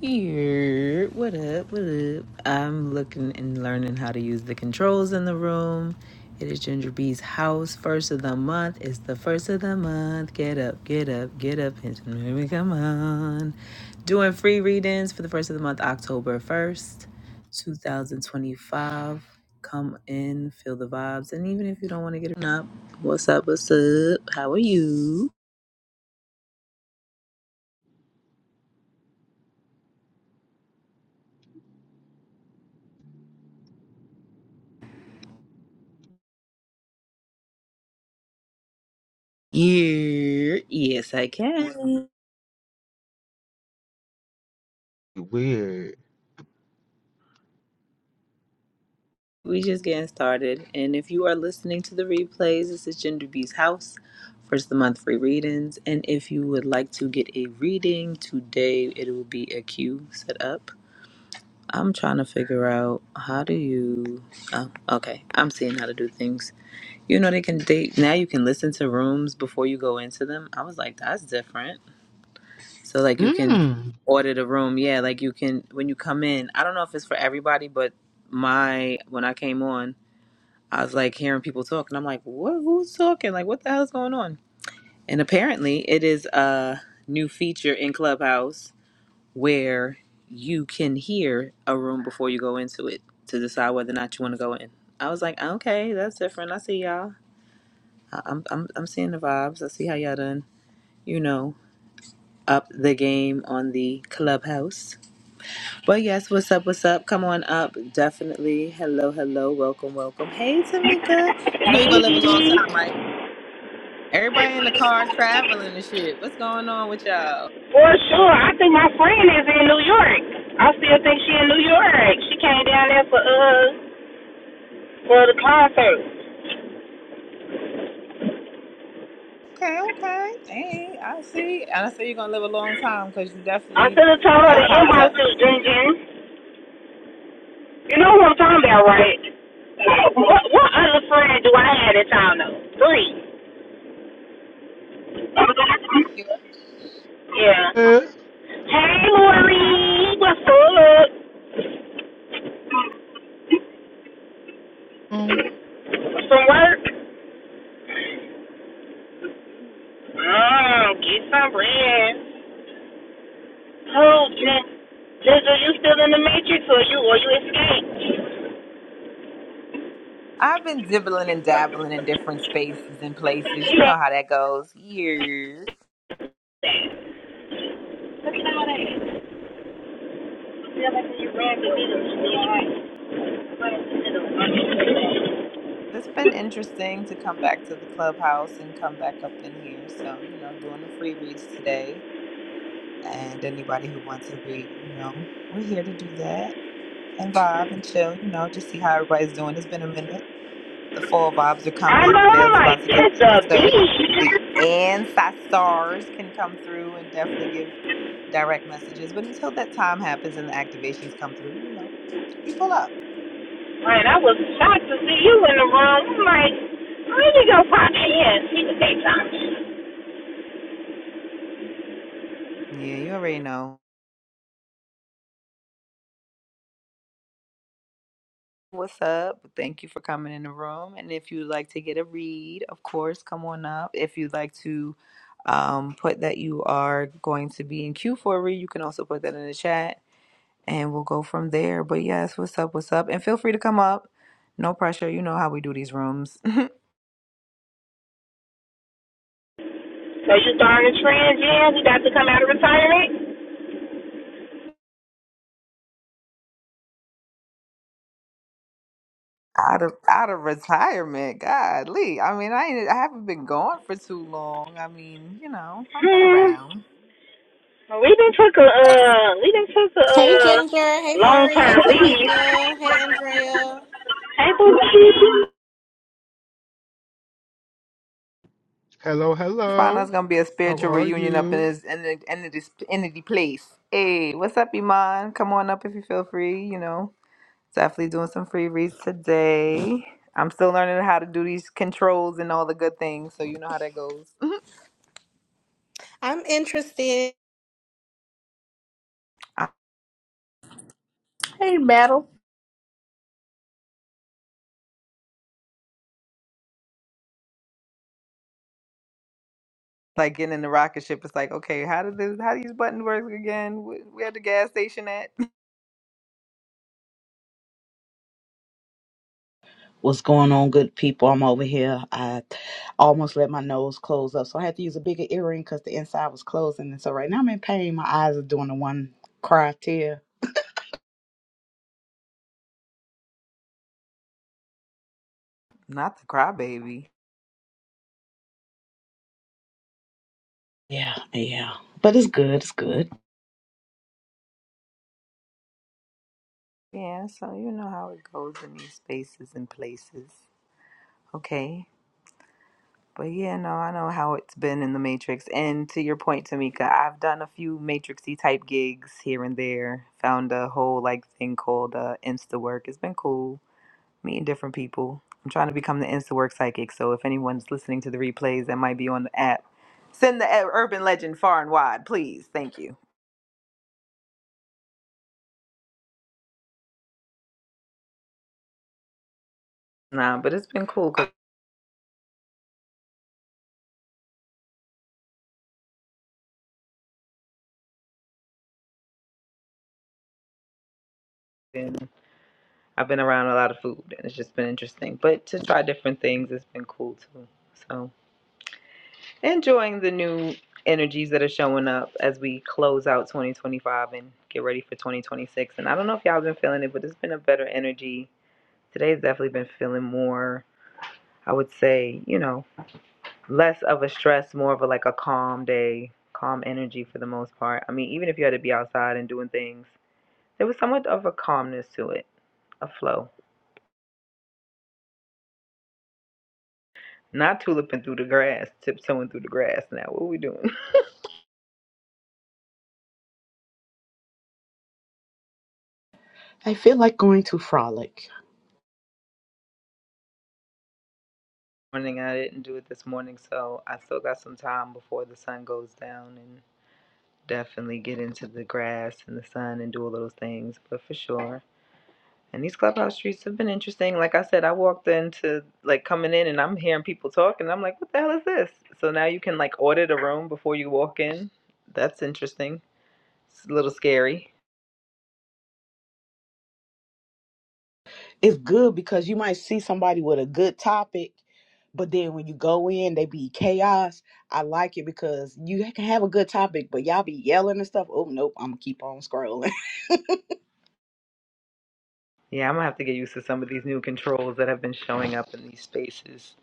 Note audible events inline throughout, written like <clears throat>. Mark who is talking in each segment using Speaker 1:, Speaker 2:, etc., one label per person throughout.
Speaker 1: Here, what up, what up? I'm looking and learning how to use the controls in the room. It is Ginger B's house, first of the month. It's the first of the month. Get up, get up, get up, and here come on. Doing free readings for the first of the month, October 1st, 2025. Come in, feel the vibes, and even if you don't want to get up, what's up, what's up? How are you? Yeah, yes, I can.
Speaker 2: Weird.
Speaker 1: We just getting started. And if you are listening to the replays, this is Gender B's house. First of the month free readings. And if you would like to get a reading today, it will be a queue set up. I'm trying to figure out how do you oh, okay. I'm seeing how to do things. You know they can date now you can listen to rooms before you go into them. I was like, that's different. So like you can order the room. Yeah, like you can when you come in. I don't know if it's for everybody, but my when I came on I was like hearing people talk, and I'm like, what? Who's talking? Like, what the hell's going on? And apparently, it is a new feature in Clubhouse where you can hear a room before you go into it to decide whether or not you want to go in. I was like, okay, that's different. I see y'all. I- I'm, I'm, I'm seeing the vibes. I see how y'all done, you know, up the game on the Clubhouse. But yes, what's up? What's up? Come on up. Definitely. Hello, hello. Welcome, welcome. Hey,
Speaker 3: Hey.
Speaker 1: Tamika. You know you're going to live a long time, right? Everybody in the car traveling and shit. What's going on with y'all?
Speaker 3: For sure. I think my friend is in New York. I still think she in New York. She came down there for uh for the concert.
Speaker 1: Okay, okay. Hey, I see. And I see you're gonna live a long time because you
Speaker 3: I
Speaker 1: definitely
Speaker 3: should have told her
Speaker 1: have
Speaker 3: to
Speaker 1: popped
Speaker 3: inbox
Speaker 1: up.
Speaker 3: you, Jin Jin. You know who I'm talking about, right? What what other friend do I have that y'all know? Three. Yeah.
Speaker 2: Mm.
Speaker 3: Hey Lori, what's up?
Speaker 2: Um,
Speaker 3: From work? Mmm, get some bread. Hold, Jen. Jen, are you still in the matrix or you or you escaped?
Speaker 1: I've been dibbling and dabbling in different spaces and places. You know
Speaker 3: Yeah.
Speaker 1: how that goes. Years.
Speaker 3: Look at all that. Feel like you ran the needle. right?
Speaker 1: It's been interesting to come back to the clubhouse and come back up in here. So, you know, doing the free reads today. And anybody who wants to read, you know, we're here to do that and vibe and chill, you know, just see how everybody's doing. It's been a minute. The fall vibes are
Speaker 3: I
Speaker 1: coming.
Speaker 3: know,
Speaker 1: The
Speaker 3: I'm
Speaker 1: veil's
Speaker 3: like,
Speaker 1: about to get
Speaker 3: it's
Speaker 1: thin.
Speaker 3: a
Speaker 1: So
Speaker 3: bee.
Speaker 1: the ancestors can come through and definitely give direct messages. But until that time happens and the activations come through, you know, we pull up.
Speaker 3: Man, I was shocked to see you in the room. I'm like, where did you go pop in? She was daytime.
Speaker 1: Yeah, you already know. What's up? Thank you for coming in the room. And if you'd like to get a read, of course, come on up. If you'd like to um, put that you are going to be in queue for a read, you can also put that in the chat. and we'll go from there. But yes, what's up? What's up? And feel free to come up. No pressure. You know how we do these rooms. <laughs>
Speaker 3: So you starting a trend, Jen? We got to come out of retirement?
Speaker 1: Out of out of retirement, Godly. I mean, I ain't, I haven't been gone for too long. I mean, you know, I've been
Speaker 3: Hmm.
Speaker 1: around.
Speaker 3: Well, we done took a, uh, we done took a,
Speaker 4: Hey
Speaker 3: uh,
Speaker 4: Ginger, hey Mari, hey
Speaker 3: long-term leave.
Speaker 4: Tamika, hey
Speaker 3: <laughs>
Speaker 4: Andrea.
Speaker 3: Hey, boo.
Speaker 2: hello,
Speaker 1: Find out it's
Speaker 2: hello.
Speaker 1: gonna be a
Speaker 2: How
Speaker 1: spiritual
Speaker 2: are
Speaker 1: reunion up in
Speaker 2: you?
Speaker 1: this in the in this in the place. Hey, what's up, Iman? Come on up if you feel free. You know, definitely doing some free reads today. I'm still learning how to do these controls and all the good things, so you know how that goes.
Speaker 4: I'm interested.
Speaker 1: <laughs>
Speaker 5: Hey, Battle.
Speaker 1: like getting in the rocket ship. It's like, okay, how did this? How do these buttons work again? Wh- Where the gas station at?
Speaker 6: What's going on, good people? I'm over here. I almost let my nose close up, so I had to use a bigger earring because the inside was closing. And so right now I'm in pain. My eyes are doing the one cry tear.
Speaker 1: <laughs> Not the crybaby.
Speaker 6: Yeah, yeah. But it's good. It's good.
Speaker 1: Yeah, so you know how it goes in these spaces and places. Okay. But yeah, no, I know how it's been in the Matrix. And to your point, Tamika, I've done a few Matrixy type gigs here and there. Found a whole like thing called uh, Insta work. It's been cool meeting different people. I'm trying to become the InstaWork psychic. So if anyone's listening to the replays that might be on the app, send the urban legend far and wide, please. Thank you. Nah, but it's been cool because I've been around a lot of food and it's just been interesting. But to try different things, it's been cool too. So enjoying the new energies that are showing up as we close out 2025 and get ready for 2026. And I don't know if y'all have been feeling it, but it's been a better energy. Today's definitely been feeling more, I would say, you know, less of a stress, more of a like a calm day, calm energy for the most part. I mean, even if you had to be outside and doing things, there was somewhat of a calmness to it, a flow. Not tuliping through the grass, tiptoeing through the grass. Now, what are we doing?
Speaker 6: I feel like going to frolic.
Speaker 1: <laughs> Morning, I didn't do it this morning, so I still got some time before the sun goes down and definitely get into the grass and the sun and do all those things. But for sure, And these clubhouse streets have been interesting. Like I said, I walked into like coming in and I'm hearing people talk and I'm like, what the hell is this? So now you can like order the room before you walk in. That's interesting. It's a little scary.
Speaker 6: It's good because you might see somebody with a good topic, but then when you go in, they be chaos. I like it because you can have a good topic, but y'all be yelling and stuff. Oh nope, I'm gonna keep on scrolling. <laughs>
Speaker 1: Yeah, I'm gonna have to get used to some of these new controls that have been showing up in these spaces.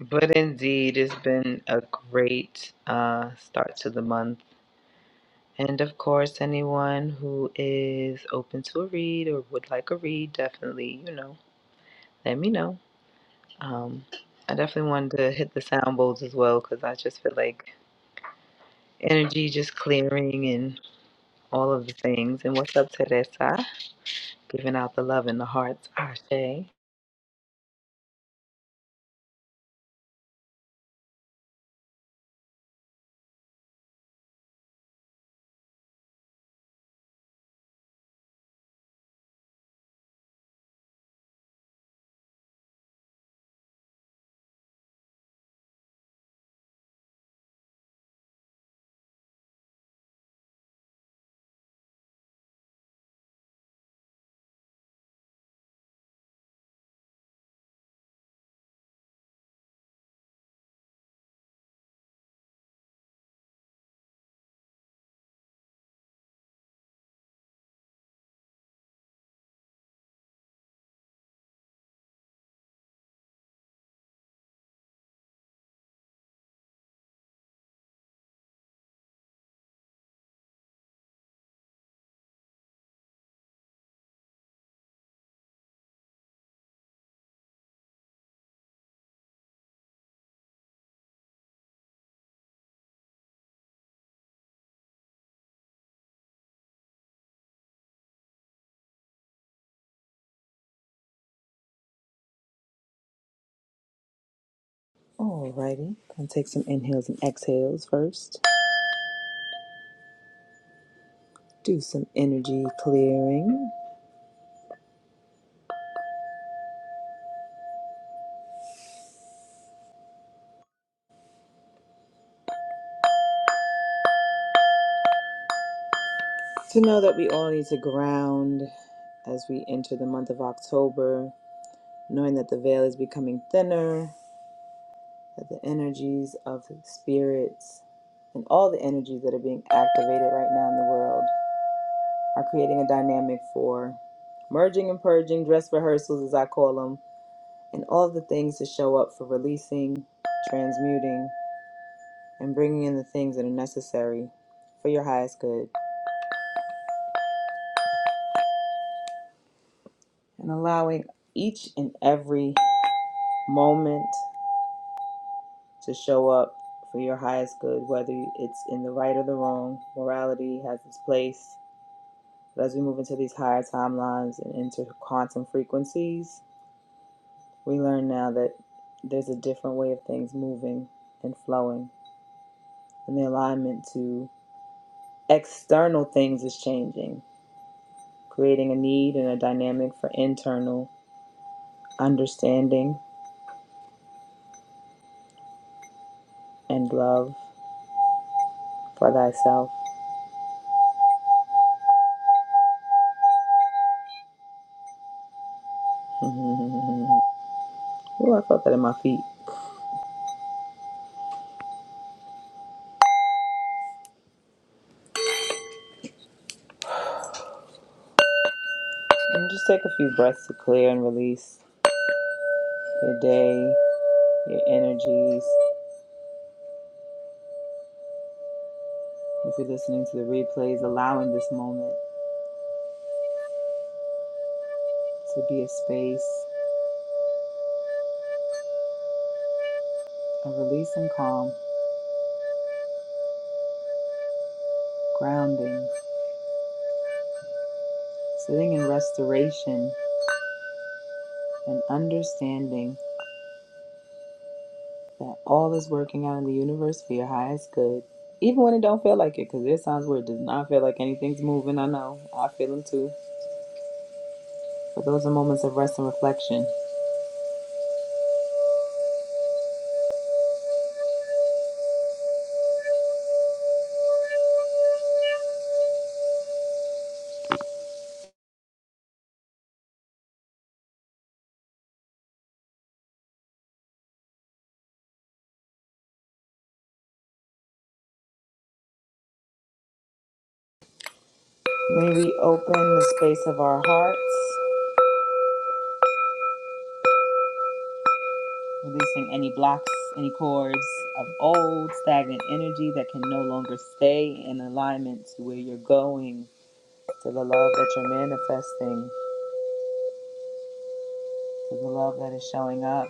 Speaker 1: But indeed, it's been a great uh, start to the month. And of course, anyone who is open to a read or would like a read, definitely, you know, let me know. Um, I definitely wanted to hit the sound bowls as well because I just feel like energy just clearing and all of the things. And what's up, Teresa? Giving out the love in the hearts, Ashe. Alrighty, gonna take some inhales and exhales first. Do some energy clearing. To know that we all need to ground as we enter the month of October, knowing that the veil is becoming thinner, that the energies of spirits and all the energies that are being activated right now in the world are creating a dynamic for merging and purging, dress rehearsals, as I call them, and all the things to show up for releasing, transmuting, and bringing in the things that are necessary for your highest good, and allowing each and every moment to show up for your highest good, whether it's in the right or the wrong. Morality has its place, But as we move into these higher timelines and into quantum frequencies, we learn now that there's a different way of things moving and flowing. And the alignment to external things is changing, creating a need and a dynamic for internal understanding and love for thyself. <laughs> Ooh, I felt that in my feet. And just take a few breaths to clear and release your day, your energies. If you're listening to the replays, allowing this moment. to be a space of release and calm, grounding, sitting in restoration, and understanding that all is working out in the universe for your highest good. Even when it don't feel like it, because there's times where it does not feel like anything's moving. I know. I feel them too. But those are moments of rest and reflection. May we open the space of our hearts, releasing any blocks, any cords of old stagnant energy that can no longer stay in alignment to where you're going to the love that you're manifesting, to the love that is showing up.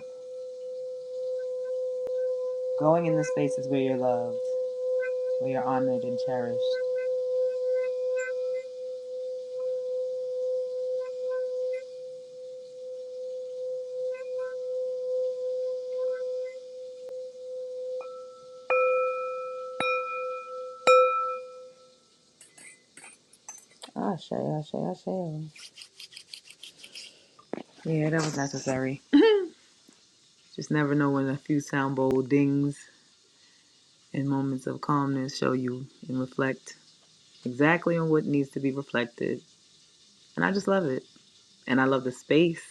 Speaker 1: Going in the spaces where you're loved, where you're honored and cherished. Ashe, ashe, ashe. Yeah, that was necessary. Just never know when a few sound bowl dings and moments of calmness show you and reflect exactly on what needs to be reflected. And I just love it. And I love the space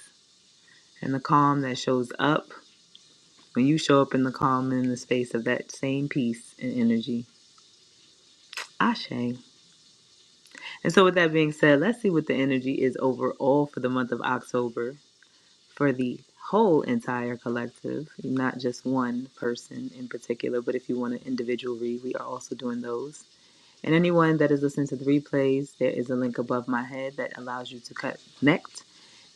Speaker 1: and the calm that shows up when you show up in the calm and in the space of that same peace and energy. Ashe. And so, with that being said, let's see what the energy is overall for the month of October for the whole entire collective, not just one person in particular, but if you want an individual read, we are also doing those. And anyone that is listening to the replays, there is a link above my head that allows you to connect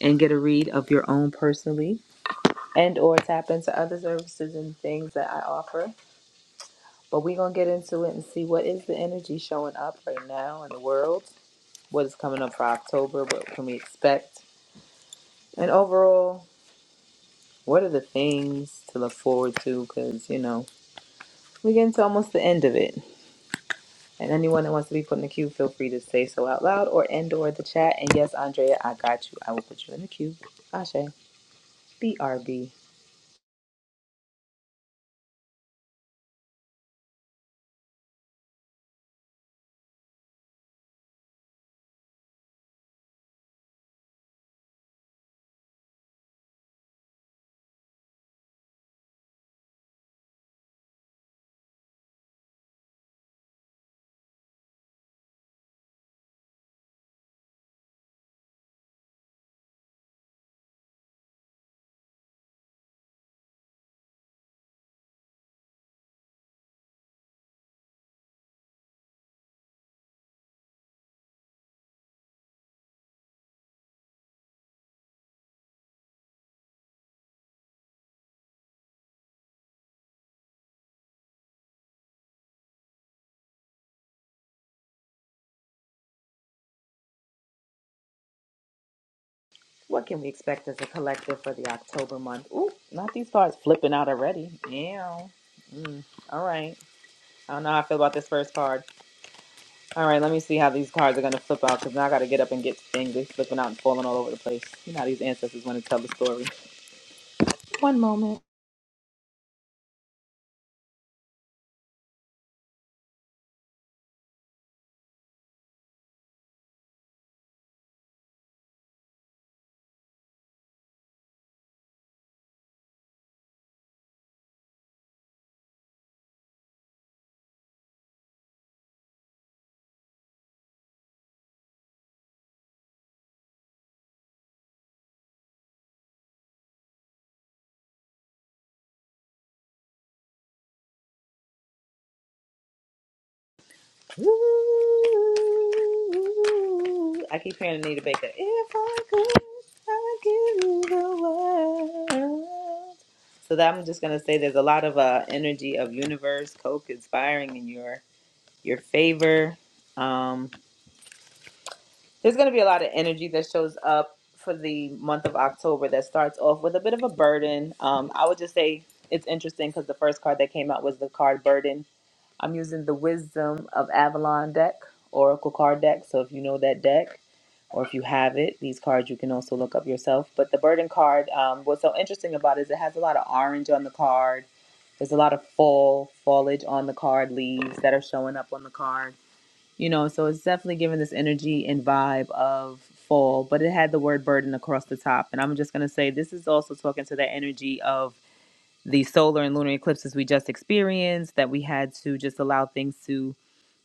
Speaker 1: and get a read of your own personally and or tap into other services and things that I offer. But we're going to get into it and see what is the energy showing up right now in the world what is coming up for October, what can we expect, and overall, what are the things to look forward to? Because, you know, we get getting to almost the end of it. And anyone that wants to be put in the queue, feel free to say so out loud or end or the chat. And yes, Andrea, I got you. I will put you in the queue. Ashe, BRB. What can we expect as a collective for the October month? Ooh, not these cards flipping out already. Yeah. Mm, all right. I don't know how I feel about this first card. All right, let me see how these cards are going to flip out because now I got to get up and get things. They're flipping out and falling all over the place. You know how these ancestors want to tell the story. One moment. Ooh, I keep hearing Anita Baker. If I could, I'd give you the world. So that I'm just going to say there's a lot of uh, energy of universe, co-conspiring in your your favor. Um, There's going to be a lot of energy that shows up for the month of October that starts off with a bit of a burden. Um, I would just say it's interesting because the first card that came out was the card Burden. I'm using the Wisdom of Avalon deck, Oracle card deck. So if you know that deck or if you have it, these cards you can also look up yourself. But the Burden card, um, what's so interesting about it is it has a lot of orange on the card. There's a lot of fall, foliage on the card, leaves that are showing up on the card you know so it's definitely giving this energy and vibe of fall but it had the word burden across the top and i'm just going to say this is also talking to the energy of the solar and lunar eclipses we just experienced that we had to just allow things to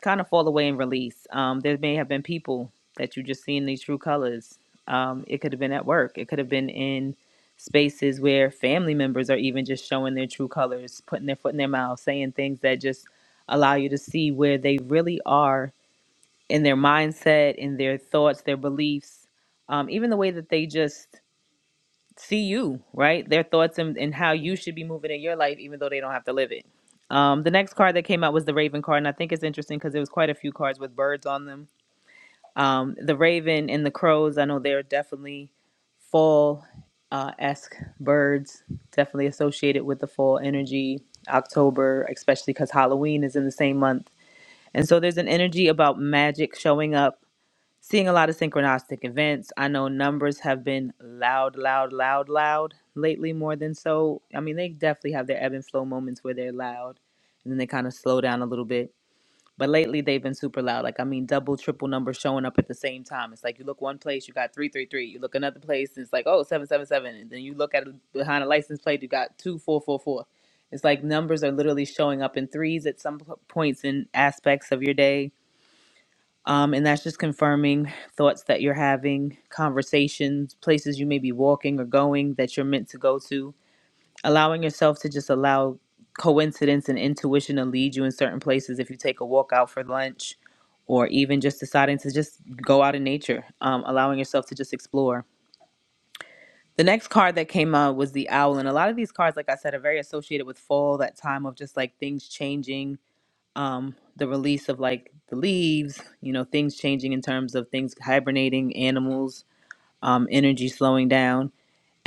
Speaker 1: kind of fall away and release um, there may have been people that you just see in these true colors um, it could have been at work it could have been in spaces where family members are even just showing their true colors putting their foot in their mouth saying things that just allow you to see where they really are in their mindset, in their thoughts, their beliefs, um, even the way that they just see you, right? Their thoughts and, and how you should be moving in your life, even though they don't have to live it. Um, the next card that came out was the Raven card, and I think it's interesting because there was quite a few cards with birds on them. Um, the Raven and the Crows, I know they're definitely fall uh, esque birds, definitely associated with the fall energy, October, especially because Halloween is in the same month. And so there's an energy about magic showing up seeing a lot of synchronistic events. I know numbers have been loud, loud, loud, loud lately more than so. I mean, they definitely have their ebb and flow moments where they're loud and then they kind of slow down a little bit. But lately they've been super loud. Like I mean double, triple numbers showing up at the same time. It's like you look one place, you got three three three. You look another place, and it's like, oh, seven seven seven. And then you look at it behind a license plate, you got two four four four. It's like numbers are literally showing up in threes at some points in aspects of your day um, and that's just confirming thoughts that you're having, conversations, places you may be walking or going that you're meant to go to. Allowing yourself to just allow coincidence and intuition to lead you in certain places. If you take a walk out for lunch, or even just deciding to just go out in nature, um, allowing yourself to just explore. The next card that came out was the owl. And a lot of these cards, like I said, are very associated with fall, that time of just like things changing, um, the release of like the leaves, you know, things changing in terms of things hibernating, animals, um, energy slowing down.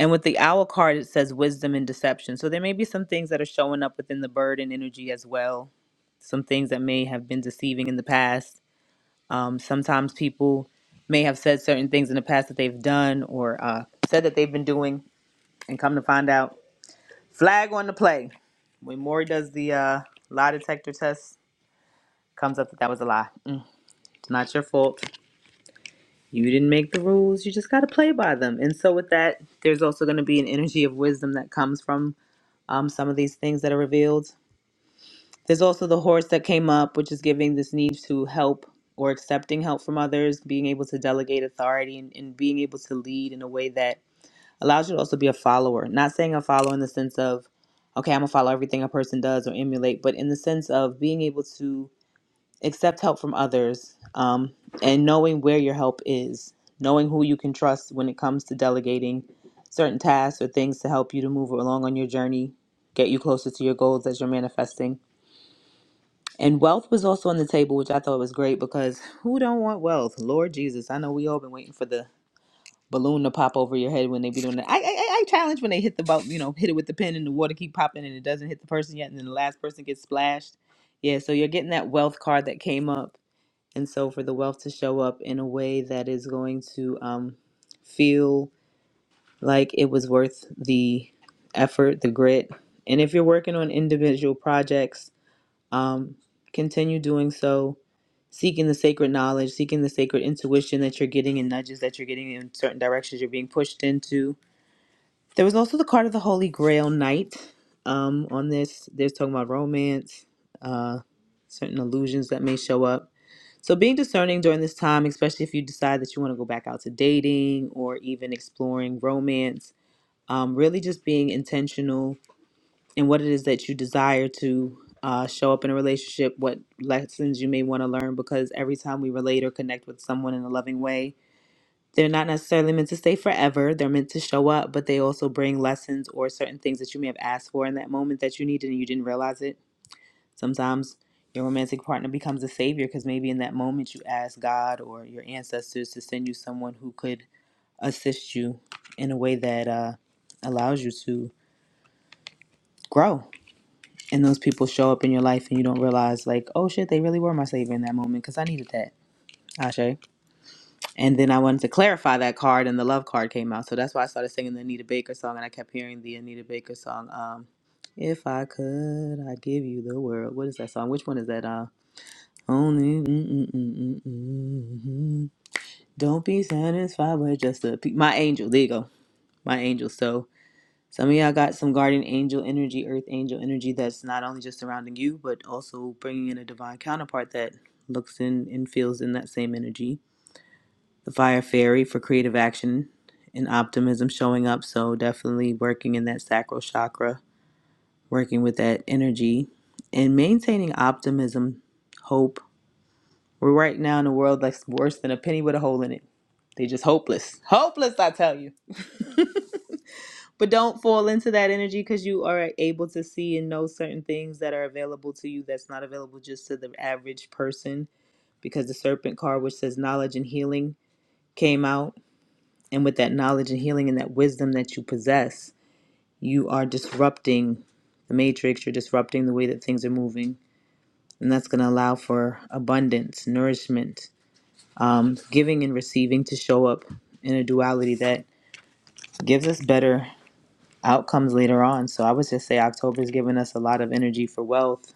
Speaker 1: And with the owl card, it says wisdom and deception. So there may be some things that are showing up within the bird and energy as well. Some things that may have been deceiving in the past. Um, sometimes people may have said certain things in the past that they've done or uh, said that they've been doing, and come to find out, flag on the play. When Maury does the uh, lie detector test, comes up that that was a lie. Mm, It's not your fault. You didn't make the rules. You just got to play by them. And so, with that, there's also going to be an energy of wisdom that comes from um, some of these things that are revealed. There's also the horse that came up, which is giving this need to help or accepting help from others, being able to delegate authority and, and being able to lead in a way that allows you to also be a follower. Not saying a follower in the sense of, okay, I'm going to follow everything a person does or emulate, but in the sense of being able to accept help from others, um, and knowing where your help is, knowing who you can trust when it comes to delegating certain tasks or things to help you to move along on your journey, get you closer to your goals as you're manifesting. And wealth was also on the table, which I thought was great because who don't want wealth? Lord Jesus, I know we all been waiting for the balloon to pop over your head when they be doing that. I, I I I challenge when they hit the boat, you know, hit it with the pin and the water keep popping and it doesn't hit the person yet, and then the last person gets splashed. Yeah, so you're getting that wealth card that came up and so for the wealth to show up in a way that is going to um, feel like it was worth the effort the grit and if you're working on individual projects um, continue doing so seeking the sacred knowledge seeking the sacred intuition that you're getting and nudges that you're getting in certain directions you're being pushed into there was also the card of the holy grail knight um, on this they're talking about romance uh, certain illusions that may show up so being discerning during this time, especially if you decide that you want to go back out to dating or even exploring romance, um, really just being intentional in what it is that you desire to uh, show up in a relationship, what lessons you may want to learn, because every time we relate or connect with someone in a loving way, they're not necessarily meant to stay forever. They're meant to show up, but they also bring lessons or certain things that you may have asked for in that moment that you needed and you didn't realize it Sometimes your romantic partner becomes a savior because maybe in that moment you ask God or your ancestors to send you someone who could assist you in a way that uh, allows you to grow. And those people show up in your life and you don't realize, like, oh shit, they really were my savior in that moment because I needed that. Ashe. And then I wanted to clarify that card and the love card came out. So that's why I started singing the Anita Baker song and I kept hearing the Anita Baker song. Um, if I could, I'd give you the world. What is that song? Which one is that? Um, Only mm, mm, mm, mm, mm, mm. don't be satisfied with just a pe- my angel. There you go, my angel. So some of y'all got some guardian angel energy, earth angel energy that's not only just surrounding you, but also bringing in a divine counterpart that looks in and feels in that same energy. The fire fairy for creative action and optimism showing up. So definitely working in that sacral chakra, working with that energy, and maintaining optimism, hope We're right now in a world that's worse than a penny with a hole in it. They just hopeless. Hopeless, I tell you. But don't fall into that energy because you are able to see and know certain things that are available to you that's not available just to the average person. Because the serpent card, which says knowledge and healing, came out. And with that knowledge and healing and that wisdom that you possess, you are disrupting the matrix. You're disrupting the way that things are moving. And that's going to allow for abundance, nourishment, um, giving and receiving to show up in a duality that gives us better outcomes later on. So I would just say October is giving us a lot of energy for wealth,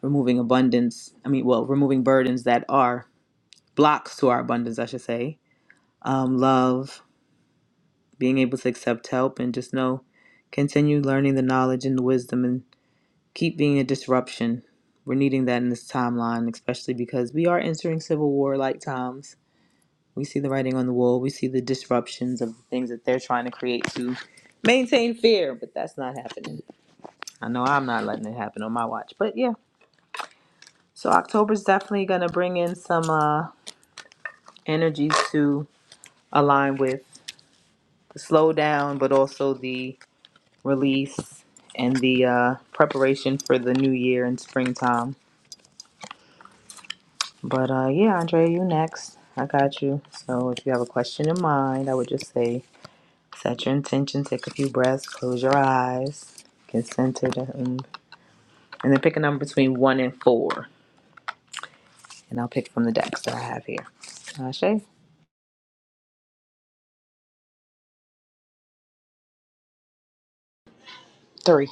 Speaker 1: removing abundance. I mean, well, removing burdens that are blocks to our abundance, I should say. Um, love, being able to accept help, and just know, continue learning the knowledge and the wisdom, and keep being a disruption. We're needing that in this timeline, especially because we are entering civil war like times We see the writing on the wall. We see the disruptions of the things that they're trying to create to maintain fear, but that's not happening. I know I'm not letting it happen on my watch, but yeah. So October's definitely gonna bring in some uh, energies to align with the slowdown, but also the release and the uh, preparation for the new year and springtime. But uh, yeah, Andrea, you next. I got you. So if you have a question in mind, I would just say Set your intention, take a few breaths, close your eyes, get centered, and, then pick a number between one and four. And I'll pick from the decks that I have here. Ashe?
Speaker 6: Three.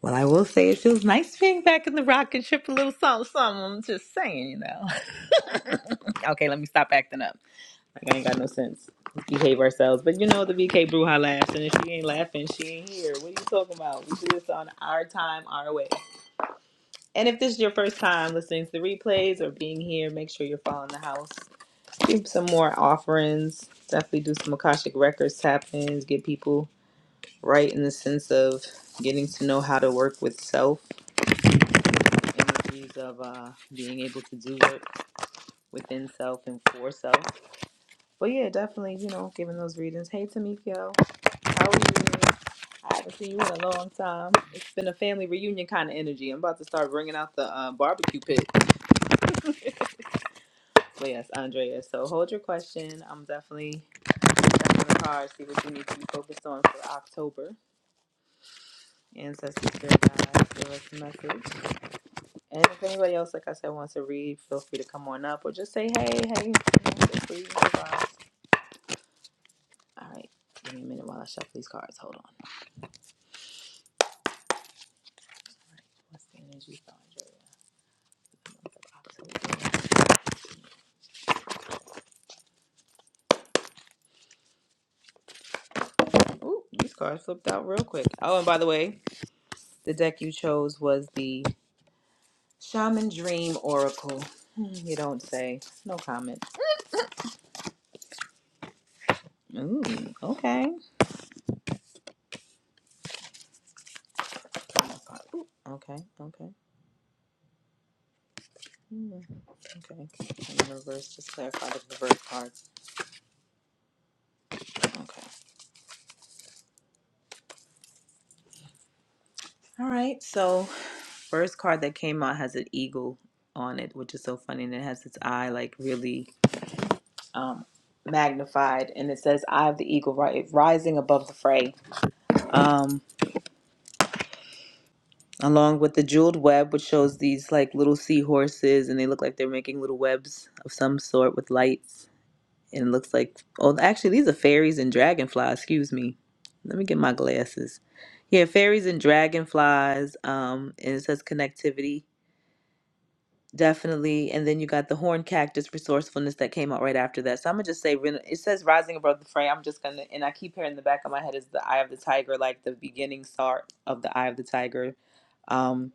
Speaker 1: Well, I will say it feels nice being back in the rocket ship a little something, something. I'm just saying, you know. <laughs> okay, let me stop acting up. Like I ain't got no sense. Let's behave ourselves. But you know the BK Bruja laughs, and if she ain't laughing, she ain't here. What are you talking about? We should do this on our time, our way. And if this is your first time listening to the replays or being here, make sure you're following the house. Do some more offerings. Definitely do some Akashic Records tappings. Get people right in the sense of getting to know how to work with self. Energies of uh, being able to do work within self and for self. But yeah, definitely, you know, giving those readings. Hey, Tamiko, how are you? I haven't seen you in a long time. It's been a family reunion kind of energy. I'm about to start bringing out the uh, barbecue pit. But yes, Andrea. So hold your question. I'm definitely checking the card, see what you need to be focused on for October. Ancestors, Spirit Guides, give us a message. And if anybody else, like I said, wants to read, feel free to come on up or just say, hey, hey, you know, feel free, you know, All right, give me a minute while I shuffle these cards. Hold on. All right, what's the energy for Andrea? Ooh, these cards flipped out real quick. Oh, and by the way, the deck you chose was the Shaman Dream Oracle. Hmm, You don't say. No comment. Ooh, okay. Ooh, okay, okay. Hmm, Okay. And the reverse, just clarify the reverse card. Okay. All right. So, first card that came out has an eagle on it, which is so funny. And it has its eye like really um, magnified. And it says, Eye of the Eagle, right? Rising above the fray. Um, along with the jeweled web, which shows these like little seahorses, and they look like they're making little webs of some sort with lights. And it looks like, oh, actually, these are fairies and dragonflies. Excuse me. Let me get my glasses. Yeah, fairies and dragonflies. Um, and it says connectivity, definitely. And then you got the horn cactus resourcefulness that came out right after that. So I'm gonna just say, ren- it says rising above the fray. I'm just gonna, and I keep hearing in the back of my head is the eye of the tiger, like the beginning start of the eye of the tiger. Um,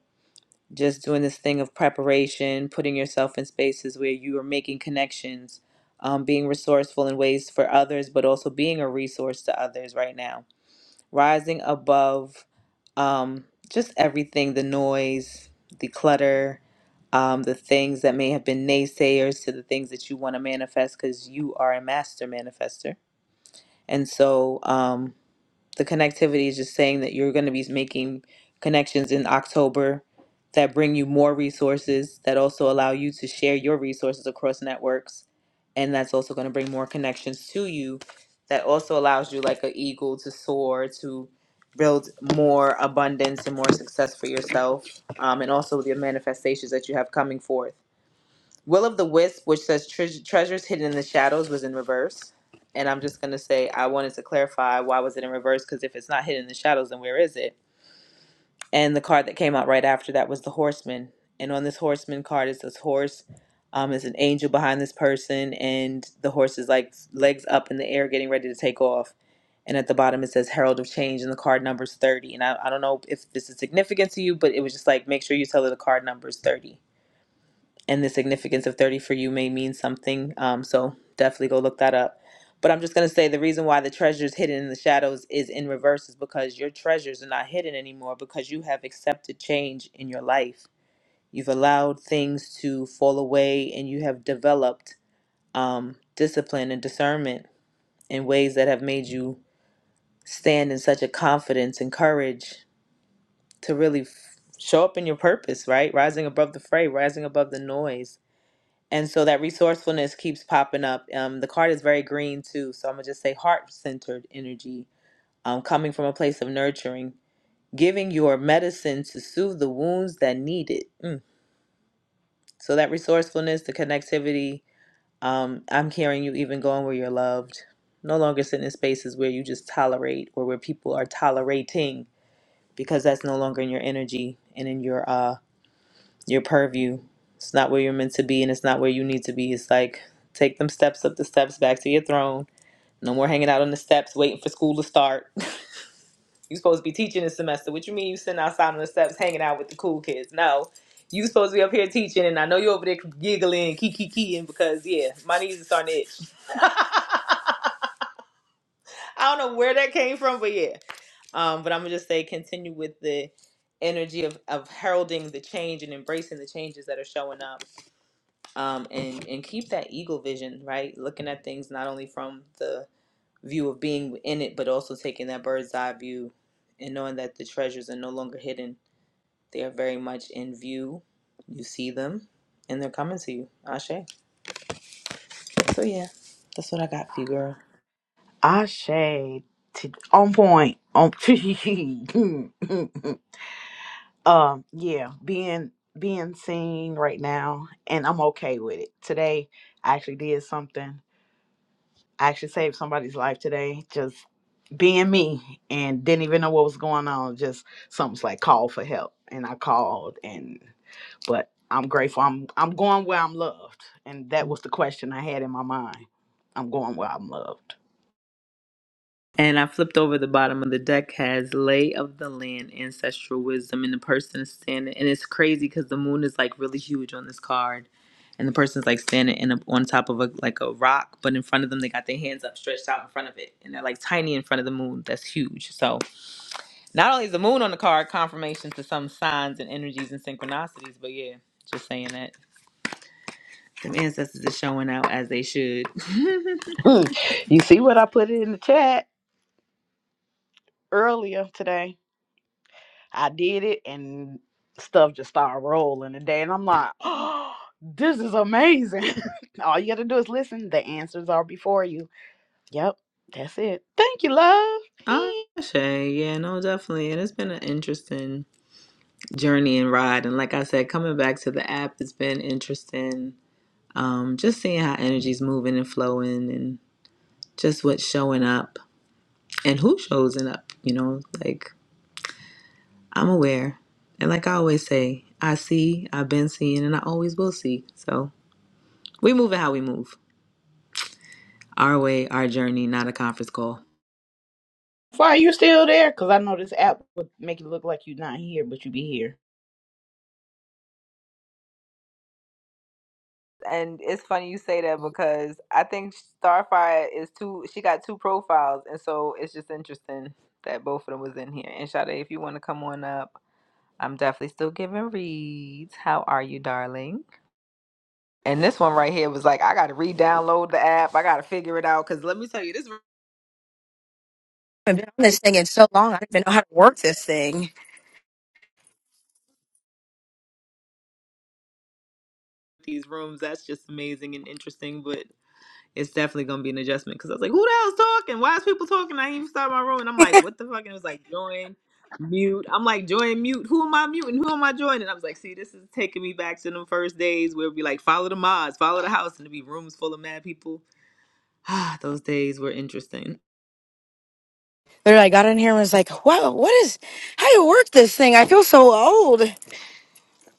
Speaker 1: just doing this thing of preparation, putting yourself in spaces where you are making connections, um, being resourceful in ways for others, but also being a resource to others right now. Rising above um, just everything the noise, the clutter, um, the things that may have been naysayers to the things that you want to manifest because you are a master manifester. And so, um, the connectivity is just saying that you're going to be making connections in October that bring you more resources that also allow you to share your resources across networks and that's also going to bring more connections to you that also allows you like an eagle to soar to build more abundance and more success for yourself um, and also the manifestations that you have coming forth Will of the Wisp, which says "Treas- treasures hidden in the shadows, was in reverse. And I'm just going to say, I wanted to clarify why was it in reverse? Because if it's not hidden in the shadows, then where is it? And the card that came out right after that was the Horseman. And on this Horseman card is this horse. Um, is an angel behind this person, and the horse is like legs up in the air, getting ready to take off. And at the bottom it says Herald of Change, and the card number's thirty. And I, I don't know if this is significant to you, but it was just like make sure you tell her the card number's thirty and the significance of 30 for you may mean something. Um, so definitely go look that up. But I'm just going to say the reason why the treasures hidden in the shadows is in reverse is because your treasures are not hidden anymore because you have accepted change in your life. You've allowed things to fall away and you have developed um, discipline and discernment in ways that have made you stand in such a confidence and courage to really f- show up in your purpose, right? Rising above the fray, rising above the noise and so that resourcefulness keeps popping up. Um, the card is very green too, so I'm gonna just say heart centered energy, um, coming from a place of nurturing, giving your medicine to soothe the wounds that need it. Mm. So that resourcefulness, the connectivity, um, I'm hearing you even going where you're loved, no longer sitting in spaces where you just tolerate or where people are tolerating because that's no longer in your energy and in your uh your purview. It's not where you're meant to be and it's not where you need to be. It's like take them steps up the steps back to your throne. No more hanging out on the steps waiting for school to start. <laughs> you supposed to be teaching this semester. What you mean you sitting outside on the steps hanging out with the cool kids? No. You supposed to be up here teaching and I know you're over there giggling, kiki kikiing because yeah, my knees are starting to itch. <laughs> I don't know where that came from, but yeah. Um, but I'm gonna just say continue with the energy of, of heralding the change and embracing the changes that are showing up um, and and keep that eagle vision right looking at things not only from the view of being in it but also taking that bird's eye view and knowing that the treasures are no longer hidden they are very much in view you see them and they're coming to you ashe so yeah that's what i got for you girl
Speaker 6: I say t- on point. On <laughs> um, yeah, being being seen right now, and I'm okay with it. Today, I actually did something. I actually saved somebody's life today. Just being me, and didn't even know what was going on. Just something's like call for help, and I called, and but I'm grateful. I'm I'm going where I'm loved, and that was the question I had in my mind. I'm going where I'm loved.
Speaker 1: And I flipped over the bottom of the deck has lay of the land, ancestral wisdom, and the person is standing. And it's crazy because the moon is like really huge on this card, and the person's like standing in a, on top of a like a rock, but in front of them they got their hands up, stretched out in front of it, and they're like tiny in front of the moon. That's huge. So not only is the moon on the card confirmation to some signs and energies and synchronicities, but yeah, just saying that the ancestors are showing out as they should. <laughs>
Speaker 6: <laughs> you see what I put in the chat? earlier today. I did it and stuff just started rolling today. And I'm like, oh, this is amazing. <laughs> All you got to do is listen. The answers are before you. Yep, that's it. Thank you, love.
Speaker 1: Oh,
Speaker 6: <laughs>
Speaker 1: yeah, no, definitely, and it's been an interesting. journey and ride. And like I said, coming back to the app has been interesting. Um, just seeing how energy's moving and flowing and just what's showing up and who shows it up, you know, like I'm aware. And like I always say, I see, I've been seeing, and I always will see. So we move it how we move. Our way, our journey, not a conference call.
Speaker 6: Why are you still there? Cause I know this app would make it look like you're not here, but you be here.
Speaker 1: and it's funny you say that because I think Starfire is too. She got two profiles, and so it's just interesting that both of them was in here. And Sade, if you want to come on up, I'm definitely still giving reads. How are you, darling? And this one right here was like, I got to re-download the app. I got to figure it out because let me tell you, this
Speaker 7: I've been on this thing in so long. I don't even know how to work this thing.
Speaker 1: these rooms that's just amazing and interesting. But it's definitely gonna be an adjustment because I was like, who the hell's talking? Why is people talking? I didn't even start my room, and I'm like, what the fuck? And it was like join, mute. I'm like join, mute. Who am I muting? Who am I joining? And I was like, see, this is taking me back to them first days where it'd be like follow the mods, follow the house, and it'd be rooms full of mad people. Ah, <sighs> those days were interesting.
Speaker 7: Literally, I got in here and was like, "Wow, what is? How do you work this thing? I feel so old."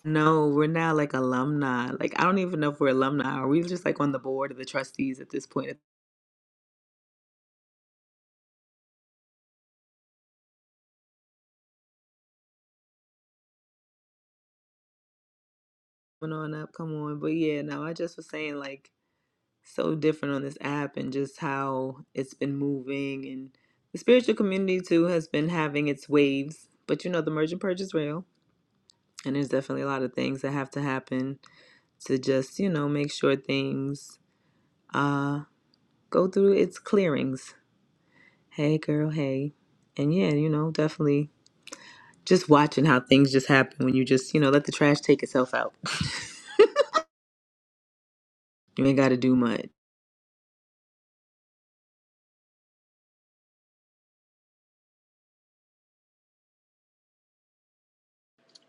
Speaker 1: No, we're now like alumni. Like I don't even know if we're alumni. Are we just like on the board of the trustees at this point? Coming on up, come on. But yeah, no, I just was saying like so different on this app and just how it's been moving and the spiritual community too has been having its waves but you know the merge and purge is real and there's definitely a lot of things that have to happen to just you know make sure things uh go through its clearings hey girl hey and yeah you know definitely just watching how things just happen when you just you know let the trash take itself out <laughs> you ain't got to do much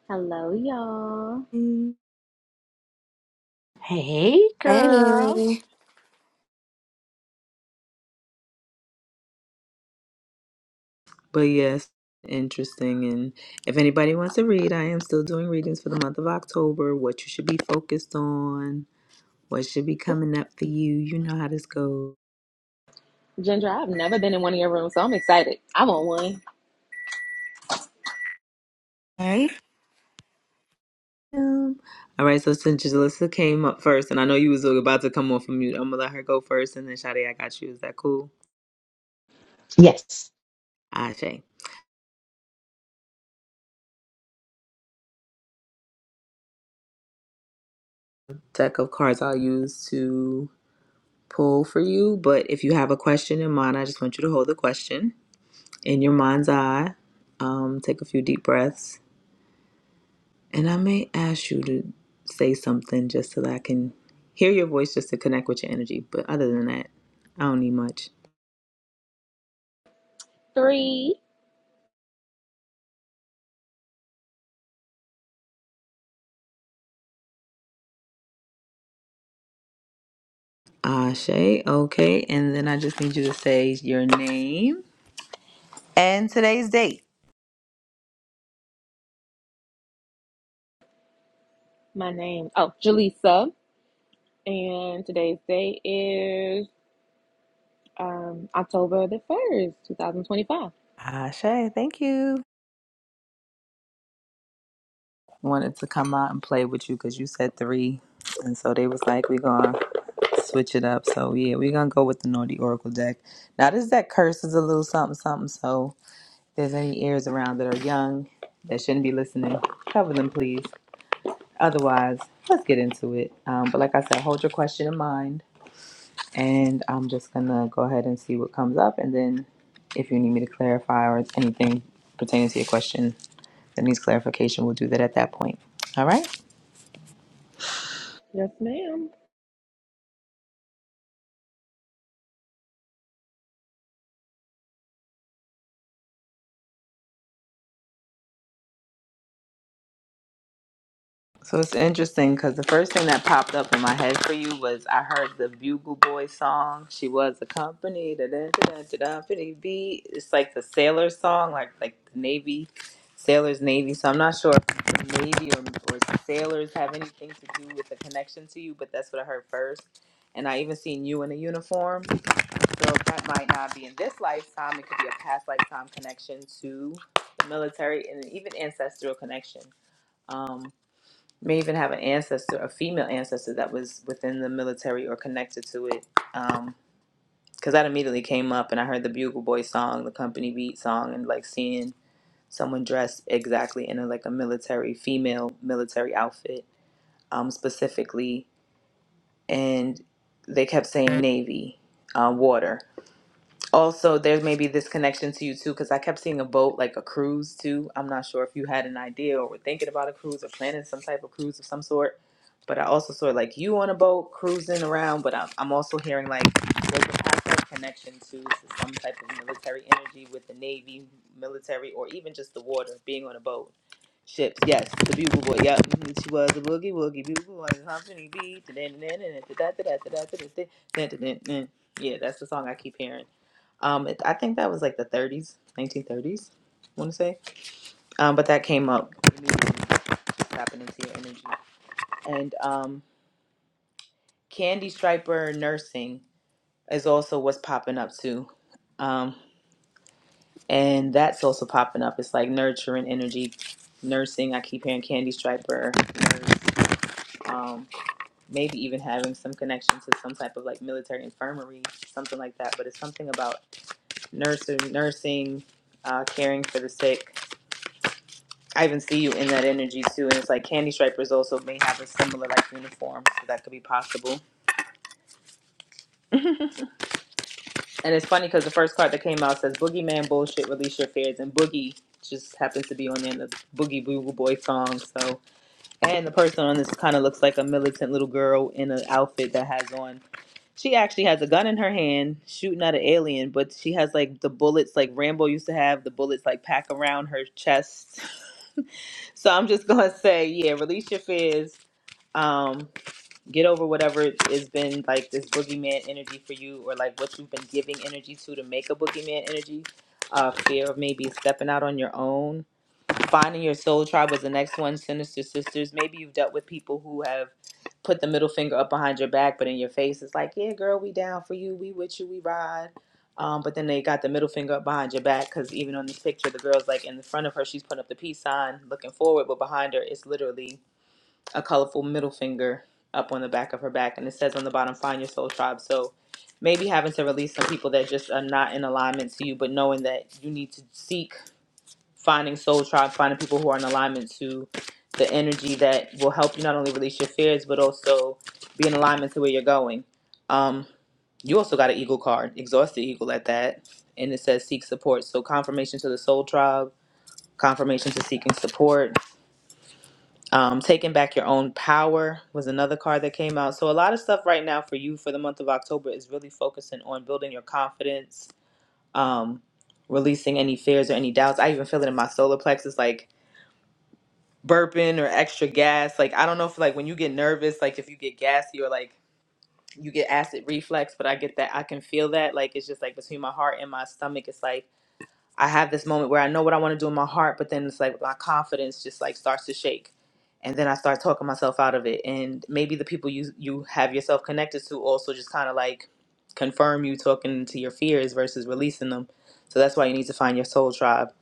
Speaker 8: Hello, y'all.
Speaker 6: Hey, girl.
Speaker 7: Hey,
Speaker 1: But yes, interesting. And if anybody wants to read, I am still doing readings for the month of October. What you should be focused on, what should be coming up for you. You know how this goes.
Speaker 8: Ginger, I've never been in one of your rooms, so I'm excited. I'm on one.
Speaker 7: One,
Speaker 1: Um, all right, so since Jalissa came up first, and I know you was about to come off of mute, I'm gonna let her go first, and then Shadi, I got you. Is that cool? Ashe. Deck of cards I'll use to pull for you, but if you have a question in mind, I just want you to hold the question in your mind's eye. Um, take a few deep breaths And I may ask you to say something just so that I can hear your voice just to connect with your energy. But other than that, I don't need much.
Speaker 8: Three.
Speaker 1: Ashe, okay. And then I just need you to say your name and today's date.
Speaker 8: My name, oh, Jaleesa. And today's day is um, October the 1st, 2025.
Speaker 1: Ashe, thank you. Wanted to come out and play with you because you said three. And so they was like, we're going to switch it up. So yeah, we're going to go with the Naughty Oracle deck. Now, this deck curses a little something, something. So if there's any ears around that are young that shouldn't be listening, cover them, please. Otherwise, let's get into it. Um, but like I said, hold your question in mind, and I'm just gonna go ahead and see what comes up, and then if you need me to clarify or anything pertaining to your question that needs clarification, we'll do that at that point. All right.
Speaker 8: Yes, ma'am.
Speaker 1: So it's interesting because the first thing that popped up in my head for you was I heard the Bugle Boy song. She was accompanied. da- da- da- da- da- da- be. It's like the sailor song, like like the Navy, sailors Navy. So I'm not sure if the Navy or, or sailors have anything to do with the connection to you, but that's what I heard first. And I even seen you in a uniform. So that might not be in this lifetime. It could be a past lifetime connection to the military and even ancestral connection. Um, may even have an ancestor, a female ancestor that was within the military or connected to it. Um, because that immediately came up, and I heard the Bugle Boy song, the Company Beat song, and like seeing someone dressed exactly in a, like a military female military outfit, um, specifically, and they kept saying Navy, uh, water. Also, there may be this connection to you too, because I kept seeing a boat, like a cruise too. I'm not sure if you had an idea or were thinking about a cruise or planning some type of cruise of some sort. But I also saw like you on a boat cruising around. But I'm, I'm also hearing like there's a possible connection to, to some type of military energy with the Navy, military, or even just the water, being on a boat. Ships, yes, the bugle boy, yep. mhm, She was a boogie woogie bugle boy, humping beat, da da da da da da da da da da da da da da. Yeah, that's the song I keep hearing. Um, it, I think that was like the 30s, 1930s, I want to say. Um, but that came up immediately, tapping into your energy. And um, Candy Striper Nursing is also what's popping up too. Um, and that's also popping up. It's like nurturing energy, nursing. I keep hearing Candy Striper, nurse, um, maybe even having some connection to some type of like military infirmary, something like that. But it's something about nursing, nursing, uh, caring for the sick I even see you in that energy too. And it's like Candy Stripers also may have a similar like uniform, so that could be possible. And it's funny because the first card that came out says Boogeyman Bullshit, Release Your Fears. And Boogie just happens to be on the end of the Boogie Boo Boy song. So, and the person on this kind of looks like a militant little girl in an outfit that has on. She actually has a gun in her hand, shooting at an alien, but she has like the bullets like Rambo used to have, the bullets like pack around her chest. <laughs> So I'm just gonna say, yeah, release your fears. um get over whatever has been like this boogeyman energy for you or like what you've been giving energy to to make a boogeyman energy uh fear of maybe stepping out on your own finding your soul tribe was the next one sinister sisters maybe you've dealt with people who have put the middle finger up behind your back but in your face it's like yeah girl we down for you we with you we ride um, but then they got the middle finger up behind your back because even on this picture, the girl's like in the front of her, she's putting up the peace sign, looking forward, but behind her, it's literally a colorful middle finger up on the back of her back. And it says on the bottom, find your soul tribe. So maybe having to release some people that just are not in alignment to you, but knowing that you need to seek finding soul tribe, finding people who are in alignment to the energy that will help you not only release your fears, but also be in alignment to where you're going. Um, you also got an eagle card, exhausted eagle at that. And it says seek support. So confirmation to the soul tribe, confirmation to seeking support um, Taking Back Your Own Power was another card that came out. So a lot of stuff right now for you for the month of October is really focusing on building your confidence, um, releasing any fears or any doubts. I even feel it in my solar plexus, like burping or extra gas. Like I don't know if like when you get nervous, like if you get gassy or like you get acid reflux, but I get that I can feel that. Like it's just like between my heart and my stomach, it's like I have this moment where I know what I want to do in my heart, but then it's like my confidence just like starts to shake. And then I start talking myself out of it. And maybe the people you you have yourself connected to also just kind of like confirm you talking to your fears versus releasing them. So that's why you need to find your soul tribe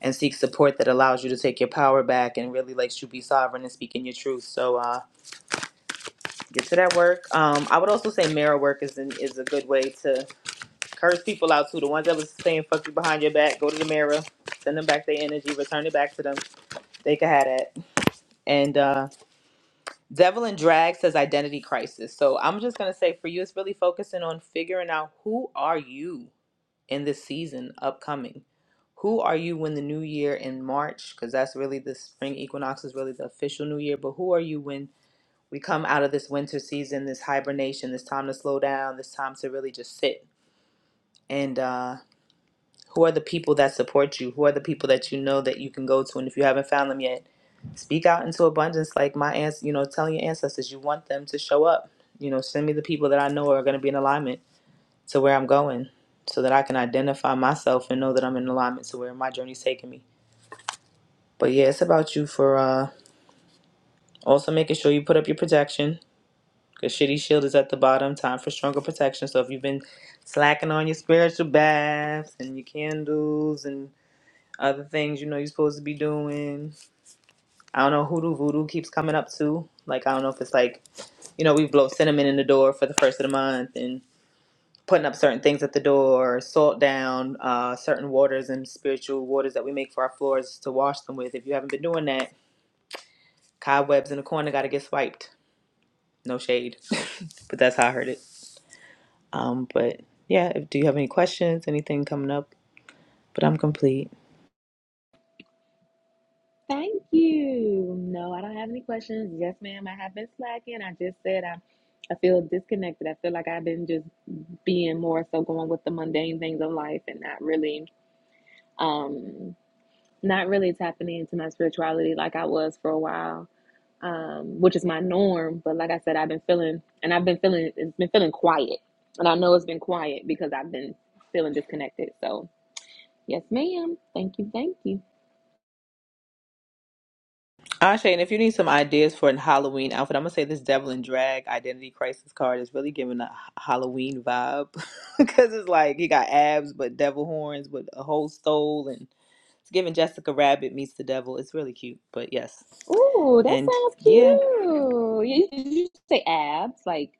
Speaker 1: and seek support that allows you to take your power back and really lets you be sovereign and speaking your truth. So uh, get to that work. Um, I would also say mirror work is an, is a good way to Curse people out too. The ones that was saying fuck you behind your back, go to the mirror, send them back their energy, return it back to them. They can have that. And uh, Devil in Drag says identity crisis. So I'm just gonna say for you, it's really focusing on figuring out who are you in this season upcoming. Who are you when the new year in March? Because that's really the spring equinox is really the official new year. But who are you when we come out of this winter season, this hibernation, this time to slow down, this time to really just sit. And uh, Who are the people that support you? Who are the people that you know that you can go to? And if you haven't found them yet, speak out into abundance. Like my ans, you know, telling your ancestors you want them to show up. You know, send me the people that I know are going to be in alignment to where I'm going, so that I can identify myself and know that I'm in alignment to where my journey's taking me. But yeah, it's about you for uh, also making sure you put up your protection. Cause shitty shield is at the bottom. Time for stronger protection. So if you've been slacking on your spiritual baths and your candles and other things you know you're supposed to be doing. I don't know, hoodoo voodoo keeps coming up too. Like I don't know if it's like you know we blow cinnamon in the door for the first of the month and putting up certain things at the door, salt down, uh, certain waters and spiritual waters that we make for our floors to wash them with. If you haven't been doing that, cobwebs in the corner got to get swiped. No shade, <laughs> but that's how I heard it. Um, but yeah, if, do you have any questions? Anything coming up? But I'm complete.
Speaker 8: Thank you. No, I don't have any questions. Yes, ma'am. I have been slacking. I just said I, I feel disconnected. I feel like I've been just being more so going with the mundane things of life and not really, um, not really tapping into my spirituality like I was for a while. um, which is my norm. But like I said, I've been feeling, and I've been feeling, it's been feeling quiet, and I know it's been quiet because I've been feeling disconnected. So yes, ma'am. Thank you, thank you.
Speaker 1: Ah, Shane, if you need some ideas for a Halloween outfit, I'm gonna say this Devil in Drag Identity Crisis card is really giving a h- Halloween vibe <laughs> because it's like he got abs but devil horns with a whole stole and it's giving Jessica Rabbit meets the devil. It's really cute, but yes,
Speaker 8: Ooh, that
Speaker 1: and
Speaker 8: sounds cute.
Speaker 1: yeah,
Speaker 8: You, you say abs, like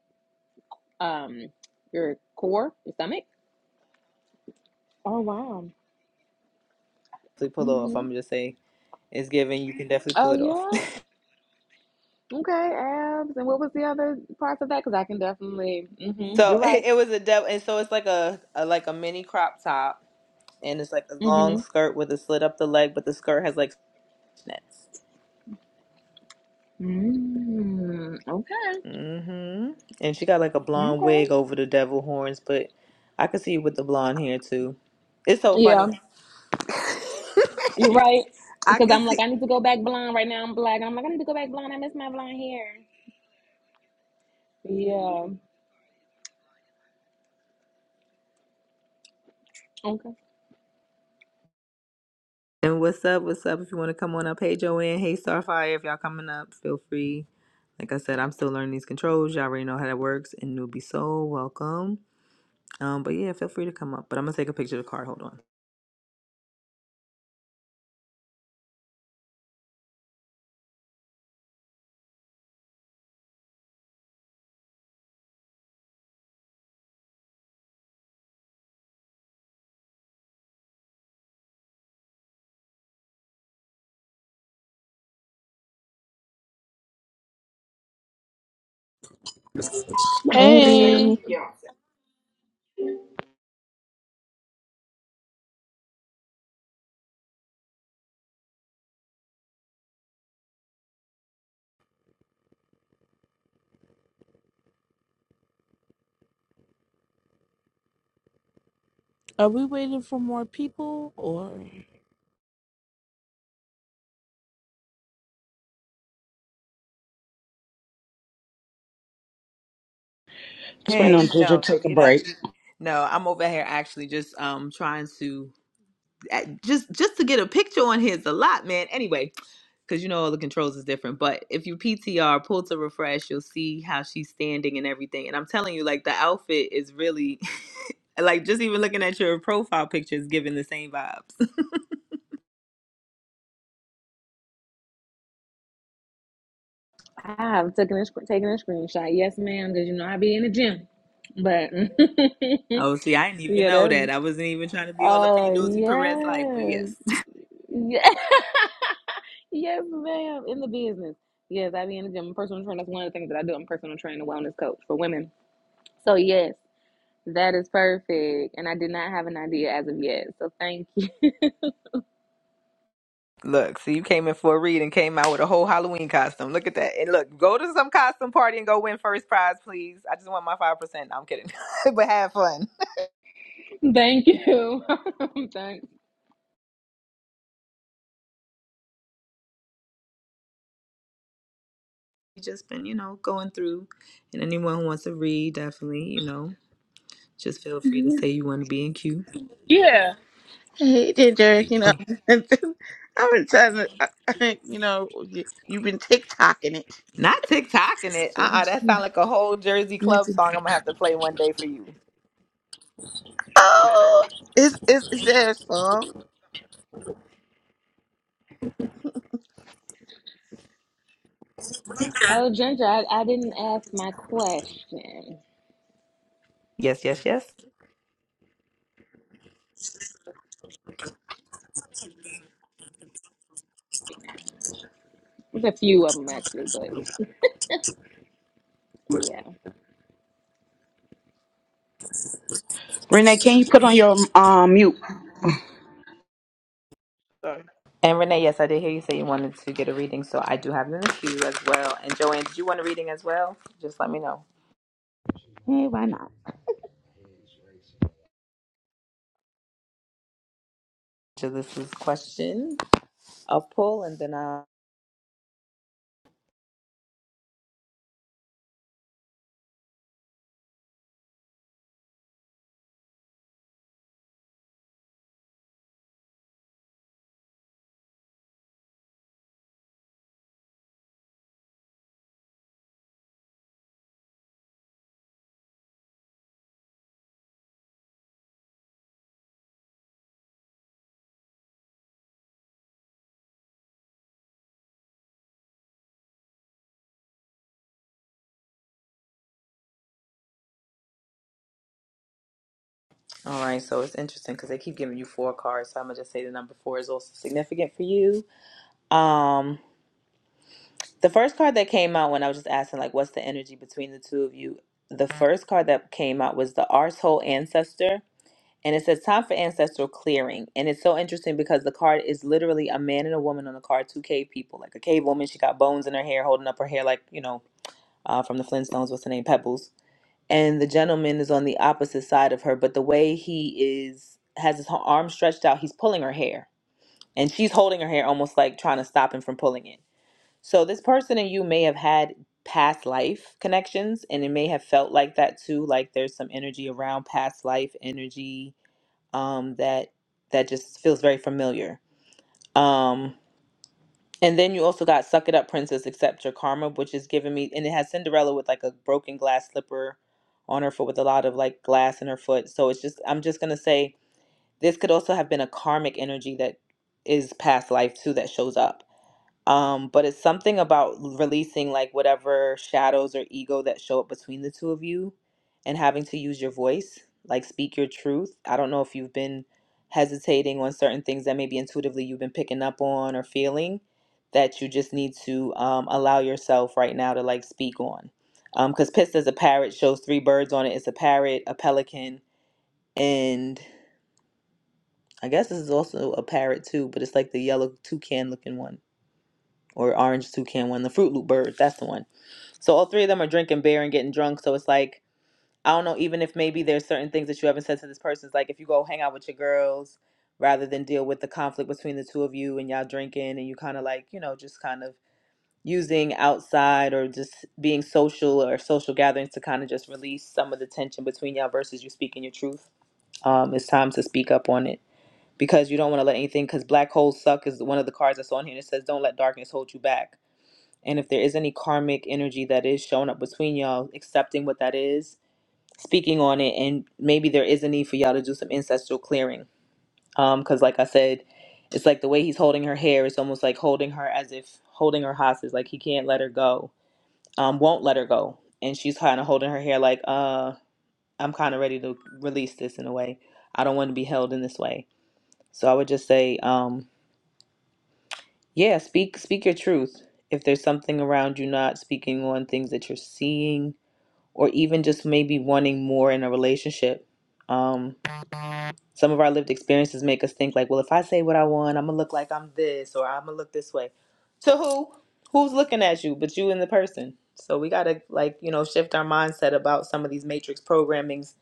Speaker 8: um, your core, your stomach. Oh wow.
Speaker 1: to pull off.
Speaker 8: hmm
Speaker 1: I'm gonna just say it's giving. You can definitely
Speaker 8: Oh
Speaker 1: pull it off.
Speaker 8: yeah.
Speaker 1: <laughs>
Speaker 8: Okay, abs. And what was the other parts of that? Because I can definitely. hmm
Speaker 1: so
Speaker 8: You're
Speaker 1: <laughs>
Speaker 8: right.
Speaker 1: it was a devil, and so it's like a, a like a mini crop top, and it's like a long
Speaker 8: hmm
Speaker 1: skirt with a slit up the leg, but the skirt has like nets.
Speaker 8: Mm-hmm. Okay.
Speaker 1: hmm And she got like a blonde
Speaker 8: Okay.
Speaker 1: wig over the devil horns, but I could see you with the blonde hair too. It's so
Speaker 8: Yeah.
Speaker 1: funny. <laughs>
Speaker 8: You're right.
Speaker 1: I
Speaker 8: Because
Speaker 1: can
Speaker 8: I'm like,
Speaker 1: see.
Speaker 8: I need to go back blonde right now. I'm black. And I'm like, I need to go back blonde. I miss my blonde hair. Yeah. Okay.
Speaker 1: And what's up? What's up? If you want to come on up, hey Joanne, hey Starfire, if y'all coming up, feel free. Like I said, I'm still learning these controls. Y'all already know how that works, and you'll be so welcome. Um, but yeah, feel free to come up. But I'm gonna take a picture of the card. Hold on.
Speaker 9: Hey,
Speaker 10: Hey,
Speaker 9: are we waiting for more people or?
Speaker 6: Just waiting on
Speaker 1: Hey,
Speaker 6: Ginger
Speaker 1: no,
Speaker 6: to
Speaker 1: no,
Speaker 6: take a
Speaker 1: you're not.
Speaker 6: break.
Speaker 1: You, no, I'm over here actually just um trying to. eh, just just to get a picture on his a lot, man. Anyway, because you know all the controls is different. But if you PTR, pull to refresh, you'll see how she's standing and everything. And I'm telling you, like the outfit is really <laughs> like just even looking at your profile picture is giving the same vibes. <laughs>
Speaker 8: I've taken a, sc- taken a screenshot. Yes, ma'am. Because, you know, I be in the gym. But,
Speaker 1: Oh, see, I didn't
Speaker 8: <laughs>
Speaker 1: even
Speaker 8: yeah,
Speaker 1: know
Speaker 8: that's.
Speaker 1: that. I wasn't even trying to be all up in your
Speaker 8: Oh,
Speaker 1: nosy Perez life, but
Speaker 8: yes.
Speaker 1: yes.
Speaker 8: Yes, yes, ma'am. In the business. Yes, I be in the gym. I'm personal trainer. That's one of the things that I do. I'm personal trainer, wellness coach for women. So, yes, that is perfect. And I did not have an idea as of yet. So, thank you. <laughs>
Speaker 1: <laughs> Look, so you came in for a read and came out with a whole Halloween costume. Look at that. And look, go to some costume party and go win first prize, please. I just want my 5%. No, I'm kidding. <laughs> but have fun.
Speaker 8: Thank you. <laughs> Thanks.
Speaker 1: just been, you know, going through. And anyone who wants to read, definitely, you know, just feel free to say you want to be in queue.
Speaker 9: Yeah.
Speaker 10: hey, Ginger. You know,
Speaker 9: Oh,
Speaker 10: <laughs> I've been trying to, <laughs> you know, you, you've been TikToking it.
Speaker 1: Not TikToking it.
Speaker 10: So,
Speaker 1: Uh uh that sounds like a whole Jersey Club song I'm going to have to play one day for you.
Speaker 10: oh, is is is there a song?
Speaker 8: Oh, Ginger, I, I didn't ask my question.
Speaker 1: Yes, yes, yes.
Speaker 8: There's a few of them actually, but yeah,
Speaker 6: Renee, can you put on your um mute?
Speaker 1: And Renee, yes, I did hear you say you wanted to get a reading, so I do have it in the queue as well. And Joanne, did you want a reading as well? Just let me know.
Speaker 10: Hey, why not?
Speaker 1: So this is question, a pull, and then I. All right, so it's interesting because they keep giving you four cards, so I'm gonna just say the number four is also significant for you. Um, The first card that came out when I was just asking, like, what's the energy between the two of you? The first card that came out was the Arsehole Ancestor. And it says, time for ancestral clearing. And it's so interesting because the card is literally a man and a woman on the card, two cave people. Like a cave woman, she got bones in her hair, holding up her hair like, you know, uh, from the Flintstones, what's the name? Pebbles. And the gentleman is on the opposite side of her, but the way he is, has his arm stretched out, he's pulling her hair. And she's holding her hair almost like trying to stop him from pulling it so this person and you may have had past life connections and it may have felt like that too, like there's some energy around past life energy um that that just feels very familiar. Um and then you also got suck it up princess accept your karma which is giving me and it has Cinderella with like a broken glass slipper on her foot with a lot of like glass in her foot. So it's just I'm just going to say this could also have been a karmic energy that is past life too that shows up um, but it's something about releasing like whatever shadows or ego that show up between the two of you and having to use your voice, like speak your truth. I don't know if you've been hesitating on certain things that maybe intuitively you've been picking up on or feeling that you just need to um, allow yourself right now to like speak on. Because Pissed as a parrot shows three birds on it. It's a parrot, a pelican, and I guess this is also a parrot too, but it's like the yellow toucan looking one or orange toucan one, the Fruit Loop bird. That's the one. So all three of them are drinking beer and getting drunk. So it's like I don't know. Even if maybe there's certain things that you haven't said to this person, it's like if you go hang out with your girls rather than deal with the conflict between the two of you and y'all drinking and you kind of like you know just kind of using outside or just being social or social gatherings to kind of just release some of the tension between y'all versus you speaking your truth. Um, it's time to speak up on it because you don't want to let anything because black holes suck is one of the cards that's on here and it says don't let darkness hold you back and if there is any karmic energy that is showing up between y'all, accepting what that is, speaking on it, and maybe there is a need for y'all to do some ancestral clearing. um, Because, like I said, it's like the way he's holding her hair, it's almost like holding her as if holding her hostage, like he can't let her go, um, won't let her go. And she's kind of holding her hair like, uh, I'm kind of ready to release this in a way. I don't want to be held in this way. So I would just say, um, yeah, speak speak your truth. If there's something around you not speaking on things that you're seeing, or even just maybe wanting more in a relationship. Um, some of our lived experiences make us think like, well, if I say what I want, I'm gonna look like I'm this or I'm gonna look this way. To who? Who's looking at you? But you and the person. So we gotta like you know shift our mindset about some of these matrix programmings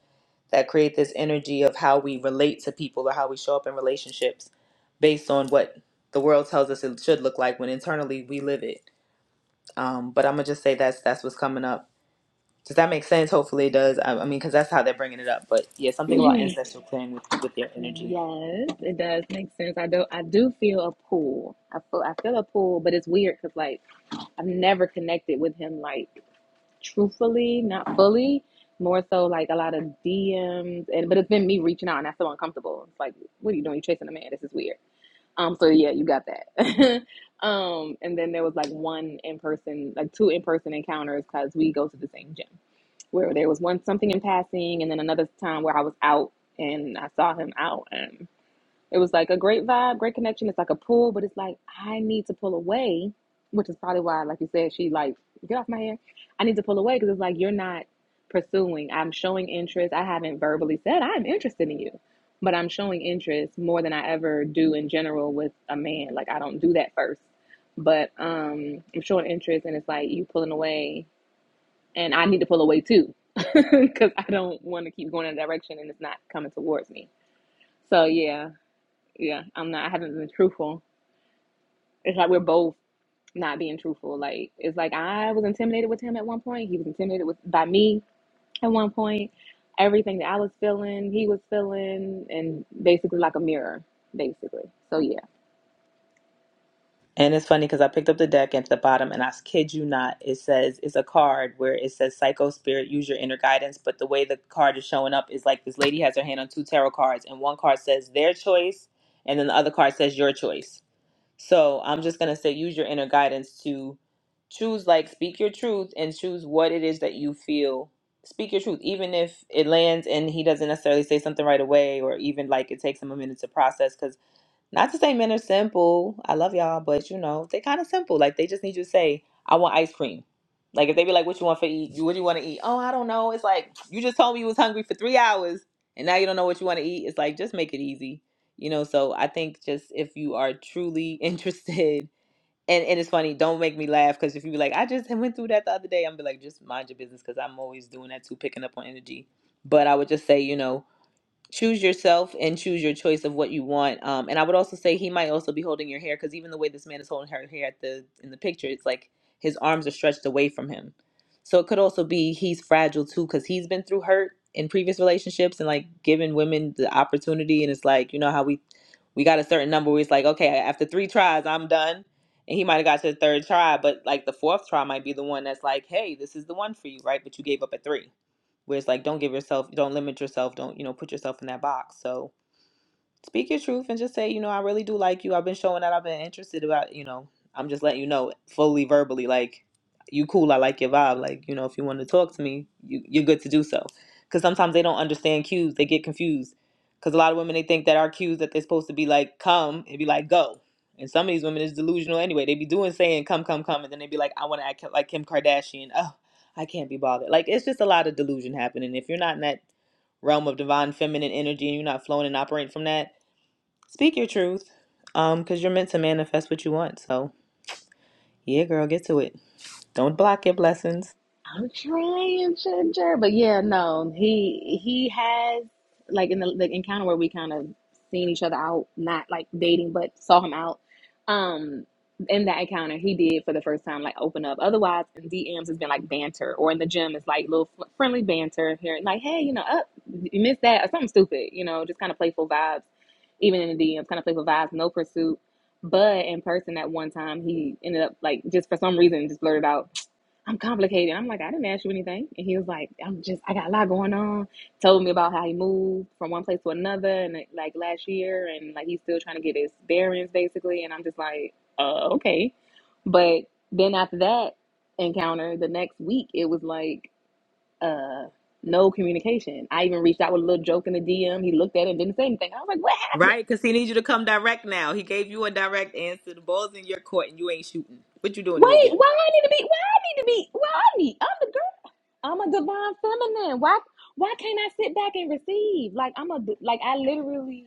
Speaker 1: that create this energy of how we relate to people or how we show up in relationships based on what the world tells us it should look like when internally we live it. Um, but I'm gonna just say that's that's what's coming up does that make sense? Hopefully it does. I, I mean, because that's how they're bringing it up. But yeah, something about ancestral clearing with with their energy.
Speaker 8: yes, it does make sense. I do, I do feel a pull. I feel, I feel a pull, but it's weird because like I've never connected with him like truthfully, not fully. More so like a lot of DMs, and but it's been me reaching out, and I feel uncomfortable. It's like, what are you doing? You chasing a man? This is weird. Um, so yeah, you got that. <laughs> um, and then there was like one in person, like two in person encounters because we go to the same gym. Where there was one something in passing, and then another time where I was out and I saw him out, and. It was like a great vibe, great connection. It's like a pool, but it's like I need to pull away, which is probably why, like you said, she like get off my hair. I need to pull away because it's like you're not pursuing. I'm showing interest. I haven't verbally said I'm interested in you, but I'm showing interest more than I ever do in general with a man. Like I don't do that first, but um, I'm showing interest, and it's like you pulling away, and I need to pull away too because <laughs> I don't want to keep going in a direction and it's not coming towards me. So yeah, yeah, I'm not. I haven't been truthful. It's like we're both not being truthful. Like it's like I was intimidated with him at one point. He was intimidated with by me at one point. Everything that I was feeling, he was feeling, and basically like a mirror, basically. So yeah.
Speaker 1: And it's funny because I picked up the deck at the bottom, and I kid you not, it says it's a card where it says "Psycho Spirit, use your inner guidance." But the way the card is showing up is like this lady has her hand on two tarot cards, and one card says their choice, and then the other card says your choice. So I'm just gonna say use your inner guidance to choose like speak your truth and choose what it is that you feel. Speak your truth, even if it lands and he doesn't necessarily say something right away, or even like it takes him a minute to process. Because not to say men are simple. I love y'all, but you know, they kind of simple. Like they just need you to say, I want ice cream. Like if they be like, What you want for eat? You what do you want to eat? Oh, I don't know. It's like you just told me you was hungry for three hours and now you don't know what you want to eat. It's like just make it easy. You know, so I think just if you are truly <laughs> interested and, and it's funny, don't make me laugh because if you be like, I just went through that the other day, I'm be like, just mind your business because I'm always doing that too, picking up on energy. But I would just say, you know, choose yourself and choose your choice of what you want. Um, and I would also say he might also be holding your hair because even the way this man is holding her hair at the in the picture, it's like his arms are stretched away from him. So it could also be he's fragile too because he's been through hurt in previous relationships and like giving women the opportunity. And it's like you know how we we got a certain number where it's like okay after three tries I'm done. And he might have got to the third try, but like the fourth try might be the one that's like, hey, this is the one for you, right? But you gave up at three where it's like don't give yourself don't limit yourself don't you know put yourself in that box so Speak your truth and just say, you know, I really do like you. I've been showing that I've been interested about, you know, I'm just letting you know fully verbally, like, you cool. I like your vibe. Like, you know, if you want to talk to me, you, you're good to do so. Because sometimes they don't understand cues. They get confused. Because a lot of women, they think that our cues that they're supposed to be like, come, and be like, go. And some of these women is delusional anyway. They be doing saying, come, come, come. And then they be like, I want to act like Kim Kardashian. Oh, I can't be bothered. Like, it's just a lot of delusion happening. If you're not in that realm of divine feminine energy and you're not flowing and operating from that, Speak your truth. Um, because you're meant to manifest what you want. So yeah, girl, get to it. Don't block your blessings.
Speaker 8: I'm trying, Ginger, but yeah, no, he he has like in the, the encounter where we kind of seen each other out, not like dating, but saw him out. Um, in that encounter, he did for the first time like open up. Otherwise, in DMs has been like banter, or in the gym it's like little fr- friendly banter here, like hey, you know, up, you missed that, or something stupid, you know, just kind of playful vibes. Even in the DMs, kind of playful vibes, no pursuit. But in person, at one time, he ended up like just for some reason just blurted out. I'm complicated. I'm like, I didn't ask you anything. And he was like, I'm just, I got a lot going on. Told me about how he moved from one place to another and like like, last year and like he's still trying to get his bearings basically. And I'm just like, uh, okay. But then after that encounter, the next week, it was like, uh, no communication. I even reached out with a little joke in the DM. He looked at it and didn't say anything. I was like, what happened?
Speaker 1: Right? Because he needs you to come direct now. He gave you a direct answer. The ball's in your court and you ain't shooting. What you doing in the
Speaker 8: Wait,
Speaker 1: gym?
Speaker 8: why I need to be, why I need to be, why I need, I'm the girl. I'm a divine feminine. Why why can't I sit back and receive? Like I'm a like I literally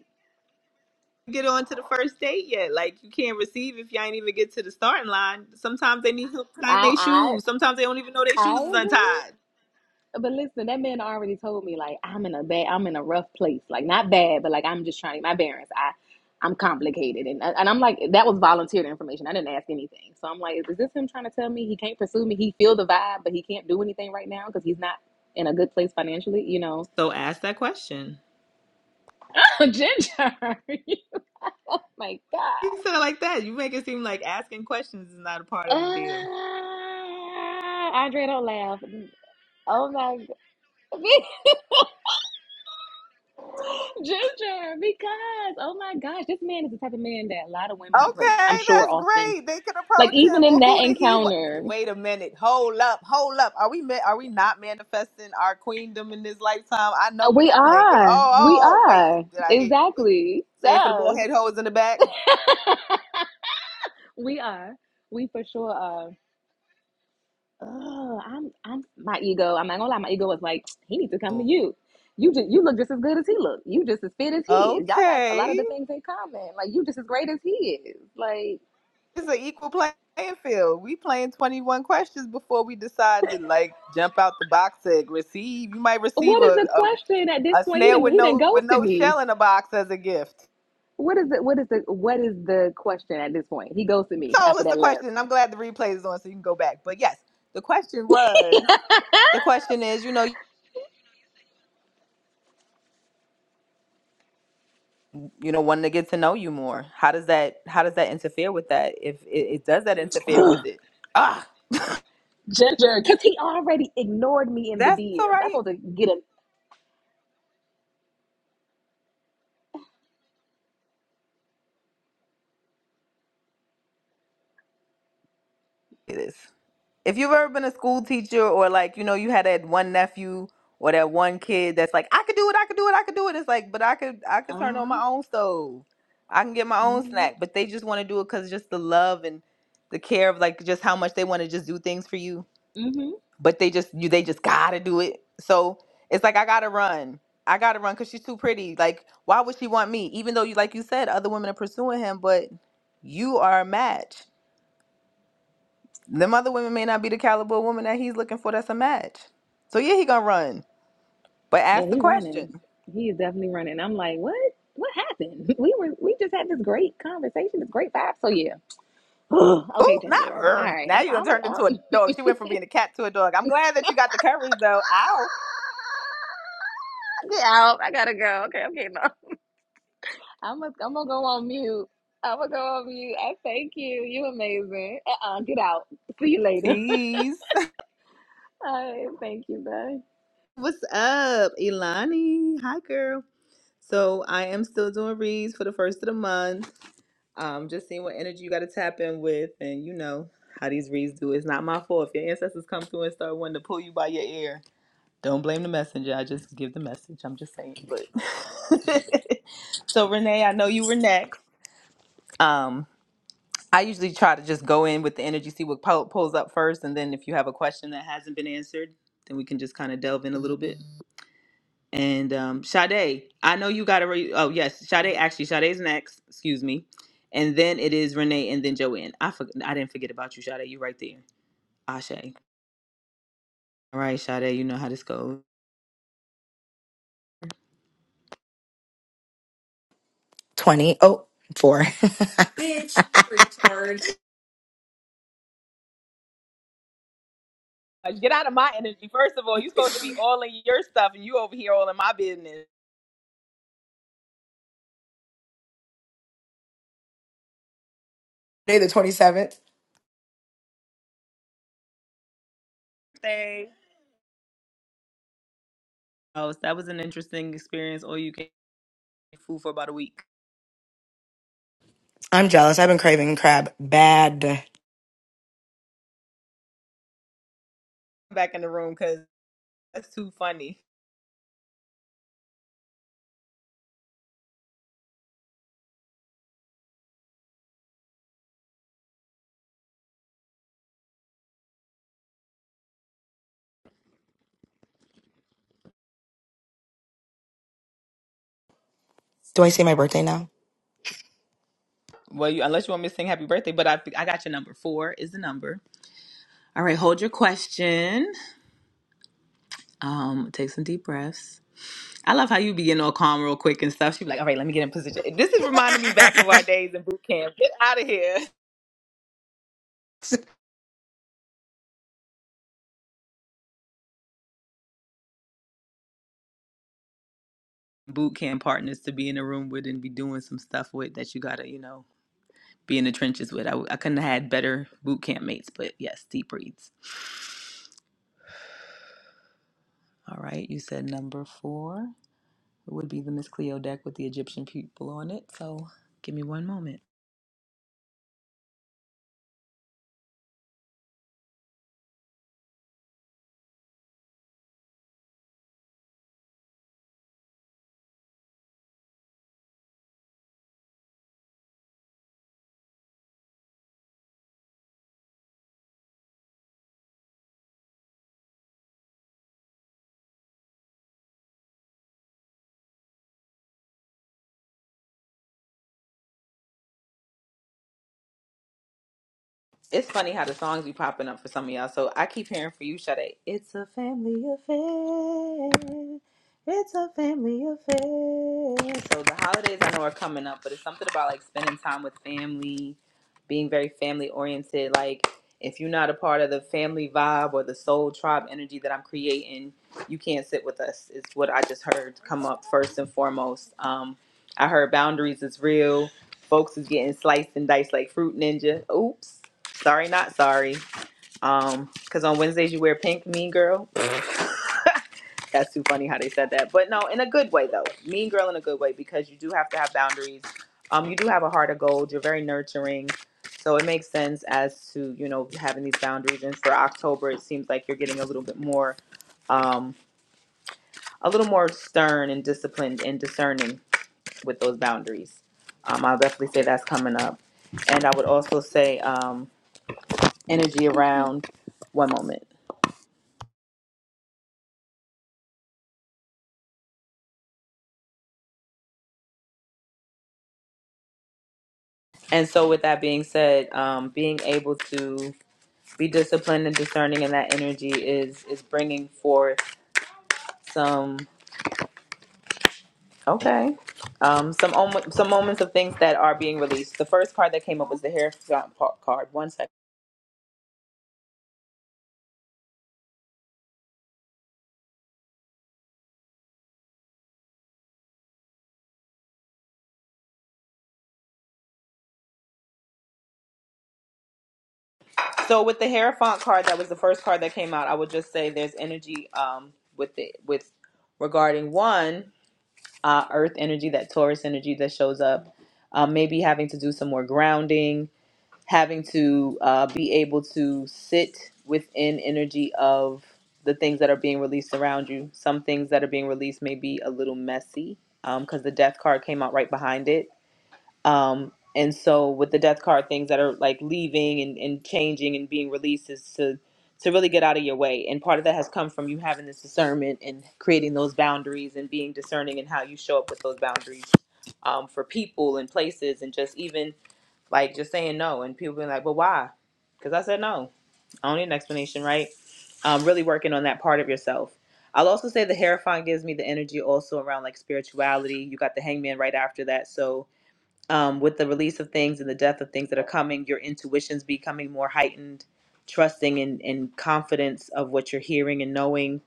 Speaker 1: Get on to the first date yet. Like you can't receive if you ain't even get to the starting line. Sometimes they need help tying their
Speaker 8: I
Speaker 1: shoes. Sometimes they don't even know their
Speaker 8: I
Speaker 1: shoes
Speaker 8: I
Speaker 1: is
Speaker 8: agree.
Speaker 1: untied.
Speaker 8: But listen, that man already told me like I'm in a bad I'm in a rough place. Like not bad, but like I'm just trying to get my bearings. I I'm complicated and and I'm like that was volunteered information. I didn't ask anything. So I'm like, is this him trying to tell me he can't pursue me? He feel the vibe, but he can't do anything right now because he's not in a good place financially, you know.
Speaker 1: So ask that question.
Speaker 8: <laughs> Ginger. <laughs> like God.
Speaker 1: You said it like that. You make it seem like asking questions is not a part
Speaker 8: Uh,
Speaker 1: of the deal.
Speaker 8: Andre, don't laugh. Oh my god, <laughs> Ginger, because oh my gosh, this man is the type of man that a lot of women approach.
Speaker 1: Okay,
Speaker 8: I'm sure
Speaker 1: that's
Speaker 8: often,
Speaker 1: great. They could
Speaker 8: like
Speaker 1: approach
Speaker 8: even
Speaker 1: him,
Speaker 8: in
Speaker 1: but
Speaker 8: that
Speaker 1: who did he? Wa-
Speaker 8: encounter,
Speaker 1: Wait a minute. Hold up. Hold up. Are we? Ma- are we not manifesting our queendom in this lifetime? I
Speaker 8: uh,
Speaker 1: know we're
Speaker 8: we
Speaker 1: not playing game.
Speaker 8: are,
Speaker 1: Oh,
Speaker 8: we
Speaker 1: oh, oh. Wait.
Speaker 8: are
Speaker 1: Did I hear you?
Speaker 8: exactly.
Speaker 1: Say it for the bald
Speaker 8: So
Speaker 1: head hoes in the back.
Speaker 8: we are, we for sure are. oh, I'm, I'm my ego. I'm not gonna lie, my ego was like, he needs to come to you. You just, you look just as good as he look. You just as fit as he is. Y'all got a lot of
Speaker 1: Okay,
Speaker 8: the things in common. Like you just as great as he is. Like
Speaker 1: it's an equal play- playing field. We playing twenty one questions before we decide to like jump out the box and receive. You might receive
Speaker 8: what is
Speaker 1: a
Speaker 8: the
Speaker 1: a,
Speaker 8: question at this
Speaker 1: a
Speaker 8: point? He
Speaker 1: snail
Speaker 8: didn't
Speaker 1: with
Speaker 8: he didn't
Speaker 1: no with
Speaker 8: ghosted
Speaker 1: no
Speaker 8: me.
Speaker 1: shell in a box as a gift.
Speaker 8: What is the what is the what is the question at this point? He ghosted me
Speaker 1: told
Speaker 8: after
Speaker 1: us
Speaker 8: that
Speaker 1: the
Speaker 8: last
Speaker 1: question. and I'm glad the replay is on so you can go back. But yes, the question was the question is, you know, you know, wanting to get to know you more. How does that how does that interfere with that? If it, it does that interfere with it. Ah,
Speaker 8: Ginger, because he already ignored me in the
Speaker 1: that's
Speaker 8: DM.
Speaker 1: all
Speaker 8: I'm
Speaker 1: right.
Speaker 8: supposed to get a
Speaker 1: It is. If you've ever been a school teacher or like, you know, you had that one nephew or that one kid that's like, I could do it, I could do it, I could do it. It's like, but I could I
Speaker 8: uh
Speaker 1: could turn on
Speaker 8: huh.
Speaker 1: my own stove. I can get my own snack.
Speaker 8: Mm-hmm.
Speaker 1: But they just want to do it because just the love and the care of like just how much they want to just do things for you but they just you they just gotta do it. So it's like I gotta run. I gotta run because she's too pretty. Like, why would she want me? Even though you like you said, other women are pursuing him, but you are a match. Them other women may not be the caliber of woman that he's looking for that's a match. So yeah, he gonna run. But
Speaker 8: Yeah,
Speaker 1: ask the
Speaker 8: he
Speaker 1: question.
Speaker 8: running. He is definitely running. I'm like, what? What happened? <laughs> We were we just had this great conversation, this great vibe. So yeah. <gasps> okay,
Speaker 1: Ooh, not
Speaker 8: Ginger. All
Speaker 1: her.
Speaker 8: right,
Speaker 1: Now
Speaker 8: I'm
Speaker 1: you done
Speaker 8: I'm
Speaker 1: turned into
Speaker 8: out. <laughs>
Speaker 1: a
Speaker 8: Get
Speaker 1: dog. She went from being a cat to a dog. I'm glad that you got the courage though. Ow.
Speaker 8: out. I gotta go. Okay, I'm getting off. <laughs> I'm gonna I'm gonna go on mute. I'm gonna go on mute. I thank you. You amazing. Uh uh get out. See you later. <laughs>
Speaker 1: Peace.
Speaker 8: All right, thank you, bye.
Speaker 1: <laughs> What's up, Ilani? Hi, girl. So I am still doing reads for the first of the month. Um, just seeing what energy you got to tap in with, and you know how these reads do. It's not my fault if your ancestors come through and start wanting to pull you by your ear. Don't blame the messenger. I just give the message. I'm just saying. But <laughs> so Renee, I know you were next. Um, I usually try to just go in with the energy, see what po- pulls up first, and then if you have a question that hasn't been answered, then we can just kind of delve in a little bit. And um, Sade, I know you got to. Re- oh yes, Sade. Actually, Sade's next. Excuse me. And then it is Renee, and then Joanne. I for- I didn't forget about you, Sade. You right there. Ashe. All right, Sade. You know how this goes.
Speaker 7: twenty. Oh, four. <laughs> Bitch, retard.
Speaker 1: Uh, Get out of my energy. First of all, you're supposed to be all in your stuff, and you over here all in my business.
Speaker 7: Day the twenty seventh.
Speaker 1: Thing. Oh, so that was an interesting experience. Or you can fool for about a week.
Speaker 7: I'm jealous. I've been craving crab bad.
Speaker 1: Back in the room because that's too funny.
Speaker 7: Do I say my birthday now?
Speaker 1: Well, you, unless you want me to sing happy birthday, but I I got your number. Four is the number. All right, hold your question. Um, take some deep breaths. I love how you be getting all calm real quick and stuff. She be like, all right, let me get in position. This is reminding me back of
Speaker 7: <laughs>
Speaker 1: our days in boot camp. Get out of here. <laughs> Boot camp partners to be in a room with and be doing some stuff with that you gotta, you know, be in the trenches with. I I w- I couldn't have had better boot camp mates, but yes, deep breaths. All right, you said number four. It would be the Miss Cleo deck with the Egyptian people on it. So give me one moment. It's funny how the songs be popping up for some of y'all. So I keep hearing for you, Sade. It's a family affair. It's a family affair. So the holidays I know are coming up, but it's something about like spending time with family, being very family oriented. Like if you're not a part of the family vibe or the soul tribe energy that I'm creating, you can't sit with us. It's what I just heard come up first and foremost. Um, I heard boundaries is real folks is getting sliced and diced like fruit ninja. Oops. Sorry, not sorry. Um, because on Wednesdays you wear pink, mean girl. That's too funny how they said that. But no, in a good way though. Mean girl in a good way because you do have to have boundaries. Um, you do have a heart of gold. You're very nurturing. So it makes sense as to, you know, having these boundaries. And for October, it seems like you're getting a little bit more um a little more stern and disciplined and discerning with those boundaries. Um, I'll definitely say that's coming up. And I would also say um energy around one moment And so, with that being said, um, being able to be disciplined and discerning in that energy is is bringing forth some okay um, some om- some moments of things that are being released. The first card that came up was the Hierophant pa- card. One second. So with the Hierophant card, that was the first card that came out. I would just say there's energy um, with the with regarding one uh, Earth energy, that Taurus energy that shows up. Um, maybe having to do some more grounding having to uh, be able to sit within energy of the things that are being released around you. Some things that are being released may be a little messy because the death card came out right behind it. Um, and so with the death card, things that are like leaving and, and changing and being released is to to really get out of your way. And part of that has come from you having this discernment and creating those boundaries and being discerning in how you show up with those boundaries um, for people and places and just even like just saying no, and people being like, "But why?" Because I said no. I don't need an explanation, right? Um, really working on that part of yourself. I'll also say the hierophant gives me the energy also around like spirituality. You got the hangman right after that. So um, with the release of things and the death of things that are coming, your intuition's becoming more heightened, trusting and, and confidence of what you're hearing and knowing.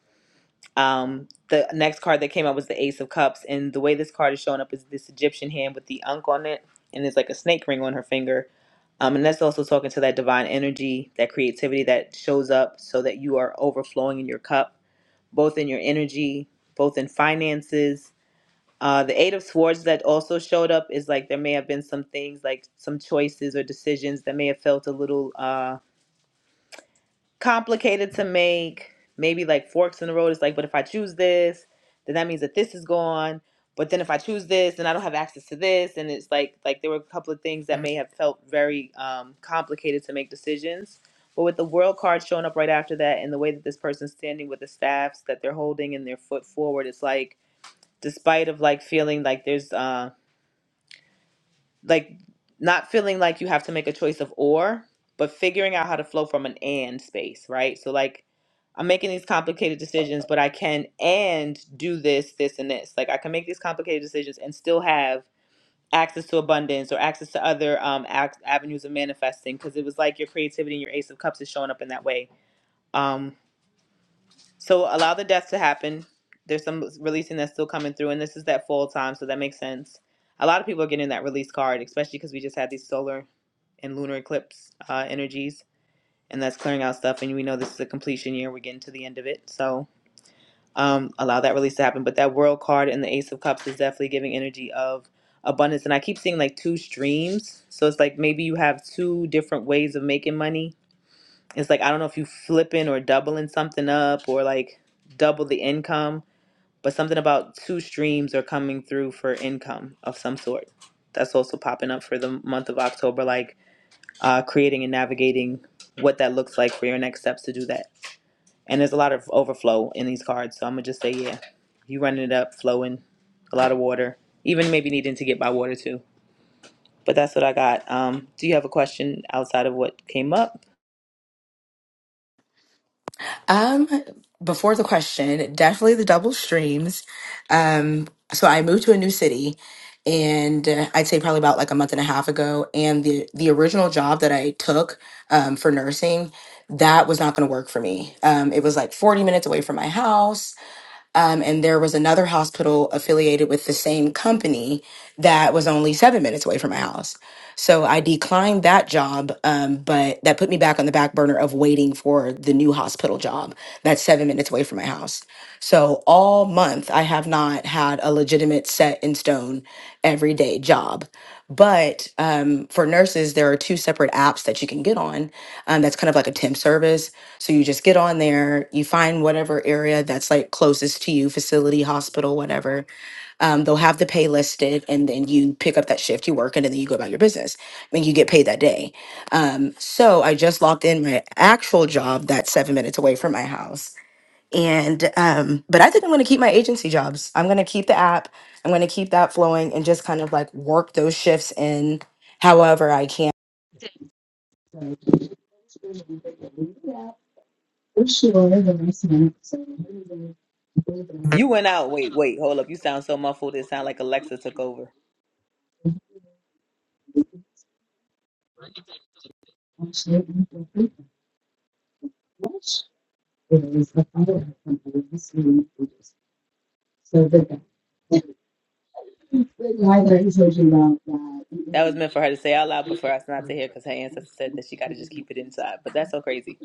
Speaker 1: Um, the next card that came up was the Ace of Cups. And the way this card is showing up is this Egyptian hand with the unk on it. And there's like a snake ring on her finger um, and that's also talking to that divine energy, that creativity that shows up so that you are overflowing in your cup, both in your energy, both in finances. Uh, the Eight of Swords that also showed up is like there may have been some things, like some choices or decisions that may have felt a little. uh, complicated to make. Maybe like forks in the road. It's like, but if I choose this, then that means that this is gone. But then if I choose this, then I don't have access to this. And it's like like there were a couple of things that may have felt very um, complicated to make decisions. But with the world card showing up right after that, and the way that this person's standing with the staffs that they're holding and their foot forward, it's like despite of like feeling like there's uh, like not feeling like you have to make a choice of or, but figuring out how to flow from an and space, right? So like I'm making these complicated decisions, but I can and do this, this, and this. Like I can make these complicated decisions and still have access to abundance or access to other um ac- avenues of manifesting because it was like your creativity and your ace of cups is showing up in that way. Um, so allow the death to happen. There's some releasing that's still coming through, and this is that fall time, so that makes sense. A lot of people are getting that release card, especially because we just had these solar and lunar eclipse uh, energies, and that's clearing out stuff. And we know this is a completion year; we're getting to the end of it, so um, allow that release to happen. But that World card and the Ace of Cups is definitely giving energy of abundance. And I keep seeing like two streams, so it's like maybe you have two different ways of making money. It's like I don't know if you flipping or doubling something up or like double the income, but something about two streams are coming through for income of some sort. That's also popping up for the month of October, like uh, creating and navigating what that looks like for your next steps to do that. And there's a lot of overflow in these cards, so I'm gonna just say yeah, you running it up, flowing, a lot of water, even maybe needing to get by water too. But that's what I got. Um, do you have a question outside of what came up?
Speaker 7: Um, before the question, definitely the double streams. Um, so I moved to a new city, and uh, I'd say probably about like a month and a half ago. And the the original job that I took um, for nursing, that was not going to work for me. Um, it was like forty minutes away from my house um, and there was another hospital affiliated with the same company that was only seven minutes away from my house. So I declined that job, um, but that put me back on the back burner of waiting for the new hospital job that's seven minutes away from my house. So all month, I have not had a legitimate set in stone everyday job. But um, for nurses, there are two separate apps that you can get on. Um, that's kind of like a temp service. So you just get on there, you find whatever area that's like closest to you, facility, hospital, whatever. Um, they'll have the pay listed, and then you pick up that shift you work, in, and then you go about your business. I mean, you get paid that day. Um, so I just logged in my actual job that's seven minutes away from my house and um, but I think I'm gonna keep my agency jobs. I'm gonna keep the app. I'm gonna keep that flowing and just kind of like work those shifts in however I can.
Speaker 1: You went out. Wait, wait, hold up. You sound so muffled. It sound like Alexa took over. That was meant for her to say out loud, but for us not to hear because her ancestor said that she got to just keep it inside. But that's so crazy.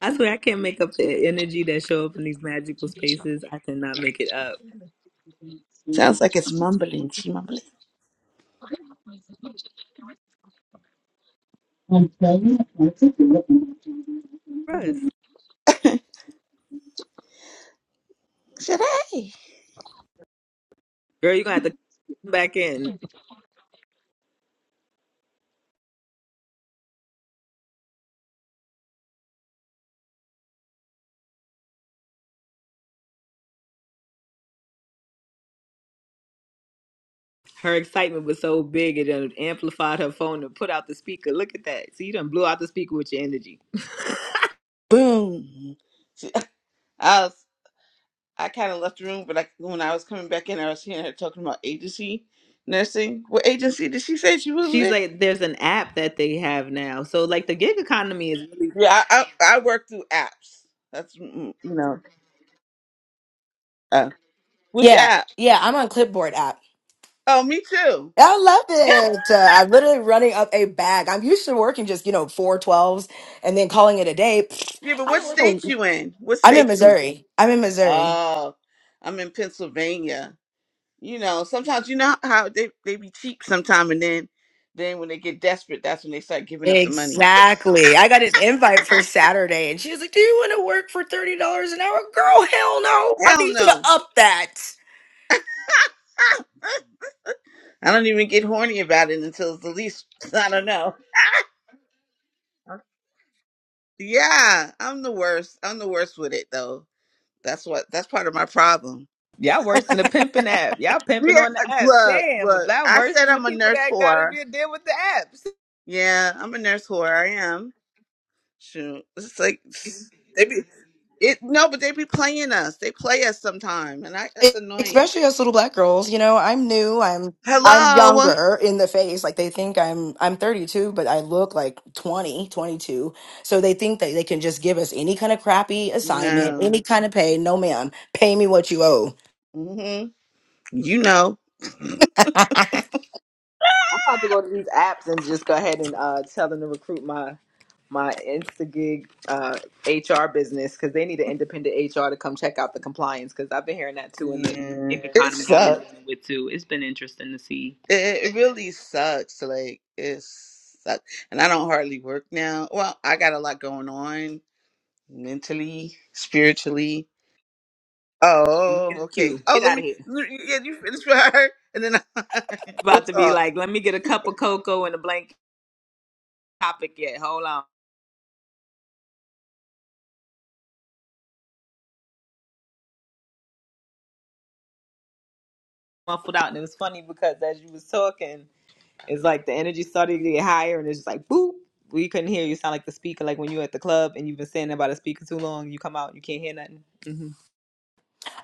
Speaker 1: I swear I can't make up the energy that show up in these magical spaces. I cannot make it up.
Speaker 10: Sounds like it's mumbling. She mumbling.
Speaker 1: Russ.
Speaker 10: Should I?
Speaker 1: Girl, you're gonna have to come back in. Her excitement was so big it done amplified her phone and put out the speaker. Look at that. So you done blew out the speaker with your energy.
Speaker 10: Boom. She, I was, I kind of left the room, but I, when I was coming back in, I was hearing her talking about agency nursing. What agency did she say she was
Speaker 1: She's
Speaker 10: with?
Speaker 1: like, there's an app that they have now. So like the gig economy is really
Speaker 10: Yeah, I I, I work through apps. That's mm, mm, you know. uh, Which
Speaker 7: Yeah,
Speaker 10: app?
Speaker 7: yeah, I'm on Clipboard app.
Speaker 10: Oh, me too.
Speaker 7: I love
Speaker 10: <laughs>
Speaker 7: it. Uh, I'm literally running up a bag. I'm used to working just, you know, four twelves, and then calling it a day. Pfft,
Speaker 10: Yeah, but
Speaker 7: I
Speaker 10: what
Speaker 7: don't work
Speaker 10: state
Speaker 7: a-
Speaker 10: you in? What
Speaker 7: I'm in
Speaker 10: state you in?
Speaker 7: Missouri. I'm in Missouri.
Speaker 10: Oh, I'm in Pennsylvania. You know, sometimes you know how they, they be cheap sometime and then then when they get desperate, that's when they start giving up the money.
Speaker 7: Exactly. I got an invite
Speaker 10: <laughs>
Speaker 7: for Saturday, and she was like, "Do you want to work for thirty dollars an hour?" Girl, hell no! I
Speaker 10: Hell
Speaker 7: need you to
Speaker 10: no.
Speaker 7: up that.
Speaker 10: <laughs> I don't even get horny about it until it's the least <laughs> I don't know. Yeah, I'm the worst. I'm the worst with it though. That's what that's part of my problem.
Speaker 1: y'all worse than the pimping app. Y'all pimping
Speaker 10: Yeah,
Speaker 1: on the
Speaker 10: uh,
Speaker 1: apps.
Speaker 10: look,
Speaker 1: Damn,
Speaker 10: look.
Speaker 1: y'all
Speaker 10: I
Speaker 1: worse
Speaker 10: said
Speaker 1: than the
Speaker 10: I'm a
Speaker 1: people
Speaker 10: nurse
Speaker 1: that gotta
Speaker 10: whore.
Speaker 1: be deal with the apps.
Speaker 10: Yeah, I'm a nurse whore. I am. Shoot, it's like they be it. No, but they be playing us. They play us sometime, and I
Speaker 7: E-
Speaker 10: that's annoying.
Speaker 7: Especially us little black girls, you know. I'm new. I'm I'm
Speaker 10: Hello.
Speaker 7: younger in the face. Like they think I'm I'm 32, but I look like 20, 22. So they think that they can just give us any kind of crappy assignment,
Speaker 10: No.
Speaker 7: any kind of pay. No, ma'am. Pay me what you owe.
Speaker 10: hmm You know.
Speaker 7: <laughs>
Speaker 1: I'm about to go to these apps and just go ahead and uh, tell them to recruit my my Instagig uh, HR business because they need an independent HR to come check out the compliance because I've been hearing that too in the
Speaker 10: Yeah.
Speaker 1: gig
Speaker 10: It
Speaker 1: economy I've been
Speaker 10: sucks.
Speaker 1: dealing with too. It's been interesting to see.
Speaker 10: It, it really sucks. Like it sucks, and I don't hardly work now. Well, I got a lot going on mentally, spiritually.
Speaker 1: And you in
Speaker 10: Oh,
Speaker 1: the
Speaker 10: okay.
Speaker 1: queue,
Speaker 10: Oh,
Speaker 1: get
Speaker 10: let
Speaker 1: out of
Speaker 10: me.
Speaker 1: here.
Speaker 10: let me- Yeah, you finish <laughs> with her, and then <laughs> we'll
Speaker 1: About to be
Speaker 10: talk.
Speaker 1: like, let me get a cup of cocoa and a blank topic yet. Hold on, muffled out, and it was funny because as you was talking. It's like the energy started to get higher, and it's just like boop. We couldn't hear you. Sound like the speaker, like when you at the club and you've been standing by the speaker too long. You come out, you can't hear nothing. hmm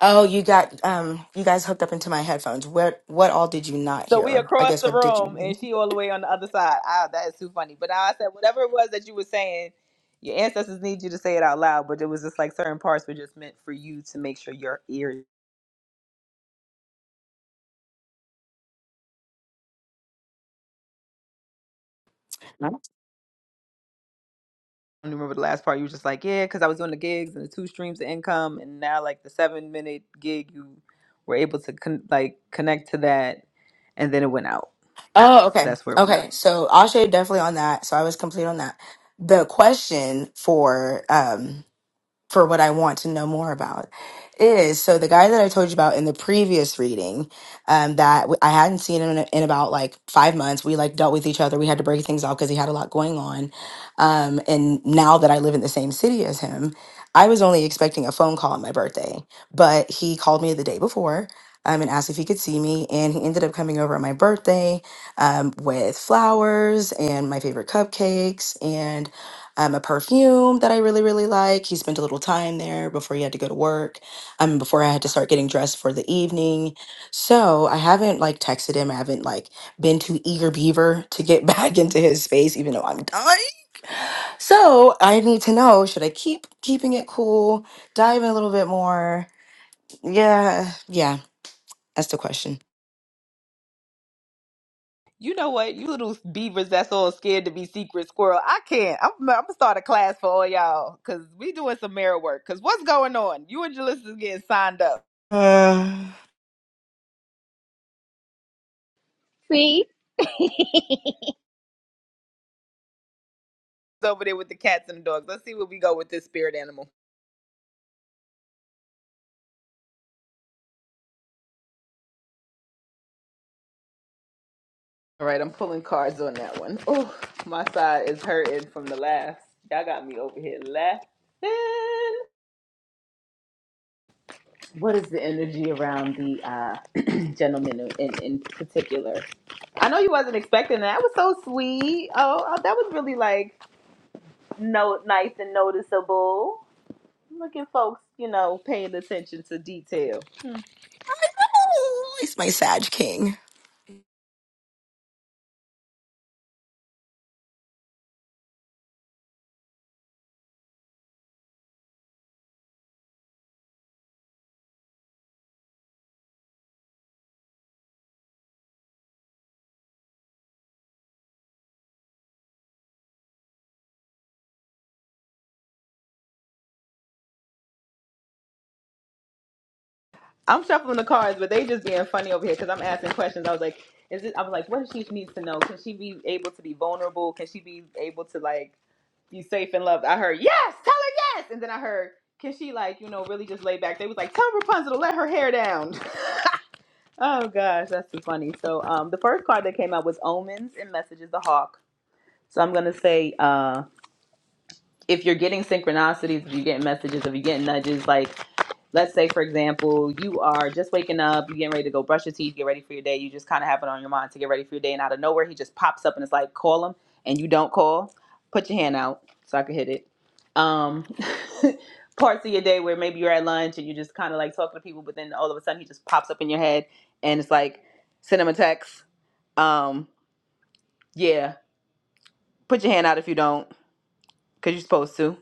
Speaker 7: Oh, you got um you guys hooked up into my headphones. What what all did you not
Speaker 1: So
Speaker 7: hear?
Speaker 1: we
Speaker 7: Or I
Speaker 1: across
Speaker 7: guess
Speaker 1: the
Speaker 7: what did
Speaker 1: room,
Speaker 7: you?
Speaker 1: and she all the way on the other side. Ah, that is too funny. But now I said whatever it was that you were saying, your ancestors need you to say it out loud. But it was just like certain parts were just meant for you to make sure your ears. I don't remember the last part. You were just like, yeah, because I was doing the gigs and the two streams of income, and now like the seven minute gig, you were able to con- like connect to that, and then it went out.
Speaker 7: Oh, okay.
Speaker 1: That's where we're not.
Speaker 7: Okay. So Asha definitely on that. So I was complete on that. The question for um for what I want to know more about is so the guy that I told you about in the previous reading um, that w- I hadn't seen him in, in about like five months. We like dealt with each other. We had to break things off because he had a lot going on. Um, and now that I live in the same city as him, I was only expecting a phone call on my birthday, but he called me the day before. Um, and asked if he could see me, and he ended up coming over on my birthday um, with flowers and my favorite cupcakes, um, a perfume that I really, really like. He spent a little time there before he had to go to work, um, before I had to start getting dressed for the evening. So I haven't like texted him. I haven't like been too eager beaver to get <laughs> back into his space, even though I'm dying. So I need to know, should I keep keeping it cool, dive in a little bit more? Yeah, yeah, that's the question.
Speaker 1: You know what? You little beavers that's all scared to be secret squirrel. I can't. I'm, I'm gonna start a class for all y'all because we doing some mirror work. Because what's going on? You and Jalissa is getting signed up
Speaker 7: Uh, <laughs> I
Speaker 8: See?
Speaker 1: It's over there with the cats and the dogs. Let's see where we go with this spirit animal. All right, I'm pulling cards on that one. Oh, my side is hurting from the laughs. Y'all got me over here laughing. What is the energy around the uh, <clears throat> gentleman in, in particular? I know you wasn't expecting that. That was so sweet. Oh, oh, that was really like no nice and noticeable. Look at folks, you know, paying attention to detail.
Speaker 7: know, he's my Sag King.
Speaker 1: I'm shuffling the cards, but they just being funny over here because I'm asking questions. I was like, is it? I was like, what if she needs to know? Can she be able to be vulnerable? Can she be able to like be safe and loved? I heard yes, tell her yes, and then I heard, can she like you know really just lay back? They was like, tell Rapunzel to let her hair down. <laughs> oh gosh, that's too funny. So um, the first card that came out was omens and messages the hawk. So I'm gonna say uh, if you're getting synchronicities, if you're getting messages, if you're getting nudges, like let's say for example you are just waking up you are getting ready to go brush your teeth get ready for your day you just kind of have it on your mind to get ready for your day and out of nowhere he just pops up and it's like call him and you don't call put your hand out so i can hit it um <laughs> parts of your day where maybe you're at lunch and you're just kind of like talking to people but then all of a sudden he just pops up in your head and it's like send him a text um yeah put your hand out if you don't because you're supposed to.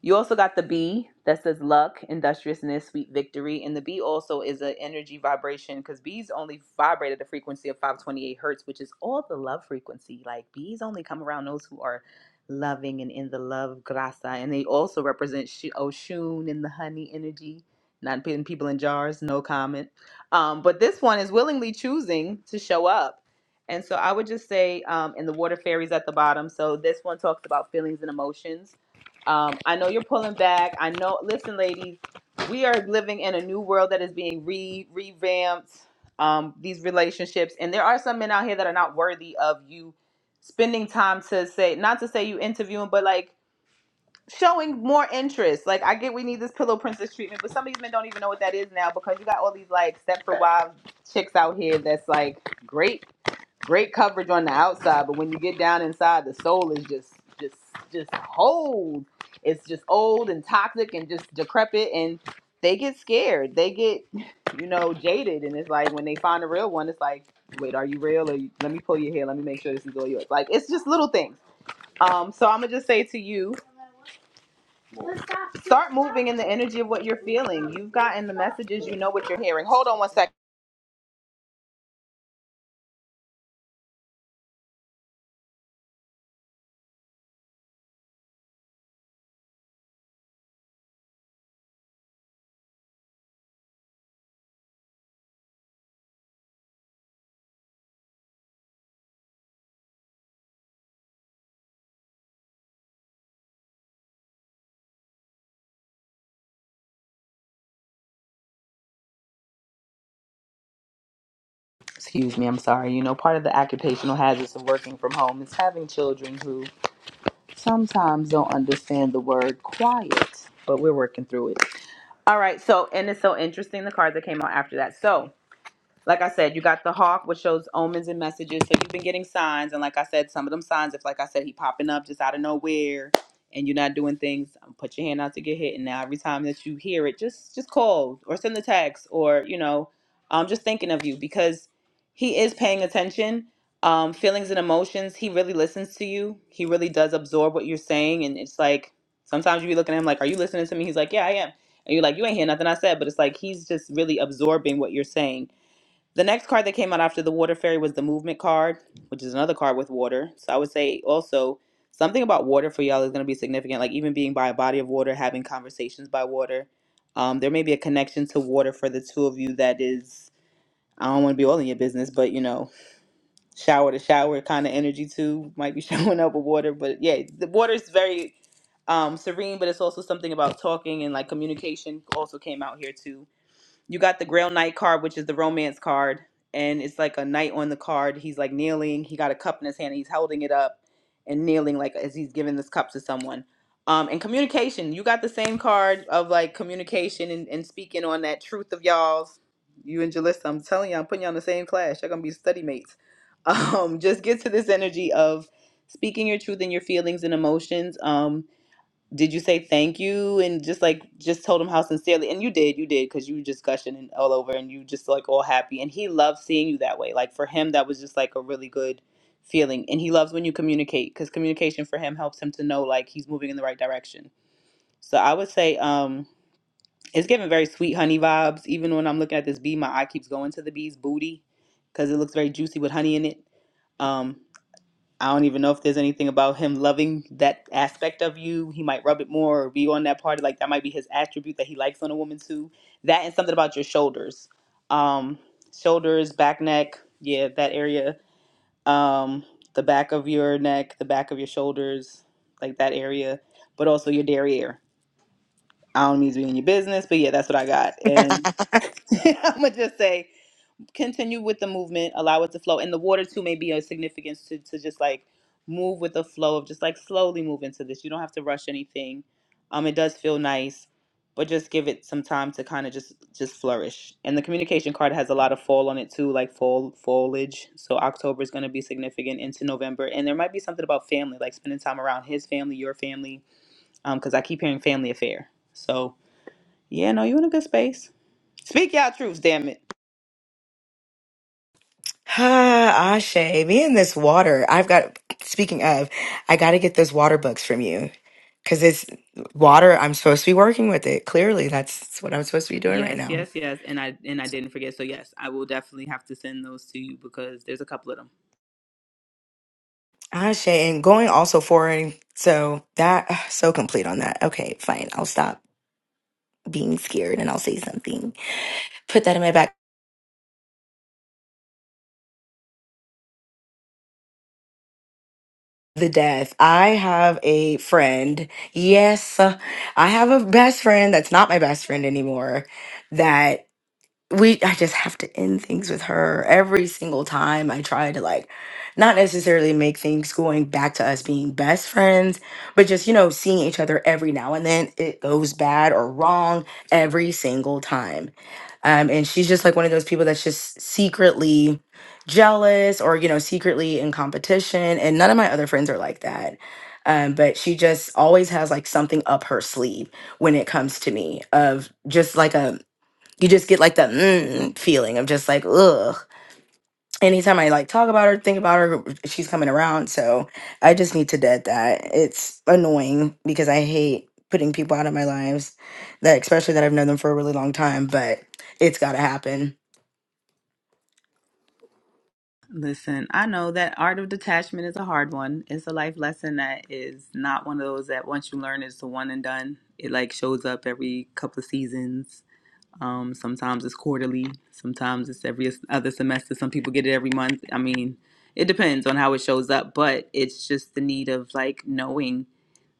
Speaker 1: You also got the B that says luck, industriousness, sweet victory, and the B also is an energy vibration because B's only vibrate at the frequency of 528 hertz, which is all the love frequency. Like B's only come around those who are loving and in the love grasa, and they also represent Sh- Oshun and the honey energy, not putting people in jars. No comment. Um, but this one is willingly choosing to show up and so I would just say, um, and the water fairies at the bottom. So this one talks about feelings and emotions. Um, I know you're pulling back. I know. Listen, ladies, we are living in a new world that is being re revamped. Um, these relationships, and there are some men out here that are not worthy of you spending time to say, not to say you interviewing, but like showing more interest. Like I get we need this pillow princess treatment, but some of these men don't even know what that is now because you got all these like Stepford wives chicks out here that's like great Great coverage on the outside, but when you get down inside, the soul is just just just old. It's just old and toxic and just decrepit, and they get scared. They get <laughs> you know jaded, and it's like when they find a real one, it's like, wait, are you real? Or you, let me pull your hair. Let me make sure this is all yours. Like it's just little things. Um, so I'm gonna just say to you, start moving in the energy of what you're feeling. You've gotten the messages. You know what you're hearing. Hold on one second. excuse me, I'm sorry, you know, part of the occupational hazards of working from home is having children who sometimes don't understand the word quiet, but we're working through it. All right, so, and it's so interesting the card that came out after that. So, like I said, you got the hawk, which shows omens and messages. So you've been getting signs, and like I said, some of them signs, if like I said, he popping up just out of nowhere, and you're not doing things, um, put your hand out to get hit. And now every time that you hear it, just just call or send a text, or you know, um, just thinking of you because he is paying attention. Um, feelings and emotions, he really listens to you. He really does absorb what you're saying, and it's like sometimes you be looking at him like, "Are you listening to me?" He's like, "Yeah, I am." And you're like, "You ain't hear nothing I said," but it's like he's just really absorbing what you're saying the next card that came out after the water fairy was the movement card, which is another card with water. So I would say also something about water for y'all is going to be significant, like even being by a body of water, having conversations by water. Um, there may be a connection to water for the two of you that is, I don't want to be all in your business, but you know, shower to shower kind of energy too might be <laughs> showing up with water. But yeah, the water is very um, serene, but it's also something about talking and like communication also came out here too you got the Grail Knight card, which is the romance card, and it's like a knight on the card. He's like kneeling. He got a cup in his hand. And he's holding it up and kneeling, like as he's giving this cup to someone. Um, and communication, you got the same card of like communication and, and speaking on that truth of y'all's. You and Jalissa, I'm telling you, I'm putting you on the same class. You're gonna be study mates. Um, <laughs> just get to this energy of speaking your truth and your feelings and emotions. Um, did you say thank you and just like just told him how sincerely and you did you did because you were just gushing and all over and you just like all happy and he loves seeing you that way like for him that was just like a really good feeling and he loves when you communicate because communication for him helps him to know like he's moving in the right direction so i would say um it's giving very sweet honey vibes even when i'm looking at this bee my eye keeps going to the bee's booty because it looks very juicy with honey in it um I don't even know if there's anything about him loving that aspect of you. He might rub it more or be on that part. Like that might be his attribute that he likes on a woman too. That and something about your shoulders, um, shoulders, back, neck, yeah, that area, um, the back of your neck, the back of your shoulders, like that area, but also your derriere. I don't mean to be in your business, but yeah, that's what I got. And <laughs> I'm gonna just say continue with the movement, allow it to flow. And the water too may be a significance to, to just like move with the flow of just like slowly move into this. You don't have to rush anything. Um, it does feel nice, but just give it some time to kind of just just flourish. And the communication card has a lot of fall on it too, like fall foliage. So October is going to be significant into November, and there might be something about family, like spending time around his family, your family. Um, because I keep hearing family affair. So yeah, no, you're in a good space. Speak your truths, damn it.
Speaker 7: <sighs> Ah, Ashe, me and this water. I've got, speaking of, I got to get those water books from you because it's water. I'm supposed to be working with it. Clearly, that's what I'm supposed to be doing right
Speaker 1: Yes,
Speaker 7: now.
Speaker 1: yes, yes. And I and I didn't forget. So yes, I will definitely have to send those to you because there's a couple of them.
Speaker 7: Ashe, and going also forward. So that, ugh, so complete on that. Okay, fine. I'll stop being scared and I'll say something. Put that in my back. The death. I have a friend. Yes, I have a best friend that's not my best friend anymore we I just have to end things with her every single time I try to like not necessarily make things going back to us being best friends, but just you know seeing each other every now and then it goes bad or wrong every single time. Um and she's just like one of those people that's just secretly jealous or you know secretly in competition and none of my other friends are like that. Um, but she just always has like something up her sleeve when it comes to me of just like a you just get like the mm feeling of just like ugh. Anytime I like talk about her, think about her, she's coming around. So I just need to dead that. It's annoying because I hate putting people out of my lives, that especially that I've known them for a really long time. But it's got to happen.
Speaker 1: Listen, I know that art of detachment is a hard one. It's a life lesson that is not one of those that once you learn it's a one and done. It like shows up every couple of seasons. Um, sometimes it's quarterly, sometimes it's every other semester. Some people get it every month. I mean, it depends on how it shows up, but it's just the need of like knowing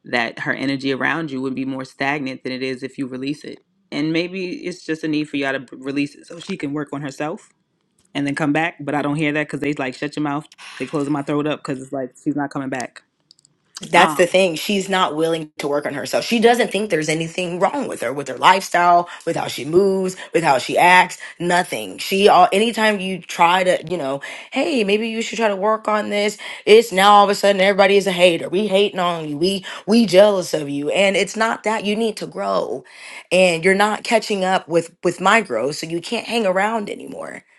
Speaker 1: that her energy around you would be more stagnant than it is if you release it. And maybe it's just a need for y'all to b- release it so she can work on herself and then come back. But I don't hear that because they like shut your mouth, they closing my throat up because it's like she's not coming back.
Speaker 7: That's
Speaker 1: Um,
Speaker 7: the thing. She's not willing to work on herself. She doesn't think there's anything wrong with her, with her lifestyle, with how she moves, with how she acts, nothing. She all anytime you try to, you know, hey, maybe you should try to work on this, it's now all of a sudden everybody is a hater. We hating on you. We we jealous of you. And it's not that you need to grow. And you're not catching up with with my growth, so you can't hang around anymore. <sighs>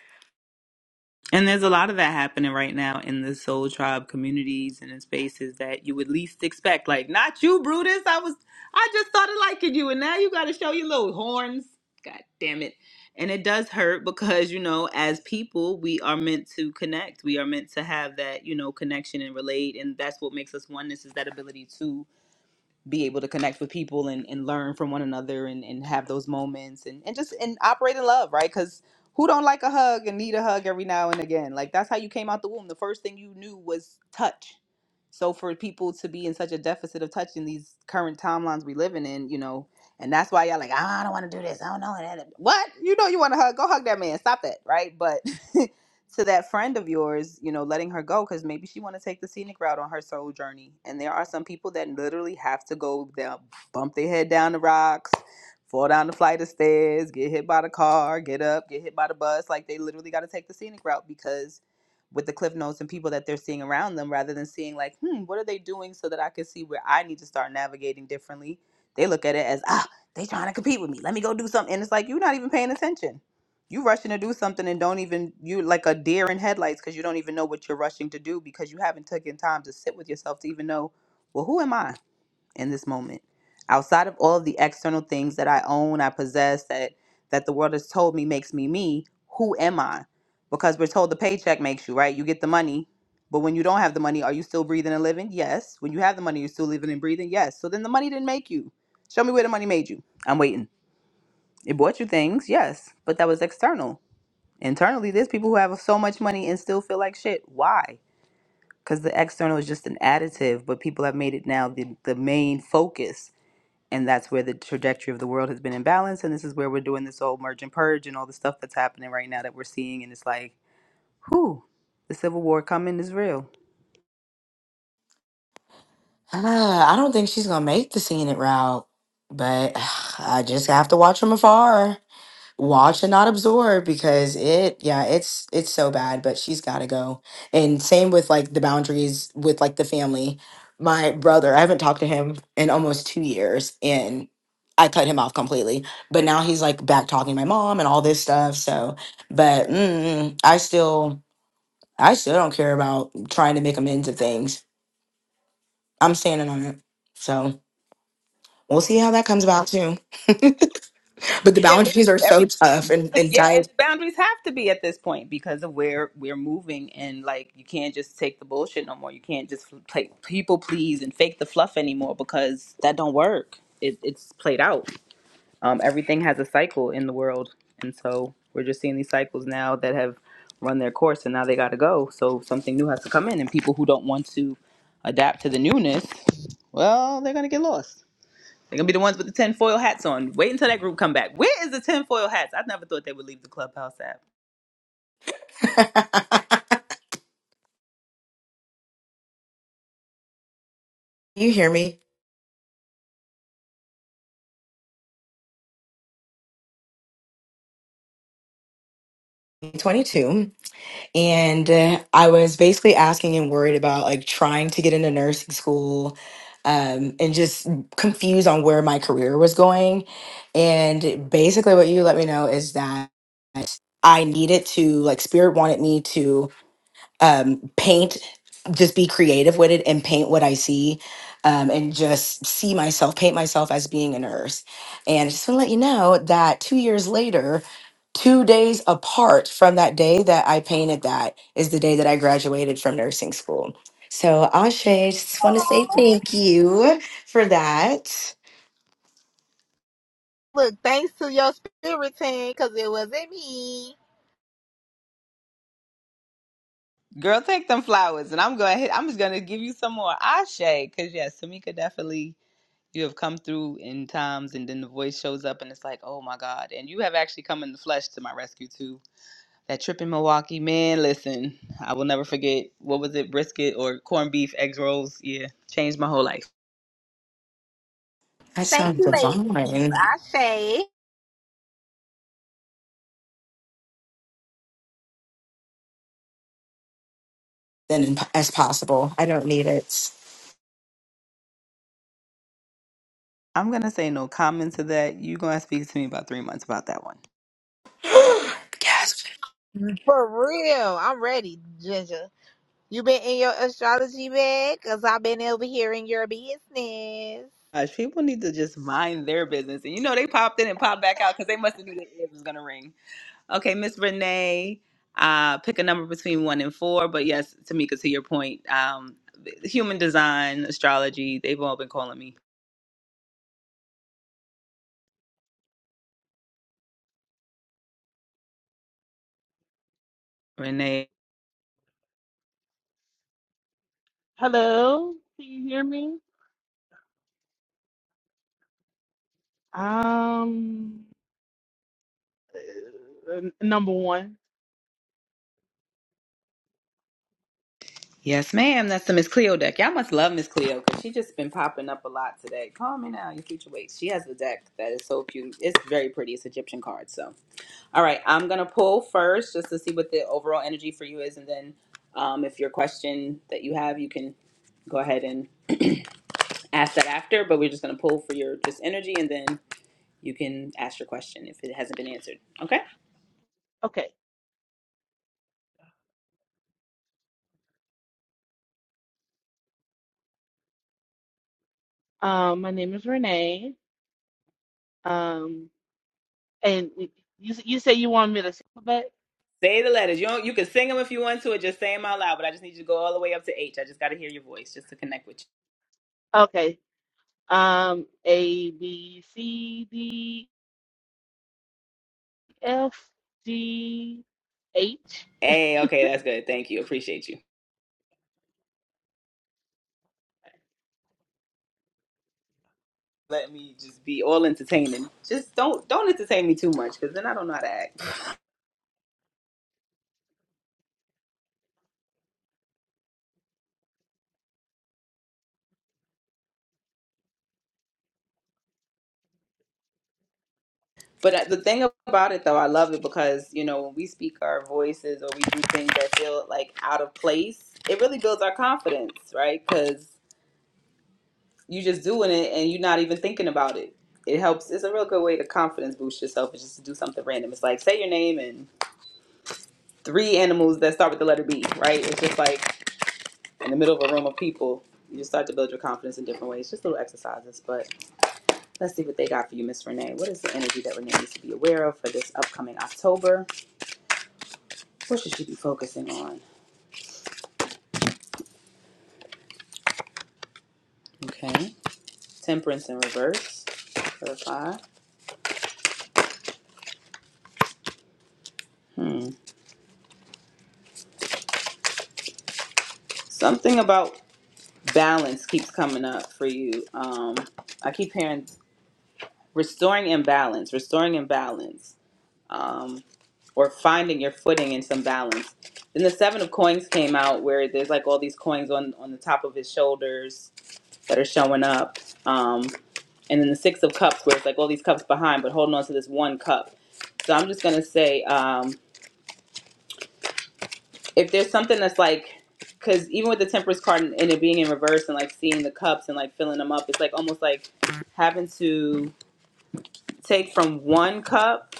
Speaker 1: And there's a lot of that happening right now in the soul tribe communities and in spaces that you would least expect. Like, not you, Brutus. I was, I just started liking you, and now you got to show your little horns. God damn it. And it does hurt because, you know, as people, we are meant to connect. We are meant to have that, you know, connection and relate. And that's what makes us oneness is that ability to be able to connect with people and, and learn from one another and, and have those moments and, and just and operate in love, right? Because who don't like a hug and need a hug every now and again? Like that's how you came out the womb. The first thing you knew was touch. So for people to be in such a deficit of touch in these current timelines we living in, you know, and that's why y'all like, "Ah, I don't want to do this. I don't know. What? You know you want to hug. Go hug that man. Stop that, right? But <laughs> to that friend of yours, you know, letting her go because maybe she want to take the scenic route on her soul journey. And there are some people that literally have to go down, bump their head down the rocks, fall down the flight of stairs, get hit by the car, get up, get hit by the bus. Like they literally got to take the scenic route because with the cliff notes and people that they're seeing around them, rather than seeing like, hmm, what are they doing so that I can see where I need to start navigating differently. They look at it as ah, they trying to compete with me. Let me go do something. And it's like you're not even paying attention you rushing to do something and don't even you like a deer in headlights because you don't even know what you're rushing to do because you haven't taken time to sit with yourself to even know, well, who am I in this moment? Outside of all of the external things that I own, I possess, that that the world has told me makes me me, who am I? Because we're told the paycheck makes you, right? You get the money. But when you don't have the money, are you still breathing and living? Yes. When you have the money, you're still living and breathing? Yes. So then the money didn't make you. Show me where the money made you. I'm waiting. It bought you things, yes, but that was external Internally, there's people who have so much money and still feel like shit. Why? Because the external is just an additive, but people have made it now the, the main focus. And that's where the trajectory of the world has been imbalanced. And this is where we're doing this whole merge and purge and all the stuff that's happening right now that we're seeing. And it's like, whew, the civil war coming is real.
Speaker 7: Ah, I don't think she's gonna make the scene route, but <sighs> I just have to watch from afar. watch and not absorb because it yeah it's it's so bad but she's got to go and same with like the boundaries with like the family my brother i haven't talked to him in almost two years and i cut him off completely but now he's like back talking to my mom and all this stuff so but mm, i still i still don't care about trying to make amends of things i'm standing on it so we'll see how that comes about too but the
Speaker 1: Yeah, listen,
Speaker 7: boundaries are so
Speaker 1: every
Speaker 7: tough
Speaker 1: this
Speaker 7: and,
Speaker 1: is,
Speaker 7: and
Speaker 1: yeah, and
Speaker 7: tight
Speaker 1: the boundaries have to be at this point because of where we're moving, and like you can't just take the bullshit no more. You can't just play people please and fake the fluff anymore because that don't work. It, it's played out. Um, everything has a cycle in the world, and so we're just seeing these cycles now that have run their course, and now they got to go. So something new has to come in, and people who don't want to adapt to the newness, well, they're gonna get lost. They're gonna be the ones with the tinfoil hats on. Wait until that group come back. Where is the tinfoil hats? I never thought they would leave the clubhouse app.
Speaker 7: <laughs> you hear me 22 and uh, i was basically asking and worried about like trying to get into nursing school um, and just confused on where my career was going and basically what you let me know is that i needed to like spirit wanted me to um, paint just be creative with it and paint what i see um, and just see myself paint myself as being a nurse and i just want to let you know that two years later two days apart from that day that i painted that is the day that i graduated from nursing school so ashe just want to say thank you for that
Speaker 3: Look, thanks to your spirit team, because it wasn't me.
Speaker 1: Girl, take them flowers, and I'm going. I'm just gonna give you some more ashe, because yes, Tamika definitely. You have come through in times, and then the voice shows up, and it's like, oh my god! And you have actually come in the flesh to my rescue too. That trip in Milwaukee, man. Listen, I will never forget. What was it, brisket or corned beef, eggs rolls? Yeah, changed my whole life.
Speaker 7: that
Speaker 3: Thank
Speaker 7: sounds
Speaker 3: you, ladies.
Speaker 7: divine
Speaker 3: Ashe.
Speaker 7: then as possible i don't need it
Speaker 1: I'm gonna say no comment to that. You're gonna speak to me about three months about that one.
Speaker 3: For real, I'm ready, Ginger. You been in your astrology bag? Because I've been over here in your business.
Speaker 1: gosh, people need to just mind their business. And you know, they popped in and popped back out because they must have knew their ears was gonna ring. Okay, Miss Renee, uh, pick a number between one and four. But yes, Tamika, to your point, um, human design, astrology, they've all been calling me Renee.
Speaker 9: Hello. Can you hear me? Um, uh, n- number one.
Speaker 1: Yes, ma'am. That's the Miss Cleo deck. Y'all must love Miss Cleo because she just been popping up a lot today. Call me now, your future weights. She has the deck that is so cute. It's very pretty. It's Egyptian cards. So, all right, I'm gonna pull first just to see what the overall energy for you is, and then um, if your question that you have, you can go ahead and ask that after. But we're just gonna pull for your just energy, and then you can ask your question if it hasn't been answered. Okay.
Speaker 9: Okay. Um, my name is Renee. Um, and y- you s- you say you want me to spell it?
Speaker 1: Say the letters. You don't, you can sing them if you want to, or just say them out loud. But I just need you to go all the way up to H. I just got to hear your voice just to connect with you.
Speaker 9: Okay. Um, A B C D F G H.
Speaker 1: Hey, okay, that's good. Thank you. Appreciate you. Let me just be all entertaining. Just don't don't entertain me too much because then I don't know how to act. But uh, the thing about it though, I love it because you know when we speak our voices or we do things that feel like out of place, it really builds our confidence, right? Because you're just doing it and you're not even thinking about it. It helps. It's a real good way to confidence boost yourself. Is just to do something random. It's like say your name and three animals that start with the letter B, right? It's just like in the middle of a room of people. You just start to build your confidence in different ways, just little exercises. But let's see what they got for you, Miss Renee. What is the energy that Renee needs to be aware of for this upcoming October? What should she be focusing on? Okay. Temperance in reverse. Clarify. Hmm. Something about balance keeps coming up for you. Um, I keep hearing restoring imbalance, restoring imbalance. um, or finding your footing and some balance. Then the seven of coins came out where there's like all these coins on on the top of his shoulders that are showing up, um, and then the six of cups where it's like all these cups behind, but holding on to this one cup. So I'm just gonna say um, if there's something that's like because even with the temperance card and and it being in reverse and like seeing the cups and like filling them up, it's like almost like having to take from one cup.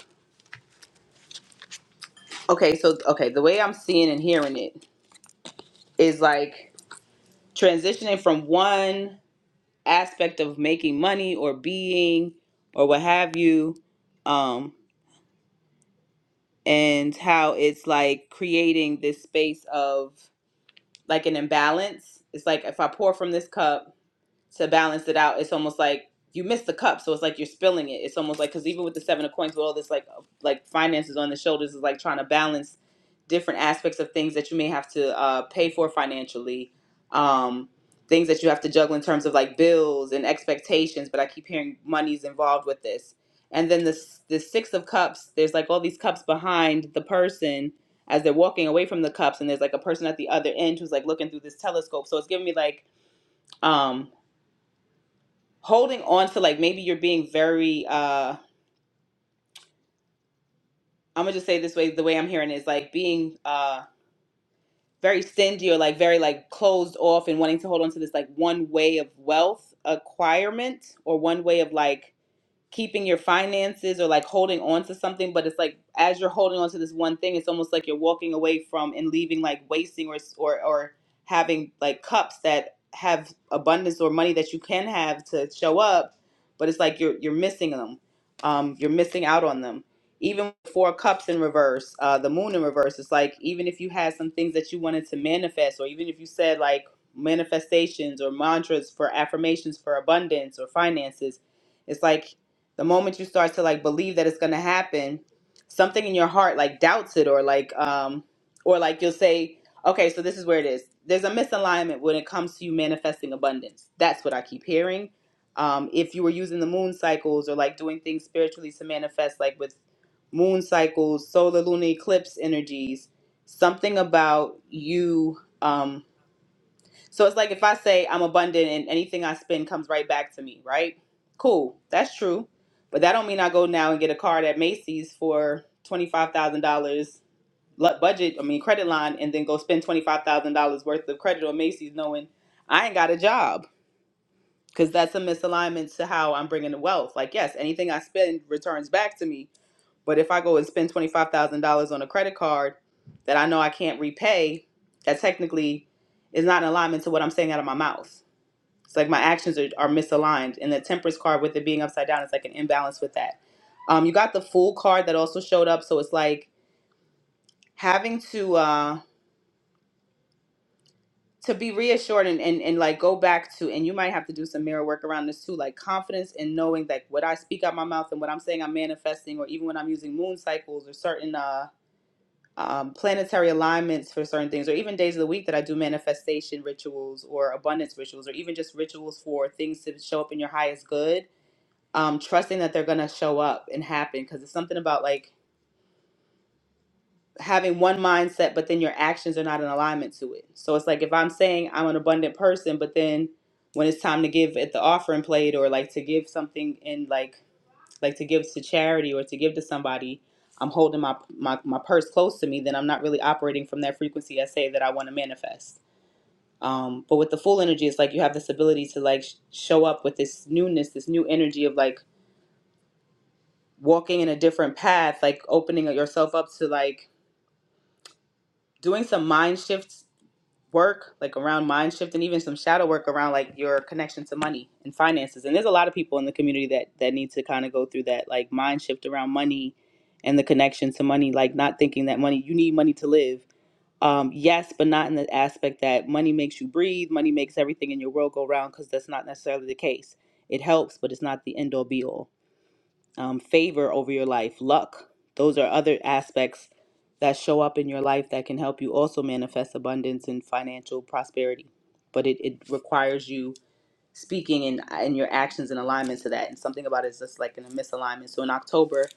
Speaker 1: Okay, so okay, the way I'm seeing and hearing it is like transitioning from one aspect of making money or being or what have you um and how it's like creating this space of like an imbalance it's like if i pour from this cup to balance it out, it's almost like you miss the cup. So it's like you're spilling it. It's almost like because even with the seven of coins, with all this like uh, like finances on the shoulders, is like trying to balance different aspects of things that you may have to uh, pay for financially, um, things that you have to juggle in terms of like bills and expectations. But I keep hearing money's involved with this. And then the the six of cups, there's like all these cups behind the person as they're walking away from the cups, and there's like a person at the other end who's like looking through this telescope. So it's giving me like um holding on to like maybe you're being very uh i'm gonna just say it this way the way i'm hearing it is like being uh very stingy or like very like closed off and wanting to hold on to this like one way of wealth acquirement or one way of like keeping your finances or like holding on to something but it's like as you're holding on to this one thing it's almost like you're walking away from and leaving like wasting or or, or having like cups that have abundance or money that you can have to show up but it's like you're you're missing them um you're missing out on them even four cups in reverse uh the moon in reverse it's like even if you had some things that you wanted to manifest or even if you said like manifestations or mantras for affirmations for abundance or finances it's like the moment you start to like believe that it's going to happen something in your heart like doubts it or like um or like you'll say okay so this is where it is there's a misalignment when it comes to you manifesting abundance that's what i keep hearing um if you were using the moon cycles or like doing things spiritually to manifest like with moon cycles solar lunar eclipse energies something about you um so it's like if I say I'm abundant and anything I spend comes right back to me, right? Cool, that's true. But that don't mean I go now and get a card at Macy's for twenty five thousand dollars budget, I mean credit line, and then go spend twenty five thousand dollars worth of credit on Macy's, knowing I ain't got a job. Because that's a misalignment to how I'm bringing the wealth. Like yes, anything I spend returns back to me. But if I go and spend twenty five thousand dollars on a credit card that I know I can't repay, that technically is not in alignment to what I'm saying out of my mouth. It's like my actions are, are misaligned. And the temperance card with it being upside down is like an imbalance with that. Um, you got the fool card that also showed up. So it's like having to uh to be reassured and, and, and like go back to and you might have to do some mirror work around this too, like confidence in knowing that what I speak out my mouth and what I'm saying I'm manifesting, or even when I'm using moon cycles or certain uh um, planetary alignments for certain things, or even days of the week that I do manifestation rituals or abundance rituals, or even just rituals for things to show up in your highest good um, trusting that they're going to show up and happen because it's something about like having one mindset, but then your actions are not in alignment to it. So it's like if I'm saying I'm an abundant person, but then when it's time to give at the offering plate or like to give something in like like to give to charity or to give to somebody, I'm holding my my, my purse close to me, then I'm not really operating from that frequency I say that I want to manifest. Um, but with the full energy, it's like you have this ability to like sh- show up with this newness, this new energy of like walking in a different path, like opening yourself up to like doing some mind shift work, like around mind shift and even some shadow work around like your connection to money and finances. And there's a lot of people in the community that that need to kind of go through that like mind shift around money and the connection to money, like not thinking that money you need money to live. Um, yes, but not in the aspect that money makes you breathe, money makes everything in your world go round because that's not necessarily the case. It helps, but it's not the end all be all um, favor over your life, luck. Those are other aspects that show up in your life that can help you also manifest abundance and financial prosperity. But it, it requires you speaking and, and your actions in alignment to that. And something about it is just like in a misalignment. So in October,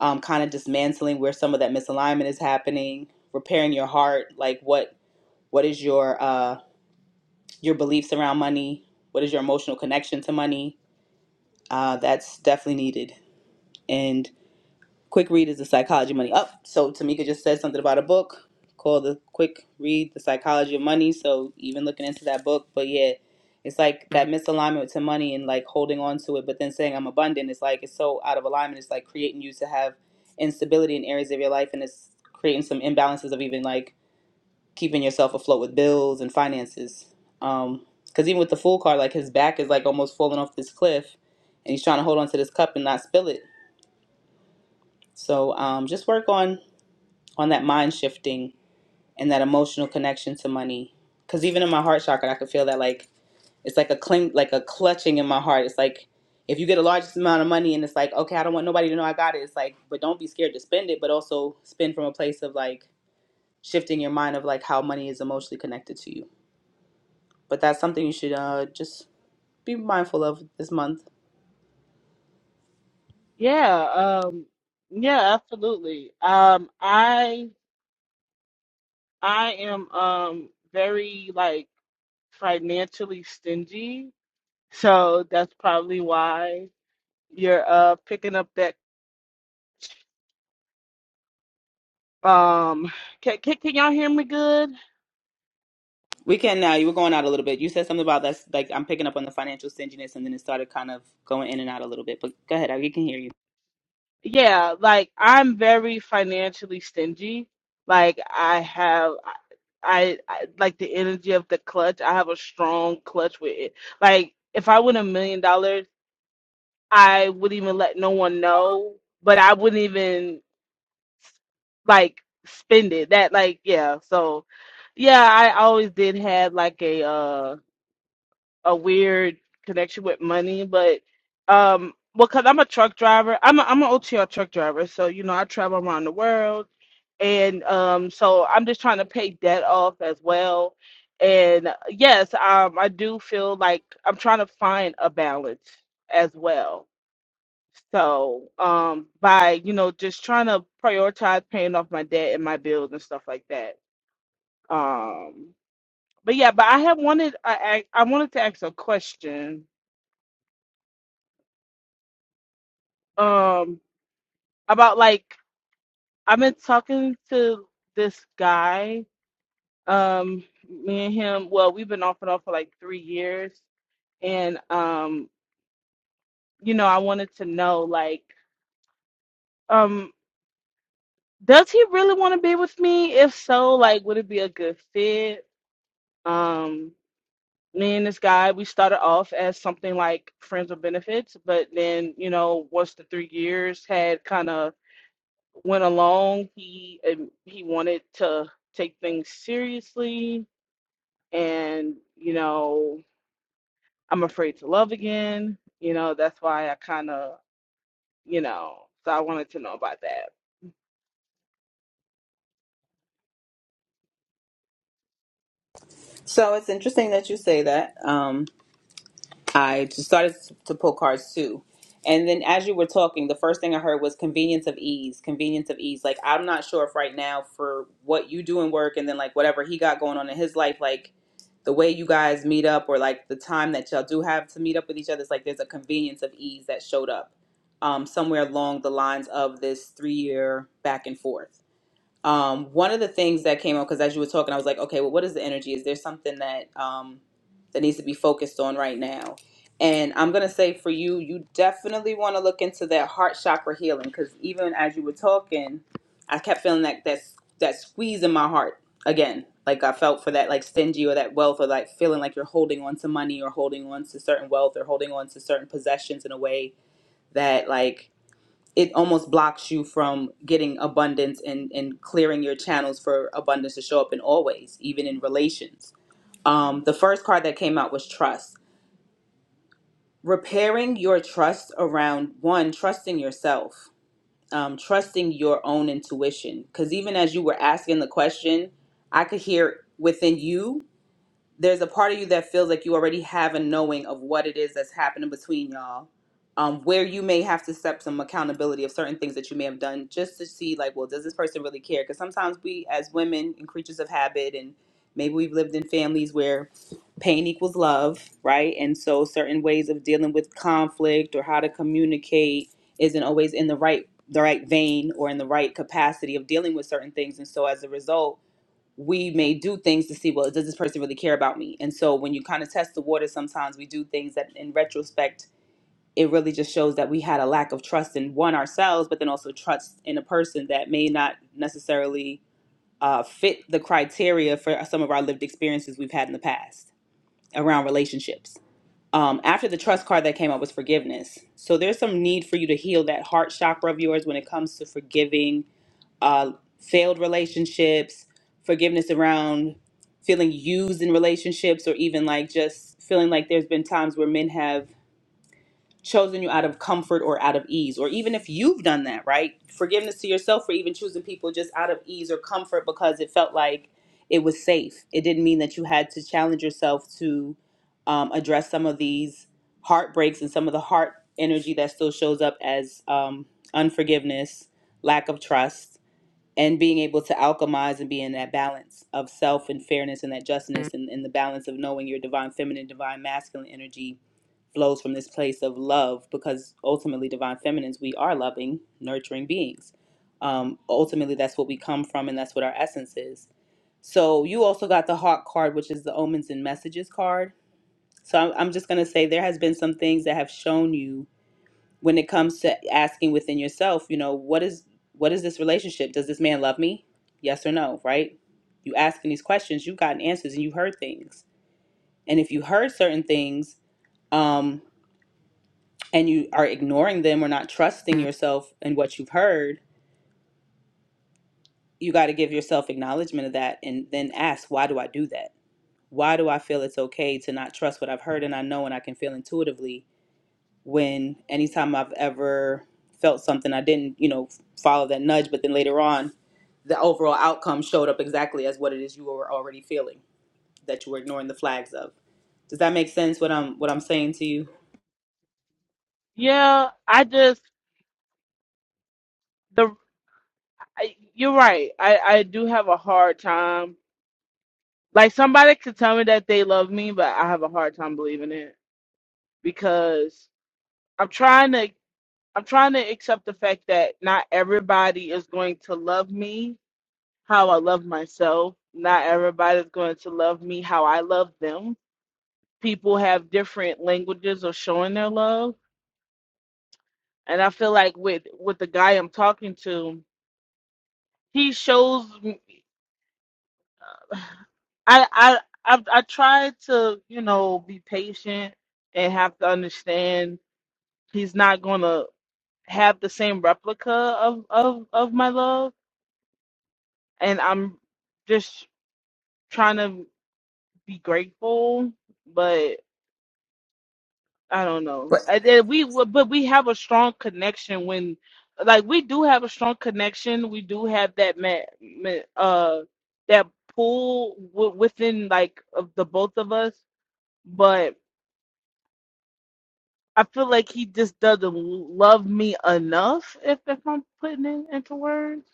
Speaker 1: um, kind of dismantling where some of that misalignment is happening, repairing your heart, like what what is your uh, your beliefs around money? What is your emotional connection to money? Uh, that's definitely needed Quick Read is the psychology of money. Up. Oh, so Tamika just said something about a book called The Quick Read, The Psychology of Money. So even looking into that book, but yeah, it's like that misalignment to money and like holding on to it, but then saying I'm abundant. It's like it's so out of alignment. It's like creating you to have instability in areas of your life, and it's creating some imbalances of even like keeping yourself afloat with bills and finances. Um, because even with the fool card, like his back is like almost falling off this cliff, and he's trying to hold on to this cup and not spill it. So um, just work on on that mind shifting and that emotional connection to money. Because even in my heart chakra, I could feel that like it's like a cling, like a clutching in my heart. It's like if you get a large amount of money and it's like, okay, I don't want nobody to know I got it. It's like, but don't be scared to spend it, but also spend from a place of like shifting your mind of like how money is emotionally connected to you. But that's something you should uh, just be mindful of this month.
Speaker 9: Yeah. Um. Yeah. Absolutely. Um. I. I am um very like financially stingy, so that's probably why you're uh picking up that um can, can, can y'all hear me good?
Speaker 1: We can now. You were going out a little bit. You said something about that's like I'm picking up on the financial stinginess, and then it started kind of going in and out a little bit. But go ahead, I we can hear you.
Speaker 9: Yeah, like I'm very financially stingy. Like I have I, I like the energy of the clutch. I have a strong clutch with it. Like if I win a million dollars, I wouldn't even let no one know, but I wouldn't even like spend it. That like yeah. So yeah, I always did have like a uh a weird connection with money, but um well cuz I'm a truck driver. I'm a, I'm an OTR truck driver, so you know, I travel around the world and um so I'm just trying to pay debt off as well. And yes, um I do feel like I'm trying to find a balance as well so, um, by, you know, just trying to prioritize paying off my debt and my bills and stuff like that. Um, but yeah, but I have wanted, I, I I wanted to ask a question, um, about like, I've been talking to this guy, um, me and him, well, we've been off and on for like three years. And, um, you know, I wanted to know, like, um, does he really want to be with me? If so, like, would it be a good fit? Um, me and this guy, we started off as something like friends with benefits, but then you know, once the three years had kind of went along, he um, he wanted to take things seriously, and you know, I'm afraid to love again. You know, that's why I kind of you know, so I wanted to know about that.
Speaker 1: So it's interesting that you say that. Um, I just started to pull cards too. And then as you were talking, the first thing I heard was convenience of ease, convenience of ease. Like, I'm not sure if right now for what you do in work and then like whatever he got going on in his life, like the way you guys meet up or like the time that y'all do have to meet up with each other, it's like there's a convenience of ease that showed up um, somewhere along the lines of this three year back and forth. Um, one of the things that came up because as you were talking, I was like, okay, well, what is the energy? Is there something that um, that needs to be focused on right now? And I'm gonna say for you, you definitely want to look into that heart chakra healing because even as you were talking, I kept feeling that that that squeeze in my heart again. Like I felt for that like stingy or that wealth or like feeling like you're holding on to money or holding on to certain wealth or holding on to certain possessions in a way that like it almost blocks you from getting abundance and, and clearing your channels for abundance to show up in all ways, even in relations. Um, the first card that came out was trust. Repairing your trust around one, trusting yourself, um, trusting your own intuition. Because even as you were asking the question, I could hear within you there's a part of you that feels like you already have a knowing of what it is that's happening between y'all um, where you may have to step some accountability of certain things that you may have done just to see like well does this person really care because sometimes we as women and creatures of habit and maybe we've lived in families where pain equals love right and so certain ways of dealing with conflict or how to communicate isn't always in the right the right vein or in the right capacity of dealing with certain things and so as a result we may do things to see well does this person really care about me and so when you kind of test the water sometimes we do things that in retrospect it really just shows that we had a lack of trust in one ourselves but then also trust in a person that may not necessarily uh, fit the criteria for some of our lived experiences we've had in the past around relationships um, after the trust card that came up was forgiveness so there's some need for you to heal that heart chakra of yours when it comes to forgiving uh, failed relationships, forgiveness around feeling used in relationships, or even like just feeling like there's been times where men have chosen you out of comfort or out of ease, or even if you've done that, right? Forgiveness to yourself for even choosing people just out of ease or comfort because it felt like it was safe. It didn't mean that you had to challenge yourself to um, address some of these heartbreaks and some of the heart energy that still shows up as um, unforgiveness, lack of trust and being able to alchemize and be in that balance of self and fairness and that justness and, and the balance of knowing your divine feminine, divine masculine energy flows from this place of love because ultimately, divine feminines, we are loving, nurturing beings. Um, ultimately, that's what we come from and that's what our essence is. So, you also got the Hawk card, which is the omens and messages card. So, I'm, I'm just going to say there has been some things that have shown you when it comes to asking within yourself, you know, what is what is this relationship? Does this man love me? Yes or no, right? You asking these questions, you've gotten answers and you heard things. And if you heard certain things, um, and you are ignoring them or not trusting yourself in what you've heard, you got to give yourself acknowledgement of that and then ask, why do I do that? Why do I feel it's okay to not trust what I've heard and I know and I can feel intuitively when anytime I've ever felt something, I didn't, you know, follow that nudge, but then later on, the overall outcome showed up exactly as what it is you were already feeling that you were ignoring the flags of. Does that make sense? What I'm what I'm saying to you?
Speaker 9: Yeah, I just the I, you're right. I I do have a hard time. Like somebody could tell me that they love me, but I have a hard time believing it. because I'm trying to I'm trying to accept the fact that not everybody is going to love me how I love myself. Not everybody is going to love me how I love them. People have different languages of showing their love, and I feel like with with the guy I'm talking to, he shows me- <sighs> I I I, I try to you know be patient and have to understand he's not gonna. have the same replica of of of my love and i'm just trying to be grateful but i don't know
Speaker 1: But
Speaker 9: I, I- we but we have a strong connection when like we do have a strong connection we do have that ma- ma- uh that pull w- within like of the both of us but i feel like he just doesn't love me enough if if i'm putting it into words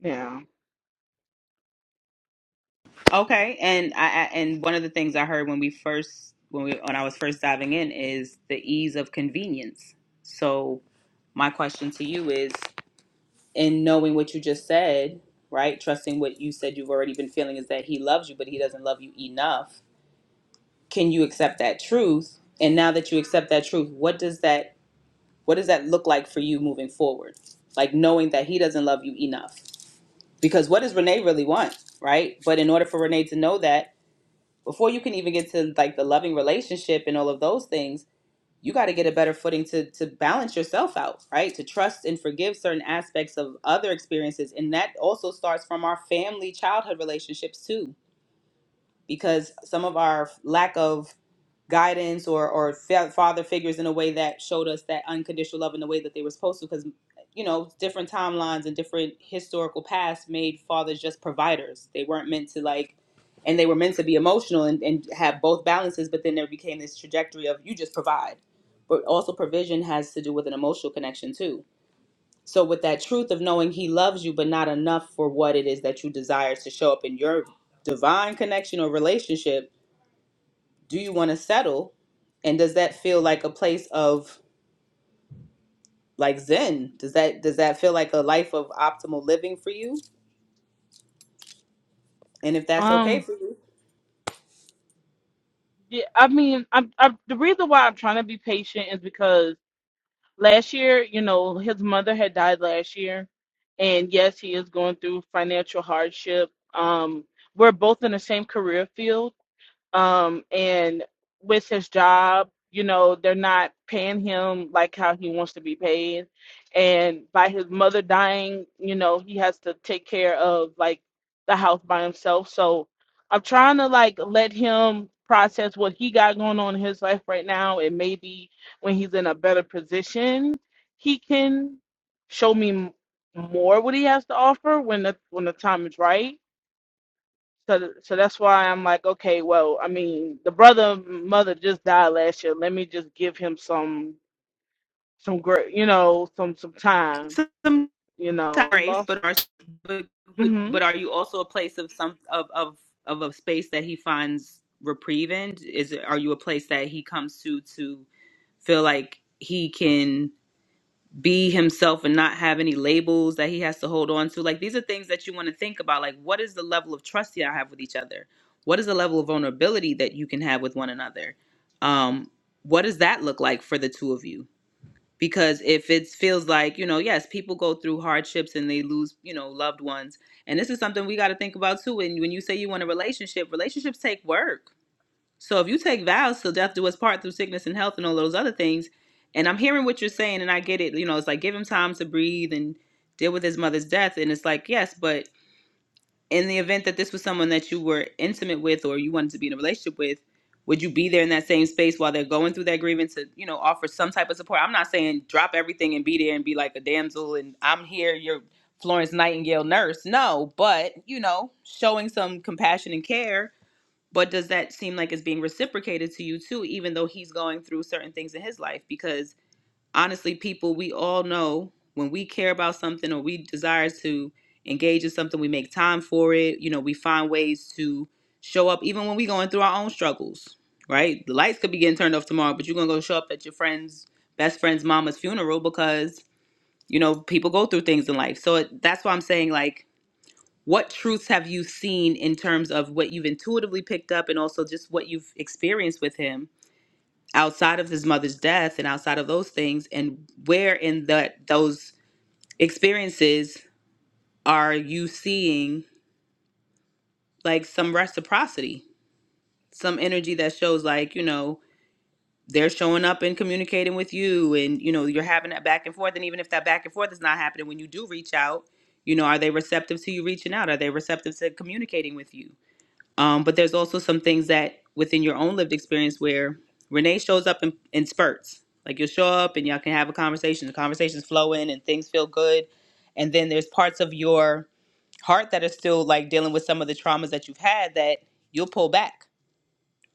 Speaker 9: yeah
Speaker 1: Okay, and I I- and one of the things I heard when we first when we when I was first diving in is the ease of convenience. So my question to you is and knowing what you just said, right? Trusting what you said you've already been feeling is that he loves you, but he doesn't love you enough. Can you accept that truth? And now that you accept that truth, what does that what does that look like for you moving forward? Like knowing that he doesn't love you enough. Because what does Renee really want, right? But in order for Renee to know that, before you can even get to like the loving relationship and all of those things, you got to get a better footing to to balance yourself out right to trust and forgive certain aspects of other experiences and that also starts from our family childhood relationships too because some of our lack of guidance or or father figures in a way that showed us that unconditional love in the way that they were supposed to because you know different timelines and different historical past made fathers just providers they weren't meant to like and they were meant to be emotional and, and have both balances but then there became this trajectory of you just provide but also provision has to do with an emotional connection too so with that truth of knowing he loves you but not enough for what it is that you desire to show up in your divine connection or relationship do you want to settle and does that feel like a place of like zen does that does that feel like a life of optimal living for you and if that's okay
Speaker 9: Um,
Speaker 1: for you
Speaker 9: Yeah, I mean, I'm, I'm the reason why I'm trying to be patient is because last year, you know, his mother had died last year, and yes, he is going through financial hardship. Um, we're both in the same career field, um and with his job you know they're not paying him like how he wants to be paid and by his mother dying you know he has to take care of like the house by himself so i'm trying to like let him process what he got going on in his life right now and maybe when he's in a better position he can show me m- more what he has to offer when the when the time is right so, so that's why I'm like, okay, well, I mean, the brother and mother just died last year. Let me just give him some, some great, you know, some, some time,
Speaker 1: some
Speaker 9: you know. I
Speaker 1: race
Speaker 9: lost.
Speaker 1: but are but,
Speaker 9: hmm
Speaker 1: but are you also a place of some of of of a space that he finds reprieve in is it are you a place that he comes to to feel like he can be himself and not have any labels that he has to hold on to. Like these are things that you want to think about. Like what is the level of trust that I have with each other? What is the level of vulnerability that you can have with one another? Um, what does that look like for the two of you? Because if it feels like, you know, yes, people go through hardships and they lose, you know, loved ones. And this is something we got to think about too. And when you say you want a relationship, relationships take work so if you take vows till death do us part through sickness and health and all those other things, and I'm hearing what you're saying and I get it, you know, it's like give him time to breathe and deal with his mother's death. And it's like, yes, but in the event that this was someone that you were intimate with or you wanted to be in a relationship with, would you be there in that same space while they're going through that grievance to, you know, offer some type of support? I'm not saying drop everything and be there and be like a damsel and I'm here, you're Florence Nightingale nurse. No, but, you know, showing some compassion and care but does that seem like it's being reciprocated to you too even though he's going through certain things in his life because honestly people we all know when we care about something or we desire to engage in something we make time for it you know we find ways to show up even when we are going through our own struggles right the lights could be getting turned off tomorrow but you're gonna go show up at your friend's best friend's mama's funeral because you know people go through things in life so it, that's why i'm saying like what truths have you seen in terms of what you've intuitively picked up and also just what you've experienced with him outside of his mother's death and outside of those things and where in that those experiences are you seeing like some reciprocity some energy that shows like you know they're showing up and communicating with you and you know you're having that back and forth and even if that back and forth is not happening when you do reach out you know are they receptive to you reaching out are they receptive to communicating with you Um, but there's also some things that within your own lived experience where Renee shows up in, in spurts. Like you'll show up and y'all can have a conversation. The conversation's flowing and things feel good. And then there's parts of your heart that are still like dealing with some of the traumas that you've had that you'll pull back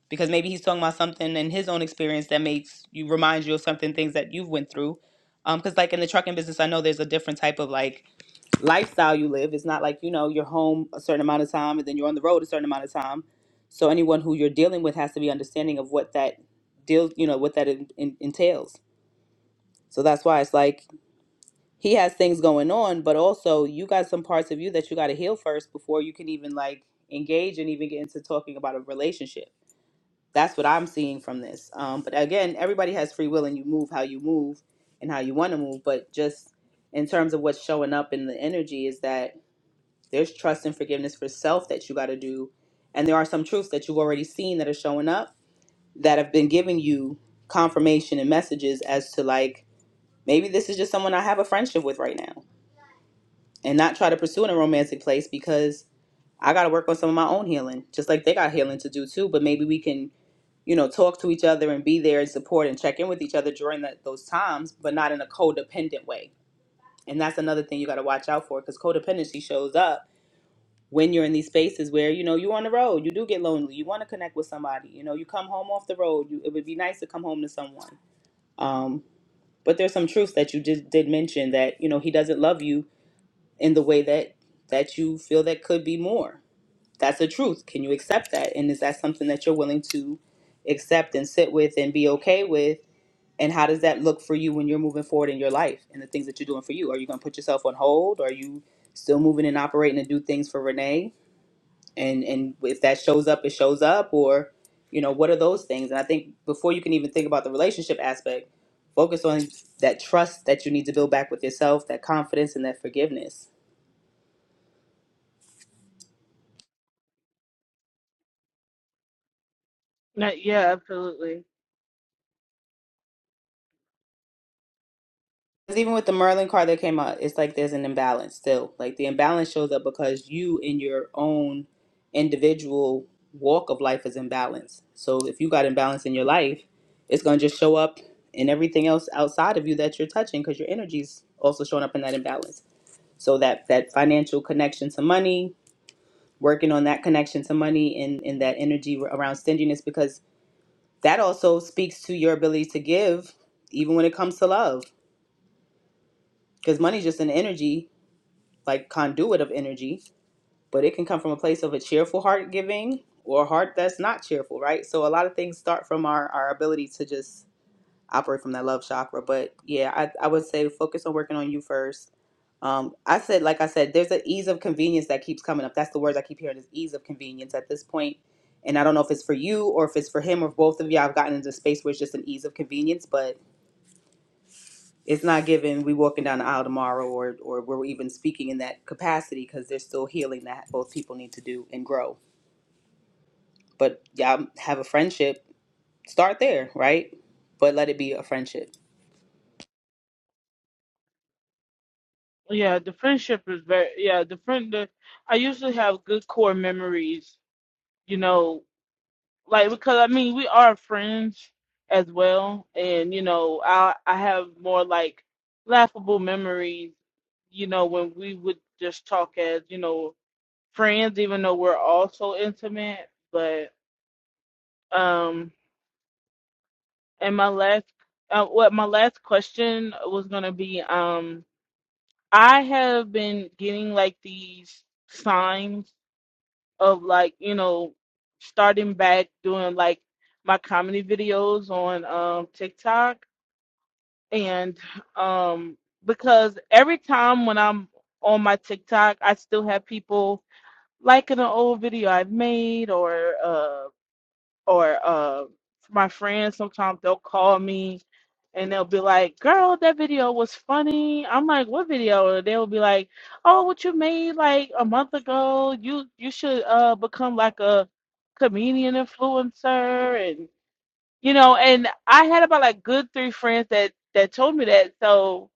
Speaker 1: because maybe he's talking about something in his own experience that makes you remind you of something things that you've went through. Because like in the trucking business, I know there's a different type of like lifestyle you live. It's not like, you know, you're home a certain amount of time and then you're on the road a certain amount of time. So anyone who you're dealing with has to be understanding of what that deal, you know, what that in, in, entails. So that's why it's like he has things going on, but also you got some parts of you that you got to heal first before you can even like engage and even get into talking about a relationship. That's what I'm seeing from this. Um, but again, everybody has free will and you move how you move and how you want to move. But just in terms of what's showing up in the energy is that there's trust and forgiveness for self that you got to do. And there are some truths that you've already seen that are showing up that have been giving you confirmation and messages as to like, maybe this is just someone I have a friendship with right now and not try to pursue in a romantic place because I got to work on some of my own healing, just like they got healing to do too. But maybe we can, you know, talk to each other and be there and support and check in with each other during that, those times, but not in a codependent way. And that's another thing you got to watch out for because codependency shows up when you're in these spaces where you know you're on the road you do get lonely you want to connect with somebody you know you come home off the road you, it would be nice to come home to someone um, but there's some truths that you did, did mention that you know he doesn't love you in the way that that you feel that could be more that's a truth can you accept that and is that something that you're willing to accept and sit with and be okay with and how does that look for you when you're moving forward in your life and the things that you're doing for you are you going to put yourself on hold are you still moving and operating to do things for renee and and if that shows up it shows up or you know what are those things and i think before you can even think about the relationship aspect focus on that trust that you need to build back with yourself that confidence and that forgiveness
Speaker 9: yeah, absolutely.
Speaker 1: 'Cause even with the merlin card that came out it's like there's an imbalance still like the imbalance shows up because you in your own individual walk of life is imbalanced so if you got imbalance in your life it's going to just show up in everything else outside of you that you're touching because your energy's also showing up in that imbalance so that that financial connection to money working on that connection to money and and that energy around stinginess because that also speaks to your ability to give even when it comes to love because money's just an energy like conduit of energy but it can come from a place of a cheerful heart giving or a heart that's not cheerful right so a lot of things start from our our ability to just operate from that love chakra but yeah i, I would say focus on working on you first Um, I said, like I said, there's an ease of convenience that keeps coming up. That's the words I keep hearing is ease of convenience at this point. And I don't know if it's for you or if it's for him or both of you. I've gotten into a space where it's just an ease of convenience, but it's not given we walking down the aisle tomorrow or or we're even speaking in that capacity because there's still healing that both people need to do and grow. But y'all have a friendship, start there, right? But let it be a friendship.
Speaker 9: Yeah, the friendship is very. Yeah, the friend. The, I usually have good core memories, you know, like because I mean we are friends as well, and you know, I I have more like laughable memories, you know, when we would just talk as you know friends, even though we're also intimate. But um, and my last, uh, what my last question was gonna be, um, I have been getting like these signs of like you know starting back doing like my comedy videos on um TikTok and um because every time when I'm on my TikTok I still have people liking an old video I've made or uh or uh, my friends sometimes they'll call me and they'll be like, "Girl, that video was funny." I'm like, "What video?" And they'll be like, "Oh, what you made like a month ago? You you should uh become like a comedian influencer." And you know, and I had about like good three friends that that told me that. So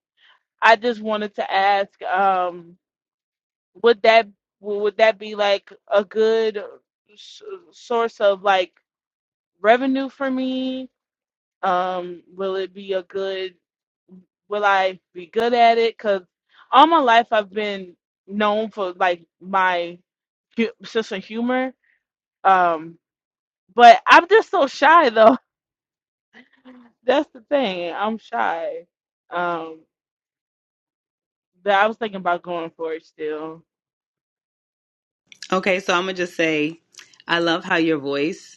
Speaker 9: I just wanted to ask, um, would that would that be like a good uh, s- source of like revenue for me? Um, will it be a good? Will I be good at it? Cause all my life I've been known for like my hu- sense of humor. Um, but I'm just so shy though. <laughs> That's the thing. I'm shy. Um, but I was thinking about going for it still.
Speaker 1: Okay, so I'm gonna just say, I love how your voice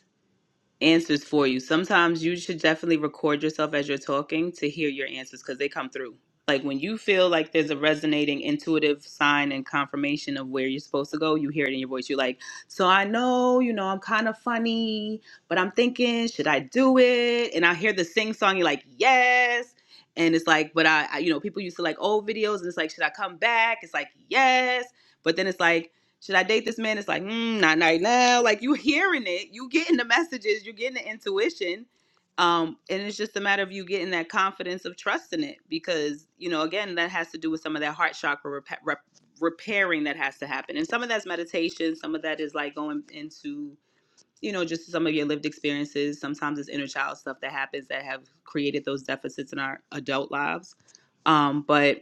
Speaker 1: answers for you. Sometimes you should definitely record yourself as you're talking to hear your answers because they come through. Like when you feel like there's a resonating, intuitive sign and confirmation of where you're supposed to go, you hear it in your voice. You're like, So I know, you know, I'm kind of funny, but I'm thinking, should I do it? And I hear the sing song, you're like, Yes. And it's like, but I, I, you know, people used to like old videos and it's like, should I come back? It's like, Yes. But then it's like, should I date this man? It's like, mm, not right now. Like you hearing it, you getting the messages, you getting the intuition. Um, and it's just a matter of you getting that confidence of trusting it because, you know, again, that has to do with some of that heart chakra rep- rep- repairing that has to happen. And some of that's meditation, some of that is like going into, you know, just some of your lived experiences. Sometimes it's inner child stuff that happens that have created those deficits in our adult lives. Um, but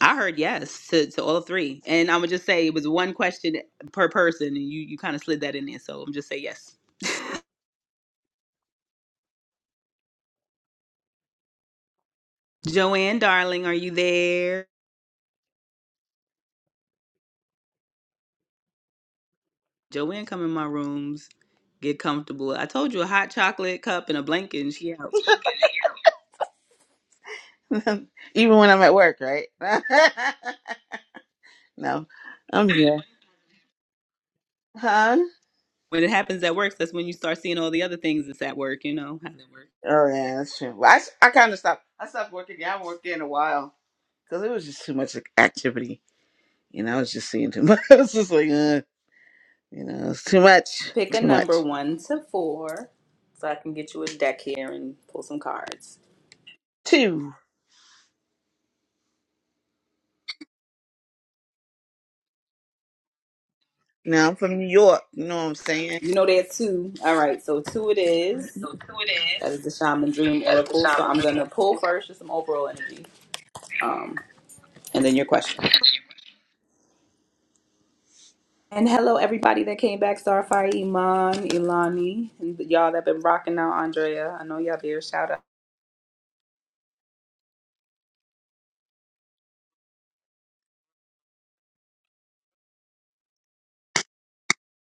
Speaker 1: I heard yes to, to all three. And I'm gonna just say it was one question per person and you, you kinda slid that in there. So I'm just say yes. Joanne, darling, are you there? Joanne come in my rooms, get comfortable. I told you a hot chocolate cup and a blanket and she out.
Speaker 10: <laughs> Even when I'm at work, right? <laughs> no, I'm here. Huh?
Speaker 1: When it happens at work, that's when you start seeing all the other things that's at work, you know how that works.
Speaker 10: Oh yeah, that's true. Well, I s- I kind of stopped. I stopped working. Yeah, I haven't worked there in a while because it was just too much like, activity. You know, I was just seeing too much. <laughs> I was just like, uh, you know, it's too much,
Speaker 1: Pick a
Speaker 10: too
Speaker 1: number
Speaker 10: much.
Speaker 1: one to four. So I can get you a deck here and pull some cards.
Speaker 10: Two. Now I'm from New York. You know what I'm saying?
Speaker 1: You know that two. All right, so two it is.
Speaker 10: So two it is.
Speaker 1: That is the shaman dream
Speaker 10: That's the
Speaker 1: oracle.
Speaker 10: shop
Speaker 1: So
Speaker 10: and
Speaker 1: I'm gonna pull first, just some overall energy, um, and then your question. And hello, everybody that came back. Starfire, Iman, Ilani, and y'all that been rocking out. Andrea, I know y'all there. Shout out.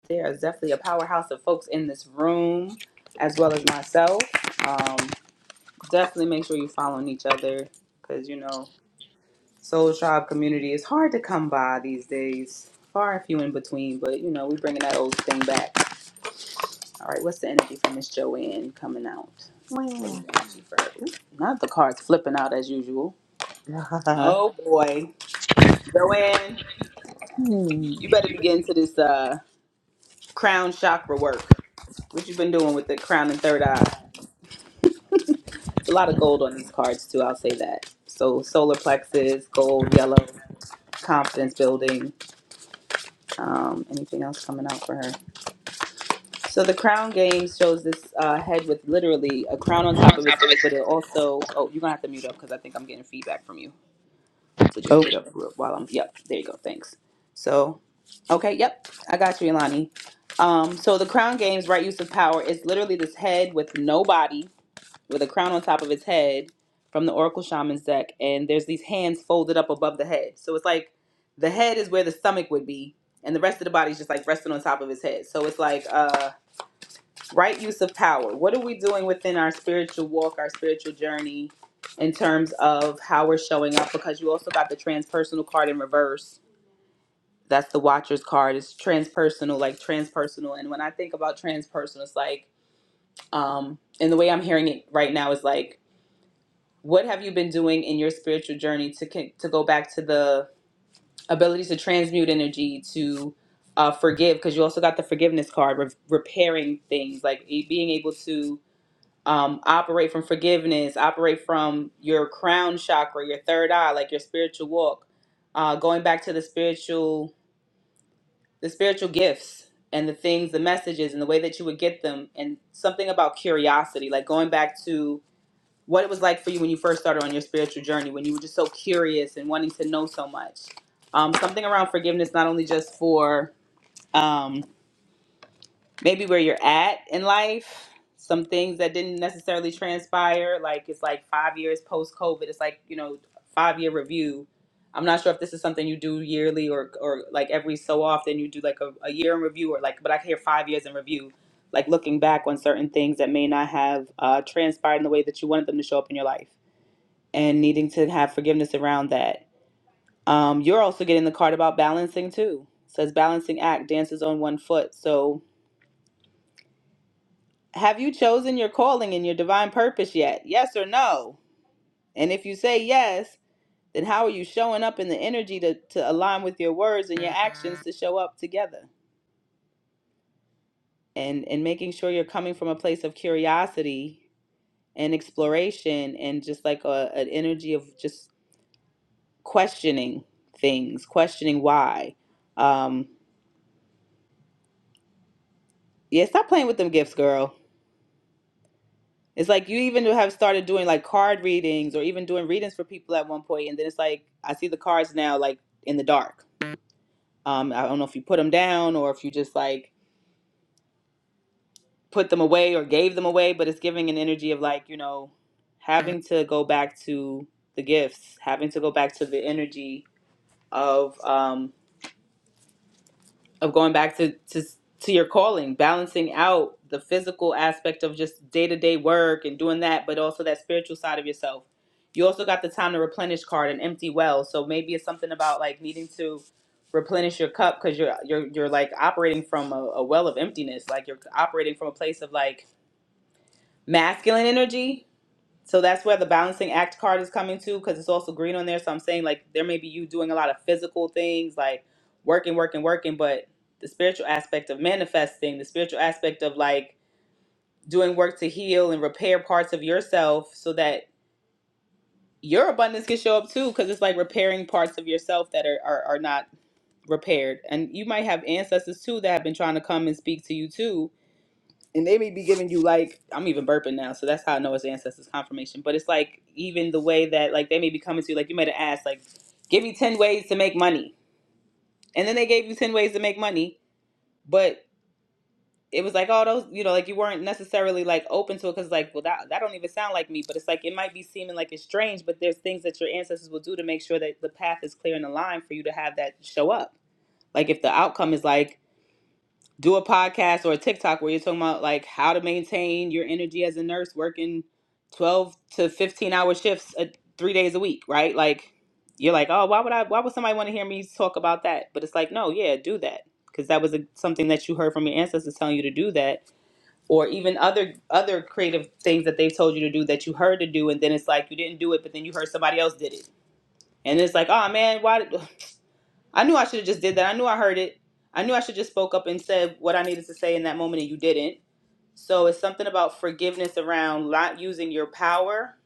Speaker 1: There is definitely a powerhouse of folks in this room, as well as myself. Um, definitely make sure you are following each other, because you know, Soul Tribe community is hard to come by these days. Far and few in between, but you know, we are bringing that old thing back. All right, what's the energy for Miss Joanne coming out? What is
Speaker 10: Wow.
Speaker 1: the energy for her? Ooh, Not the cards flipping out as usual. Oh boy, Joanne,
Speaker 10: <laughs> Hmm.
Speaker 1: you better begin to this uh, crown chakra work. What you been doing with the crown and third eye? It's a lot of gold on these cards too. I'll say that. So solar plexus, gold, yellow, confidence building. Um, anything else coming out for her? So the crown game shows this uh, head with literally a crown on top of his head, but it also. Oh, you're gonna have to mute up because I think I'm getting feedback from you. So just
Speaker 10: Oh.
Speaker 1: put it up real- while I'm, yep, there you go, thanks. So, okay, yep, I got you, Ilani. Um, so the crown game's right use of power is literally this head with no body, with a crown on top of its head from the Oracle Shaman's deck, and there's these hands folded up above the head. So it's like the head is where the stomach would be, and the rest of the body's just like resting on top of his head. So it's like, uh right use of power. What are we doing within our spiritual walk, our spiritual journey, in terms of how we're showing up? Because you also got the transpersonal card in reverse. That's the Watcher's card. It's transpersonal, like transpersonal. And when I think about transpersonal, it's like, um, and the way I'm hearing it right now is like, what have you been doing in your spiritual journey to con- to go back to the ability to transmute energy to uh, forgive? Because you also got the forgiveness card, re- repairing things, like e- being able to um, operate from forgiveness, operate from your crown chakra, your third eye, like your spiritual walk, uh, going back to the spiritual, the spiritual gifts and the things, the messages, and the way that you would get them, and something about curiosity, like going back to what it was like for you when you first started on your spiritual journey, when you were just so curious and wanting to know so much. Um, something around forgiveness, not only just for um, maybe where you're at in life, some things that didn't necessarily transpire. Like it's like five years post COVID. It's like you know five year review. I'm not sure if this is something you do yearly or or like every so often you do like a, a year in review or like. But I can hear five years in review, like looking back on certain things that may not have uh, transpired in the way that you wanted them to show up in your life, and needing to have forgiveness around that. Um, you're also getting the card about balancing too. It says balancing act dances on one foot. So Have you chosen your calling and your divine purpose yet? Yes or no? And if you say yes, then how are you showing up in the energy to, to align with your words and your actions to show up together? And and making sure you're coming from a place of curiosity and exploration and just like a, an energy of just questioning things, questioning why. Um, yeah, stop playing with them gifts, girl. It's like you even have started doing like card readings or even doing readings for people at one point, and then it's like I see the cards now like in the dark. Um, I don't know if you put them down or if you just like put them away or gave them away, but it's giving an energy of like you know having to go back to the gifts, having to go back to the energy of um of going back to to to your calling, balancing out the physical aspect of just day to day work and doing that, but also that spiritual side of yourself. You also got the time to replenish card and empty well, so maybe it's something about like needing to replenish your cup because you're you're you're like operating from a, a well of emptiness, like you're operating from a place of like masculine energy so that's where the balancing act card is coming to because it's also green on there. So I'm saying like there may be you doing a lot of physical things like working, working, working, but the spiritual aspect of manifesting, the spiritual aspect of like doing work to heal and repair parts of yourself so that your abundance can show up too because it's like repairing parts of yourself that are, are, are not repaired. And you might have ancestors too that have been trying to come and speak to you too and they may be giving you like I'm even burping now, so that's how I know it's ancestors confirmation. But it's like even the way that like they may be coming to you, like you might have asked, like, give me ten ways to make money, and then they gave you ten ways to make money, but it was like oh those, you know, like you weren't necessarily like open to it because like, well, that that don't even sound like me. But it's like it might be seeming like it's strange, but there's things that your ancestors will do to make sure that the path is clear and aligned for you to have that show up. Like if the outcome is like do a podcast or a TikTok where you're talking about like how to maintain your energy as a nurse working 12 to 15 hour shifts uh, three days a week, right? Like you're like, oh, why would I? Why would somebody want to hear me talk about that? But it's like, no, yeah, do that because that was a, something that you heard from your ancestors telling you to do that, or even other other creative things that they've told you to do that you heard to do, and then it's like you didn't do it, but then you heard somebody else did it, and it's like, oh man, why? I knew I should have just did that. I knew I heard it. I knew I should just spoke up and said what I needed to say in that moment, and you didn't. So it's something about forgiveness around not using your power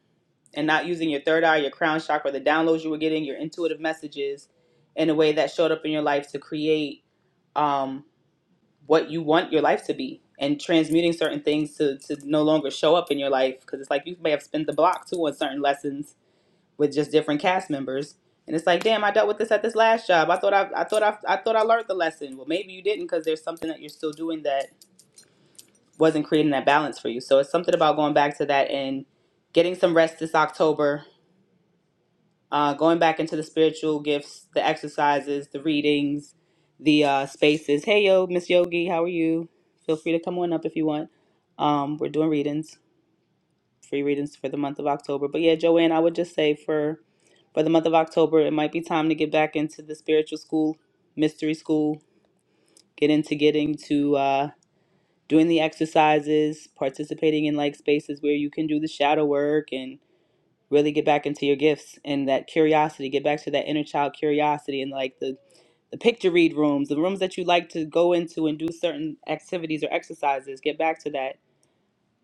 Speaker 1: and not using your third eye, your crown chakra, the downloads you were getting, your intuitive messages, in a way that showed up in your life to create um, what you want your life to be, and transmuting certain things to to no longer show up in your life because it's like you may have spent the block too on certain lessons with just different cast members. And it's like, damn, I dealt with this at this last job. I thought I, I thought I, I thought I learned the lesson. Well, maybe you didn't because there's something that you're still doing that wasn't creating that balance for you. So it's something about going back to that and getting some rest this October. Uh, going back into the spiritual gifts, the exercises, the readings, the uh, spaces. Hey, yo, Miss Yogi, how are you? Feel free to come on up if you want. Um, we're doing readings. free readings for the month of October. But yeah, Joanne, I would just say for for the month of October, it might be time to get back into the spiritual school, mystery school, get into getting to uh, doing the exercises, participating in like spaces where you can do the shadow work and really get back into your gifts and that curiosity, get back to that inner child curiosity and like the the picture read rooms, the rooms that you like to go into and do certain activities or exercises, get back to that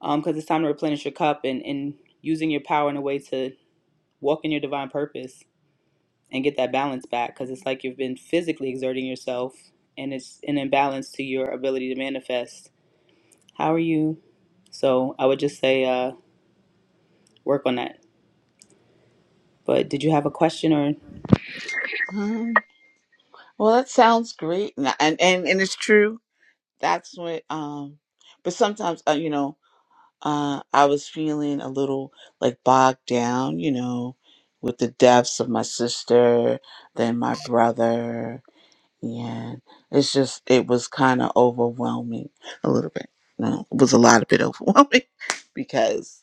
Speaker 1: because it's time to replenish your cup and, and using your power in a way to walk in your divine purpose and get that balance back because it's like you've been physically exerting yourself and it's an imbalance to your ability to manifest. How are you? So I would just say uh, work on that. But did you have a question or
Speaker 10: Hmm. Well, that sounds great, and and and and it's true that's what um but sometimes uh, you know uh i was feeling a little like bogged down you know with the deaths of my sister then my brother and it's just it was kind of overwhelming a little bit no it was a lot of bit overwhelming <laughs> because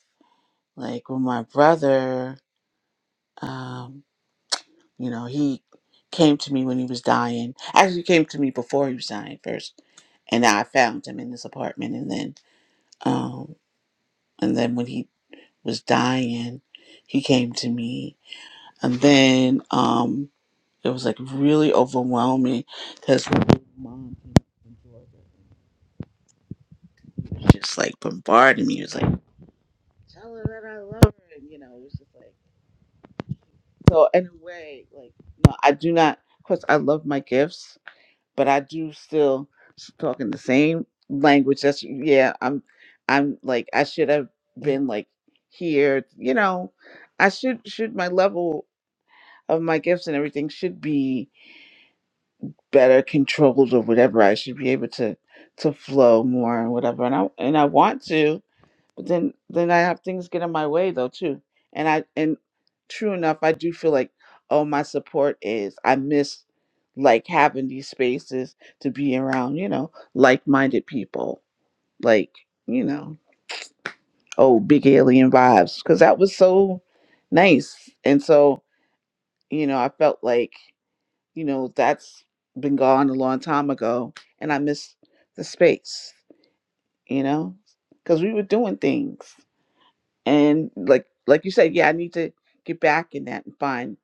Speaker 10: like with my brother um you know he came to me when he was dying actually he came to me before he was dying first and i found him in this apartment and then Um, and then when he was dying, he came to me. And then um, it was like really overwhelming because my mom came Georgia was just like bombarding me. It was like, tell her that I love her. And, you know, it was just like, so in a way, like, no, I do not, of course, I love my gifts but I do still s- talking the same language. That's yeah. I'm I'm like I should have been like here. You know, I should should my level of my gifts and everything should be better controlled or whatever. I should be able to to flow more and whatever. And I and I want to. But then then I have things get in my way though too. And I and true enough, I do feel like oh my support is I miss like having these spaces to be around, you know, like-minded people. Like, you know, oh, big alien vibes cuz that was so nice. And so, you know, I felt like, you know, that's been gone a long time ago and I miss the space, you know, cuz we were doing things. and like like you said, yeah, I need to get back in that and find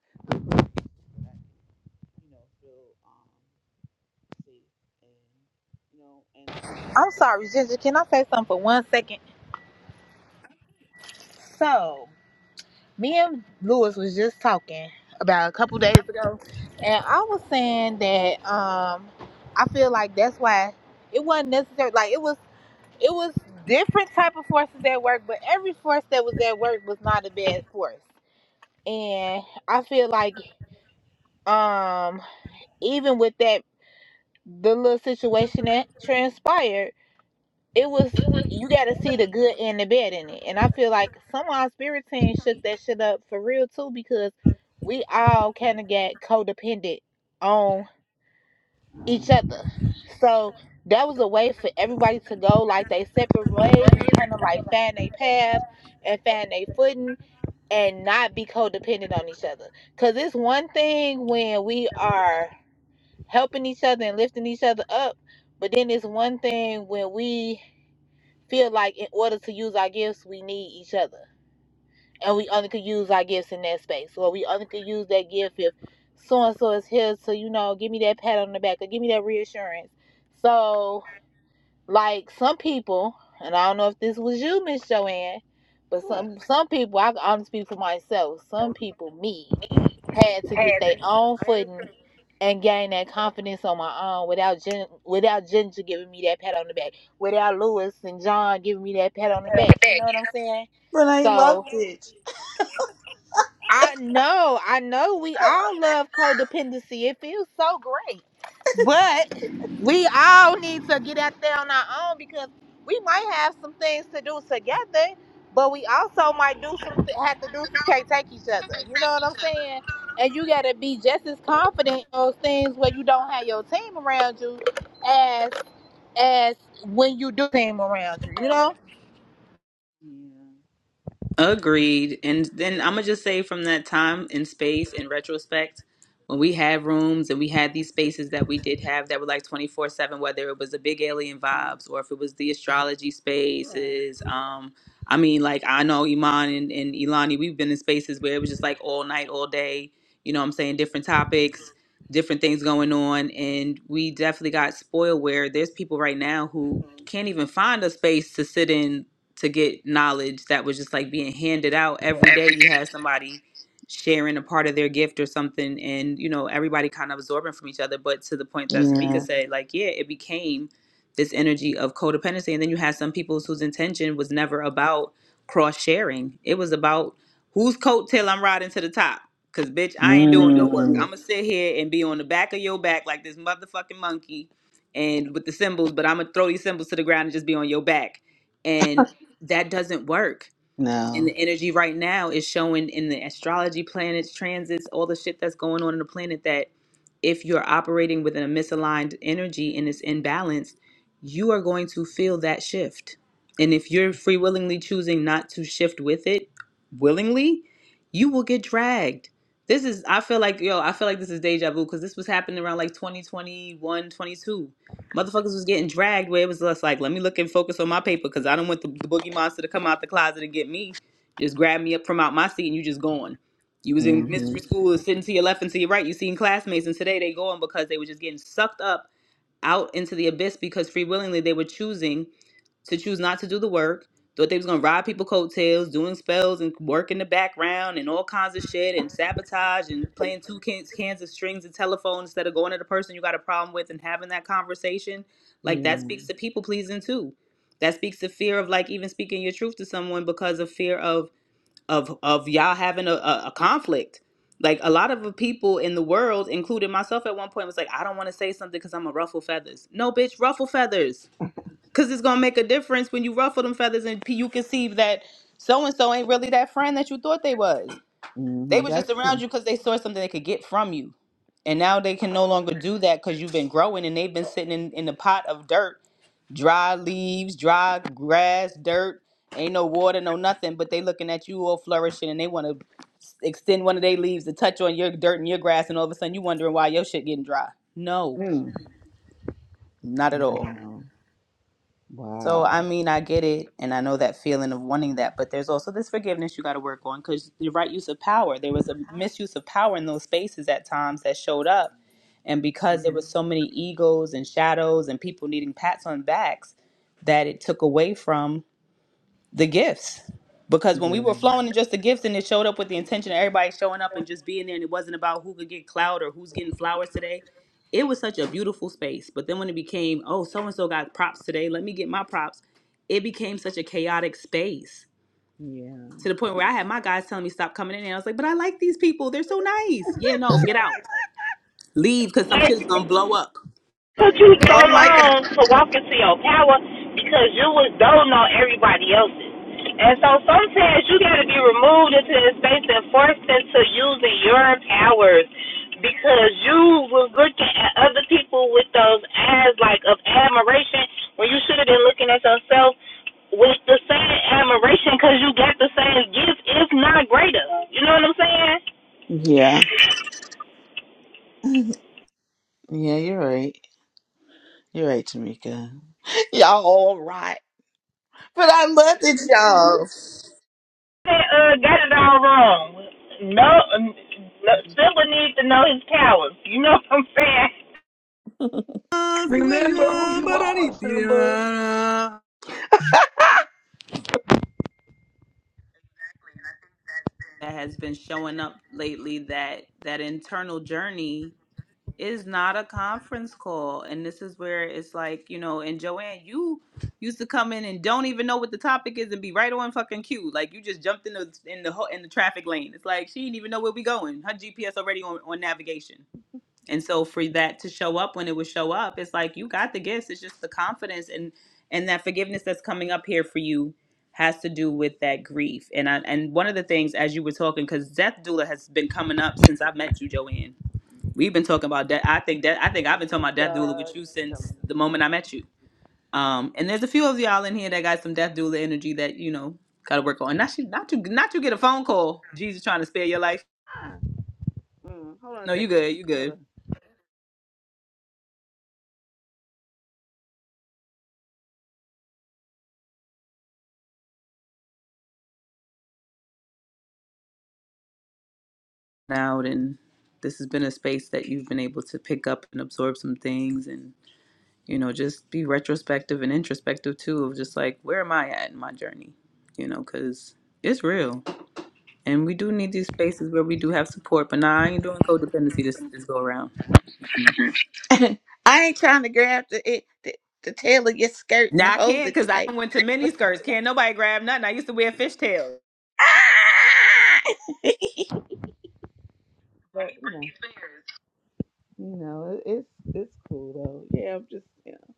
Speaker 10: that, you know feel um safe and you know and
Speaker 3: I'm sorry, Ginger. Can I say something for one second? So, me and Lewis was just talking about a couple days ago, and I was saying that um, I feel like that's why it wasn't necessary. Like, it was. It was different type of forces at work, but every force that was at work was not a bad force. And I feel like um even with that the little situation that transpired, it was you gotta see the good and the bad in it. And I feel like some of our spirit team shook that shit up for real too because we all kinda got codependent on. each other. So that was a way for everybody to go like they separate ways and kind of like find their path and find their footing and not be codependent on each other. Because it's one thing when we are helping each other and lifting each other up, but then it's one thing when we feel like in order to use our gifts, we need each other and we only could use our gifts in that space, or we only could use that gift if so and so is here to you know give me that pat on the back or give me that reassurance. So like some people, and I don't know if this was you, Miss Joanne, but
Speaker 10: what
Speaker 3: some some people I can only speak for myself. Some people, me, had to get their own footing and gain that confidence on my own without Jen, without Ginger giving me that pat on the back, without Lewis and John giving me that pat on the back. You know what I'm saying?
Speaker 10: Renee loved
Speaker 3: So.
Speaker 10: it.
Speaker 3: I know, I know we all love codependency. It feels so great. But we all need to get out there on our own because we might have some things to do together, but we also might do some have to do some can't take each other. You know what I'm saying? And you gotta be just as confident in those things where you don't have your team around you as as when you do team around you, you know?
Speaker 1: Agreed. And then I'm going to just say from that time in space, in retrospect, when we had rooms and we had these spaces that we did have that were like 24 7, whether it was the big alien vibes or if it was the astrology spaces. Um, I mean, like I know Iman and, and Ilani, we've been in spaces where it was just like all night, all day, you know what I'm saying? Different topics, different things going on. And we definitely got spoiled where there's people right now who can't even find a space to sit in to get knowledge that was just like being handed out every day. You had somebody sharing a part of their gift or something, and you know everybody kind of absorbing from each other. But to the point that Tamika Mhm.
Speaker 10: yeah
Speaker 1: said, like, yeah, it became this energy of codependency, and then you had some people whose intention was never about cross sharing. It was about whose coattail I'm riding to the top. Cause bitch, I ain't doing no work.
Speaker 10: mm,
Speaker 1: I'ma sit here and be on the back of your back like this motherfucking monkey and with the symbols, but I'm gonna throw these symbols to the ground and just be on your back. And that doesn't work and
Speaker 10: no
Speaker 1: the energy right now is showing in the astrology planets transits all the shit that's going on in the planet that if you're operating within a misaligned energy and it's imbalanced you are going to feel that shift and if you're free willingly choosing not to shift with it willingly you will get dragged this is i feel like yo i feel like this is deja vu because this was happening around like 2021, 22. motherfuckers was getting dragged where it was just like let me look and focus on my paper because i don't want the, the boogie monster to come out the closet and get me just grab me up from out my seat and you just going. You was in
Speaker 10: mm-hmm.
Speaker 1: mystery school and sitting to your left and to your right. You seen classmates and today they going because they were just getting sucked up out into the abyss because free willingly they were choosing to choose not to do the work. Thought they was gonna ride people coattails, doing spells and work in the background and all kinds of shit and sabotage and playing two cans, cans of strings and telephone instead of going to the person you got a problem with and having that conversation. Like
Speaker 10: yeah
Speaker 1: that speaks to people pleasing too. That speaks to fear of like even speaking your truth to someone because of fear of of of y'all having a, a, a conflict. Like a lot of the people in the world, including myself at one point, was like, I don't want to say something because I'm a ruffle feathers. No, bitch, ruffle feathers. Cause it's gonna make a difference when you ruffle them feathers and p- you can see that so and so ain't really that friend that you thought they was. They
Speaker 10: mm-hmm.
Speaker 1: was just
Speaker 10: that's
Speaker 1: around
Speaker 10: true
Speaker 1: you because they saw something they could get from you. And now they can no longer do that because you've been growing and they've been sitting in, in the pot of dirt dry leaves, dry grass, dirt, ain't no water, no nothing, but they looking at you all flourishing and they want to extend one of their leaves to touch on your dirt and your grass and all of a sudden you wondering why your shit getting dry. No,
Speaker 10: mm.
Speaker 1: not at all.
Speaker 10: wow
Speaker 1: So I
Speaker 10: wow
Speaker 1: mean, I get it and I know that feeling of wanting that, but there's also this forgiveness you got to work on cuz the right use of power, there was a misuse of power in those spaces at times that showed up. And because there
Speaker 10: hmm
Speaker 1: was so many egos and shadows and people needing pats on backs, that it took away from the gifts because when we
Speaker 10: yeah
Speaker 1: were flowing in just the gifts and it showed up with the intention of everybody showing up and just being there and it wasn't about who could get cloud or who's getting flowers today it was such a beautiful space but then when it became oh so and so got props today let me get my props it became such a chaotic space
Speaker 10: yeah
Speaker 1: to the point where i had my guys telling me stop coming in and i was like but i like these people they're so nice yeah no get out leave because some shit's gonna blow up
Speaker 3: took you so long to walk into your power because you was doting on everybody else's. And so sometimes you gotta be removed into that space and forced into using your powers because you was looking at other people with those eyes like of admiration when you should have been looking at yourself with the same admiration because you got the same gift, if not greater. You know what I'm saying?
Speaker 10: yeah yeah you're right you're right Tamika <laughs> y'all all right but I loved it y'all
Speaker 3: uh, got it all wrong. No, n- no Silver needs to know his powers. You know what I'm saying?
Speaker 11: Remember who you are, Simba.
Speaker 1: that has been showing up lately that that internal journey is not a conference call and this is where it's like you know and joanne you used to come in and don't even know what the topic is and be right on fucking cue like you just jumped in the in the ho- in the traffic lane it's like she didn't even know where we going her gps already on, on navigation and so for that to show up when it would show up, it's like you got the gifts. It's just the confidence and and that forgiveness that's coming up here for you has to do with that grief. And I and one of the things as you were talking, because death doula has been coming up since I met you, Joanne. We've been talking about death. I think that I think I've been talking about death doula with you since the moment I met you. Um, and there's a few of y'all in here that got some death doula energy that you know got to work on. Not you, not you, not you get a phone call. Jesus trying to spare your life.
Speaker 10: Mm, hold on a
Speaker 1: No, you
Speaker 10: second.
Speaker 1: good. You good.
Speaker 10: Hold
Speaker 1: out and this has been a space that you've been able to pick up and absorb some things and you know just be retrospective and introspective too of just like where am i at in my journey you know because it's real and we do need these spaces where we do have support but nah, i ain't doing codependency this this go around Mm.
Speaker 10: on. <laughs> I ain't trying to grab the, it, the the tail of your skirt and
Speaker 1: now i
Speaker 10: hold
Speaker 1: can't
Speaker 10: it
Speaker 1: because i
Speaker 10: tight.
Speaker 1: went to mini skirts can't nobody grab nothing i used to wear fishtails
Speaker 10: <laughs> Ah! But you know, you know, it- it's it's cool though. Yeah, I'm just yeah.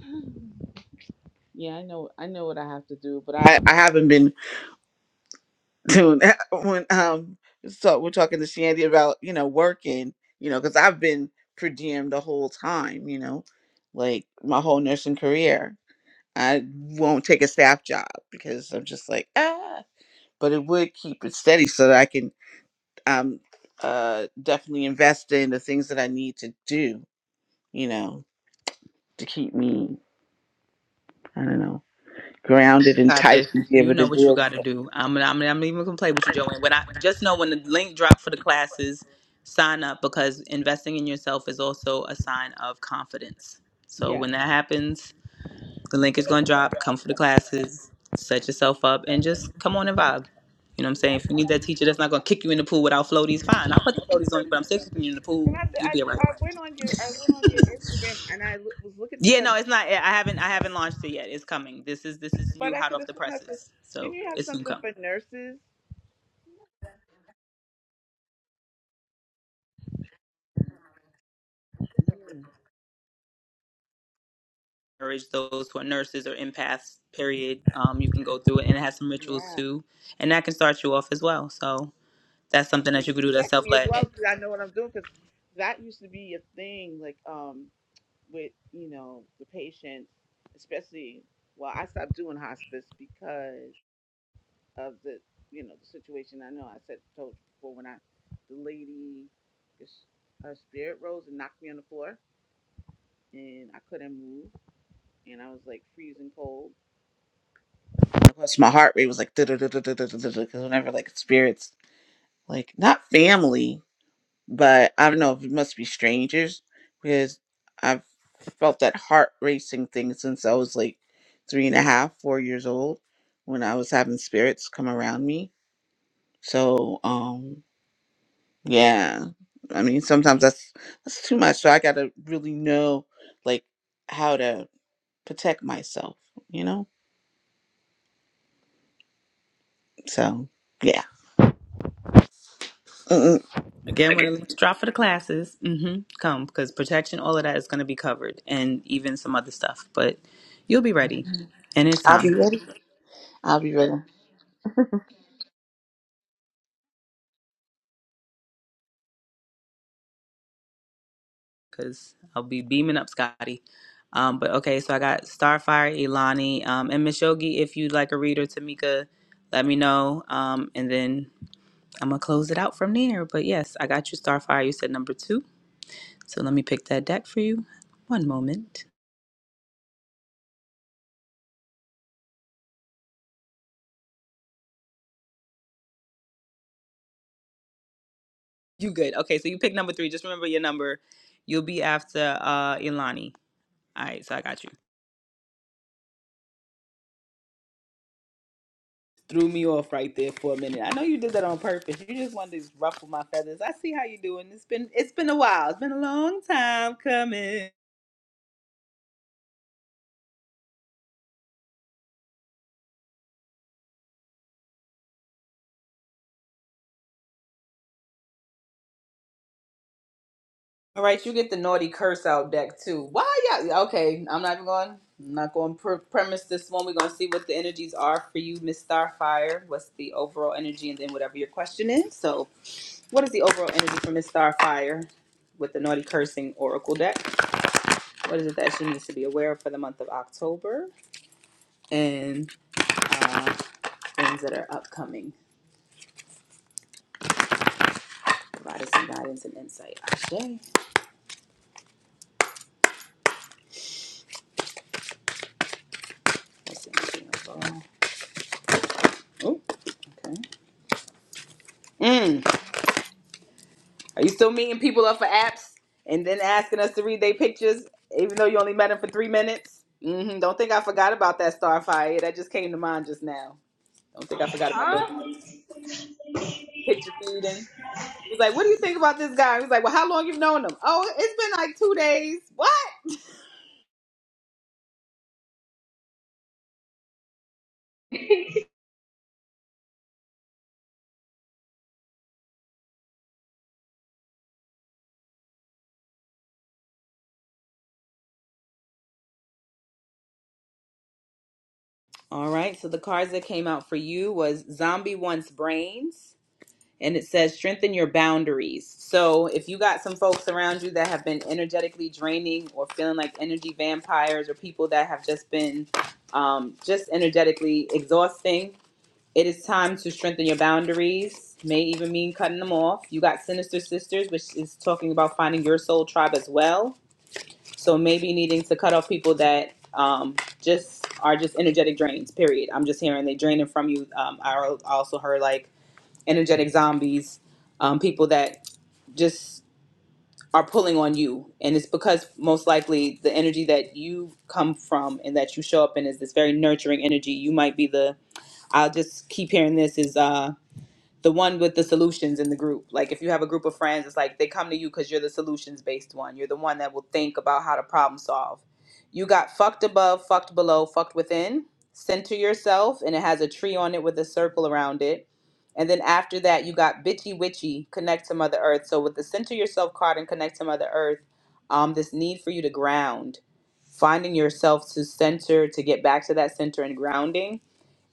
Speaker 10: <sighs> Yeah, I know I know what I have to do, but I I haven't been doing that <laughs> when um so we're talking to Shandy about, you know, working, you know, cuz I've been per diem the whole time, you know, like my whole nursing career. I won't take a staff job because I'm just like ah, but it would keep it steady so that I can um uh definitely invest in the things that I need to do, you know, to keep me I don't know grounded and
Speaker 1: got
Speaker 10: tight
Speaker 1: this.
Speaker 10: and be
Speaker 1: You
Speaker 10: able to
Speaker 1: know what you
Speaker 10: deal with
Speaker 1: got to
Speaker 10: it.
Speaker 1: do. I'm I'm I'm not even gonna play with you, Joanne. When I just know when the link drop for the classes, sign up because investing in yourself is also a sign of confidence. So
Speaker 10: Yeah.
Speaker 1: when that happens, the link is gonna drop. Come for the classes, set yourself up, and just come on and vibe. You know what I'm saying? If you need that teacher that's not gonna kick you in the pool without floaties, fine. I'll put the floaties on you, but I'm still kicking you in the
Speaker 10: And
Speaker 1: pool.
Speaker 10: I, I,
Speaker 1: You'll be all right.
Speaker 10: I went on your I went on your Instagram and I loo- was looking at
Speaker 1: Yeah,
Speaker 10: the
Speaker 1: no,
Speaker 10: because,
Speaker 1: it's not. I haven't. I haven't launched it yet. It's coming. This is this is
Speaker 10: but
Speaker 1: new,
Speaker 10: I
Speaker 1: hot
Speaker 10: could
Speaker 1: off
Speaker 10: have
Speaker 1: the
Speaker 10: sworn I said,
Speaker 1: presses.
Speaker 10: didn't
Speaker 1: So
Speaker 10: you have
Speaker 1: it's soon
Speaker 10: something
Speaker 1: come.
Speaker 10: for nurses?
Speaker 1: encourage those who are nurses or empaths period um, you can go through it and it has some rituals
Speaker 10: Yeah,
Speaker 1: too and that can start you off as well so that's something
Speaker 10: they
Speaker 1: that you
Speaker 10: can
Speaker 1: could do that's
Speaker 10: protect me as
Speaker 1: self-led
Speaker 10: well
Speaker 1: And
Speaker 10: because I know what I'm doing because that used to be a thing. Like, um. with you know the patients, especially. Well, I stopped doing hospice because of the you know the situation. I know I said told you before when I the lady, this, her spirit rose and knocked me on the floor, and I couldn't move, and I was like freezing cold. of course, my heart rate was like da da da da da da da da. because whenever like spirits like not family. but I don't know if it must be strangers because I've felt that heart racing thing since I was like three and a half, four years old when I was having spirits come around me. So, um, yeah, I mean, sometimes that's that's too much. So I gotta really know like how to protect myself, you know. So yeah, Mm-mm.
Speaker 1: again when the links drop for the classes hmm come because protection all of that is going to be covered and even some other stuff but you'll be ready and it's
Speaker 10: I'll
Speaker 1: time
Speaker 10: be ready. I'll be ready.
Speaker 1: because i'll be beaming up scotty um, but okay so i got starfire ilani um, and mishogi if you'd like a reader tamika let me know um, and then I'm gonna close it out from there. But yes, I got you Starfire. You said number two. So let me pick that deck for you. One moment. You good. Okay, so you pick number three. Just remember your number. You'll be after uh Ilani. All right, so I got you. Threw me off right there for a minute. I know you did that on purpose. You just wanted to ruffle my feathers. I see how you doing. It's been it's been a while. It's been a long time coming. All right, you get the naughty curse out deck too. Why y'all? Okay, I'm not even going. I'm not going to pre premise this one. We're gonna see what the energies are for you, Miss Starfire. What's the overall energy, and then whatever your question is. So, what is the overall energy for Miss Starfire with the naughty cursing oracle deck? What is it that she needs to be aware of for the month of October, and uh, things that are upcoming? Provide us some guidance and insight. Ashe. What's the energy overall? Oh, okay. Mm. Are you still meeting people up for apps and then asking us to read their pictures, even though you only met them for three minutes? hmm Don't think I forgot about that Starfire. That just came to mind just now. Don't think I forgot about that picture reading. He was like, "What do you think about this guy?" He was like, "Well, how long you've known him?" Oh, it's been like two days. What? All right. So the cards that came out for you was Zombie Wants Brains. and it says strengthen your boundaries. So if you got some folks around you that have been energetically draining or feeling like energy vampires or people that have just been um, just energetically exhausting, it is time to strengthen your boundaries. May even mean cutting them off. You got Sinister Sisters, which is talking about finding your soul tribe as well. So maybe needing to cut off people that um, just are just energetic drains. Period. I'm just hearing they draining from you. Um, I I also heard like energetic zombies, um, people that just are pulling on you. And it's because most likely the energy that you come from and that you show up in is this very nurturing energy. You might be the, I'll just keep hearing this is, uh, the one with the solutions in the group. Like if you have a group of friends, it's like they come to you because you're the solutions based one. You're the one that will think about how to problem solve. You got fucked above, fucked below, fucked within. Center yourself, and it has a tree on it with a circle around it. And then after that, you got bitchy witchy, connect to Mother Earth. So with the center yourself card and connect to Mother Earth, um, this need for you to ground, finding yourself to center, to get back to that center and grounding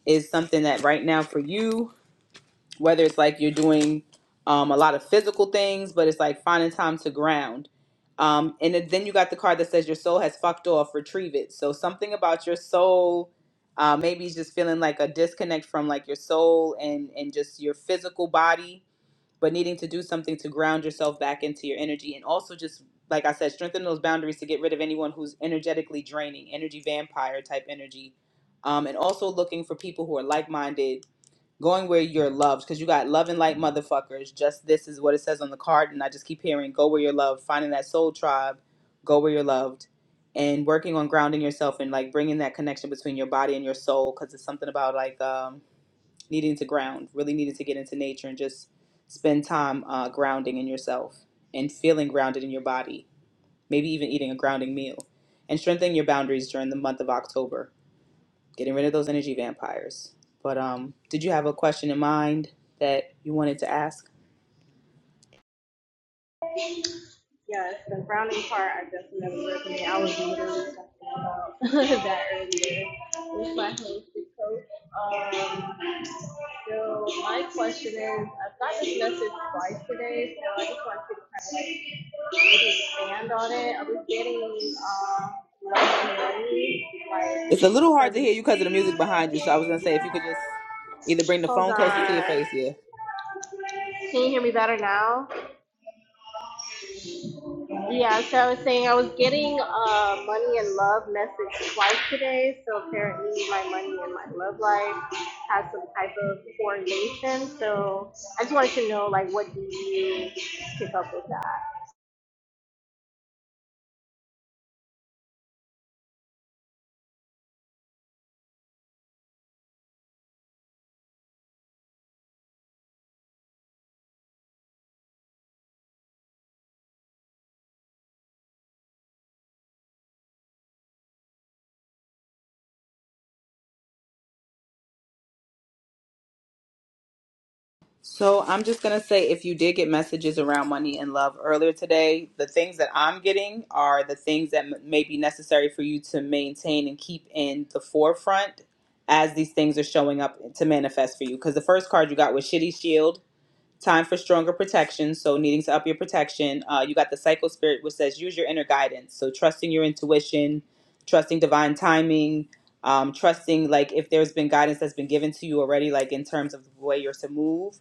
Speaker 1: is something that right now for you whether it's like you're doing um, a lot of physical things, but it's like finding time to ground. Um, and then then you got the card that says your soul has fucked off, retrieve it. So something about your soul, uh, maybe it's just feeling like a disconnect from like your soul and and just your physical body, but needing to do something to ground yourself back into your energy, and also just like I said, strengthen those boundaries to get rid of anyone who's energetically draining, energy vampire type energy, um, and also looking for people who are like minded going where you're loved because you got loving like motherfuckers just this is what it says on the card and i just keep hearing go where you're loved finding that soul tribe go where you're loved and working on grounding yourself and like bringing that connection between your body and your soul because it's something about like um, needing to ground really needing to get into nature and just spend time uh, grounding in yourself and feeling grounded in your body maybe even eating a grounding meal and strengthening your boundaries during the month of october getting rid of those energy vampires. But um, did you have a question in mind that you wanted to ask?
Speaker 4: Yes, the frowning part I definitely resonate. I was literally talking about <laughs> that earlier with my holistic coach. Um, so my question is, I've got this message twice today, so I just want to kind of like maybe expand on it. I was getting um, less money, like
Speaker 1: It's a little hard to
Speaker 4: from.
Speaker 1: hear you because of the music behind you. So I was gonna say if you could just either bring the
Speaker 4: Hold
Speaker 1: phone closer to
Speaker 4: on.
Speaker 1: your face, yeah.
Speaker 4: Can you hear me better now? Yeah, so I was saying I was getting uh, money and love message twice today. So apparently, my money and my love life has some type of correlation. So I just wanted to know, like, what do you pick up with that?
Speaker 1: So I'm just gonna say if you did get messages around money and love earlier today, the things that I'm getting are the things that m- may be necessary for you to maintain and keep in the forefront as these things are showing up to manifest for you. Because the first card you got was Shitty Shield, time for stronger protection. So, needing to up your protection, uh, you got the cycle spirit, which says use your inner guidance. So, trusting your intuition, trusting divine timing, um, trusting like if there's been guidance that's been given to you already, like in terms of the way you're to move,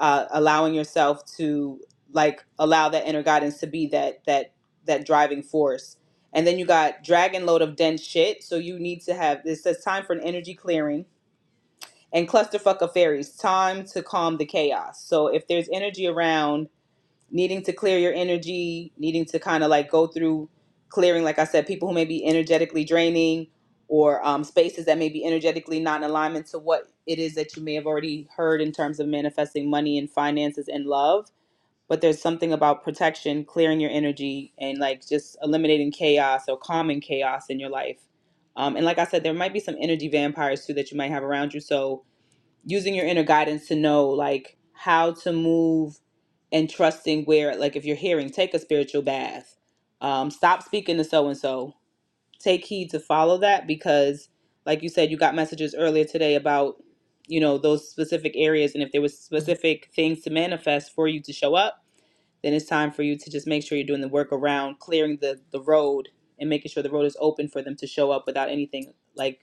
Speaker 1: uh, allowing yourself to like allow that inner guidance to be that that that driving force. And then you got dragon load of dense shit. So you need to have this says time for an energy clearing and clusterfuck of fairies time to calm the chaos so if there's energy around needing to clear your energy needing to kind of like go through clearing like i said people who may be energetically draining or um, spaces that may be energetically not in alignment to what it is that you may have already heard in terms of manifesting money and finances and love but there's something about protection clearing your energy and like just eliminating chaos or calming chaos in your life um, and like i said there might be some energy vampires too that you might have around you so using your inner guidance to know like how to move and trusting where like if you're hearing take a spiritual bath um stop speaking to so and so take heed to follow that because like you said you got messages earlier today about you know those specific areas and if there was specific things to manifest for you to show up then it's time for you to just make sure you're doing the work around clearing the the road and making sure the road is open for them to show up without anything like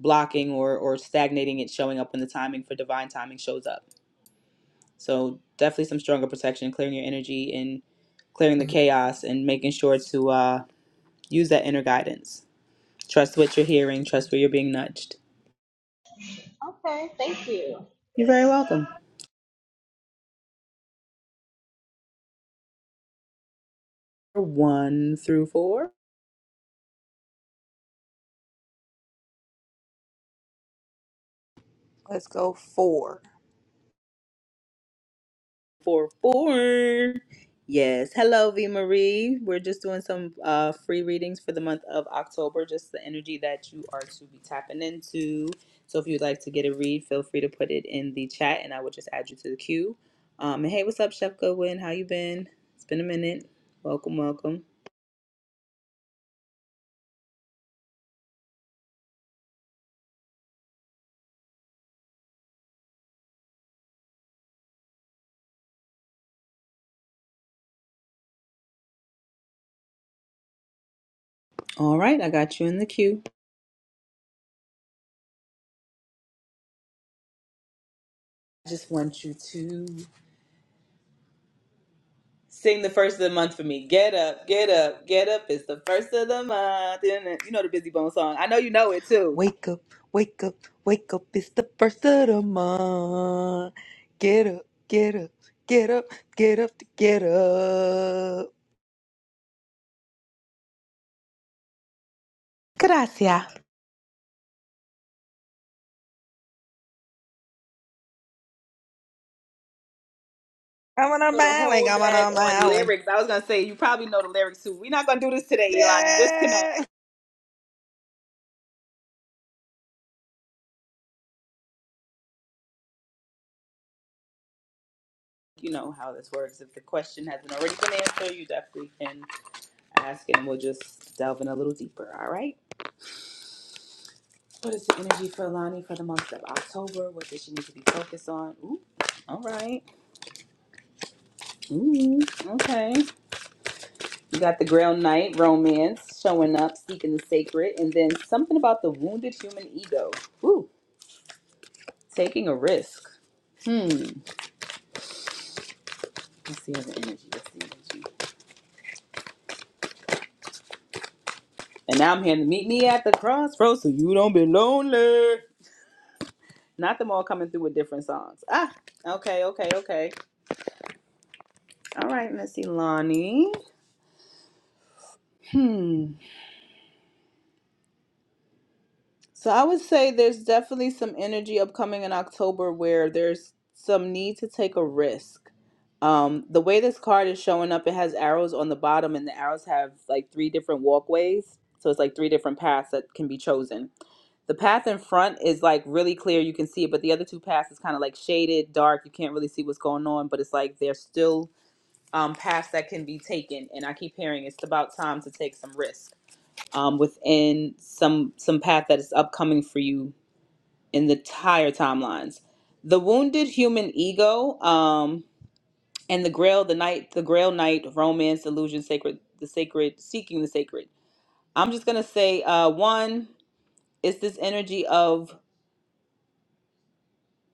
Speaker 1: blocking or or stagnating it showing up when the timing for divine timing shows up. So definitely some stronger protection, clearing your energy and clearing the chaos and making sure to uh, use that inner guidance. Trust what you're hearing, trust where you're being nudged.
Speaker 4: Okay, thank you.
Speaker 1: You're very welcome. One through four.
Speaker 11: Let's go four.
Speaker 1: four four. Yes. Hello, V Marie. We're just doing some uh, free readings for the month of October, just the energy that you are to be tapping into. So if you'd like to get a read, feel free to put it in the chat and I will just add you to the queue. Um, and hey, what's up, Chef Goodwin? How you been? It's been a minute. Welcome, welcome. All right, I got you in the queue. I just want you to sing the first of the month for me. Get up, get up, get up. It's the first of the month. You know the Busy Bone song. I know you know it too.
Speaker 11: Wake up, wake up, wake up. It's the first of the month. Get up, get up, get up, get up to get up.
Speaker 1: Gracias.
Speaker 11: I'm on a
Speaker 1: know the whole
Speaker 11: Molly, I'm on
Speaker 1: dag
Speaker 11: a
Speaker 1: on
Speaker 11: Molly.
Speaker 1: lyrics. I was gonna say you probably know the lyrics too. We're not gonna do this today, Ilani. Disconnect.
Speaker 11: Yeah.
Speaker 1: You know how this works. If the question hasn't already been answered, you definitely can ask, and we'll just delve in a little deeper. All right. What is the energy for Ilani for the month of October? What does she need to be focused on? Ooh, all right. Ooh, okay. You got the Grail Knight romance showing up, seeking the sacred, and then something about the wounded human ego. Ooh, taking a risk. Hmm. Let's see the energy. Let's see energy. And now I'm here to meet me at the crossroads so you don't be lonely. Not them all coming through with different songs. Ah, okay, okay, okay. All right, let's see, Lonnie. Hmm. So I would say there's definitely some energy upcoming in October where there's some need to take a risk. Um, the way this card is showing up, it has arrows on the bottom, and the arrows have like three different walkways. So it's like three different paths that can be chosen The path in front is like really clear, you can see it, but the other two paths is kind of like shaded, dark, you can't really see what's going on, but it's like there's still um, paths that can be taken. And I keep hearing it's about time to take some risk um, within some some path that is upcoming for you in the higher timelines. The wounded human ego, um, and the grail, the night, the grail night, romance, illusion, sacred, the sacred, seeking the sacred. I'm just gonna say, uh, one, it's this energy of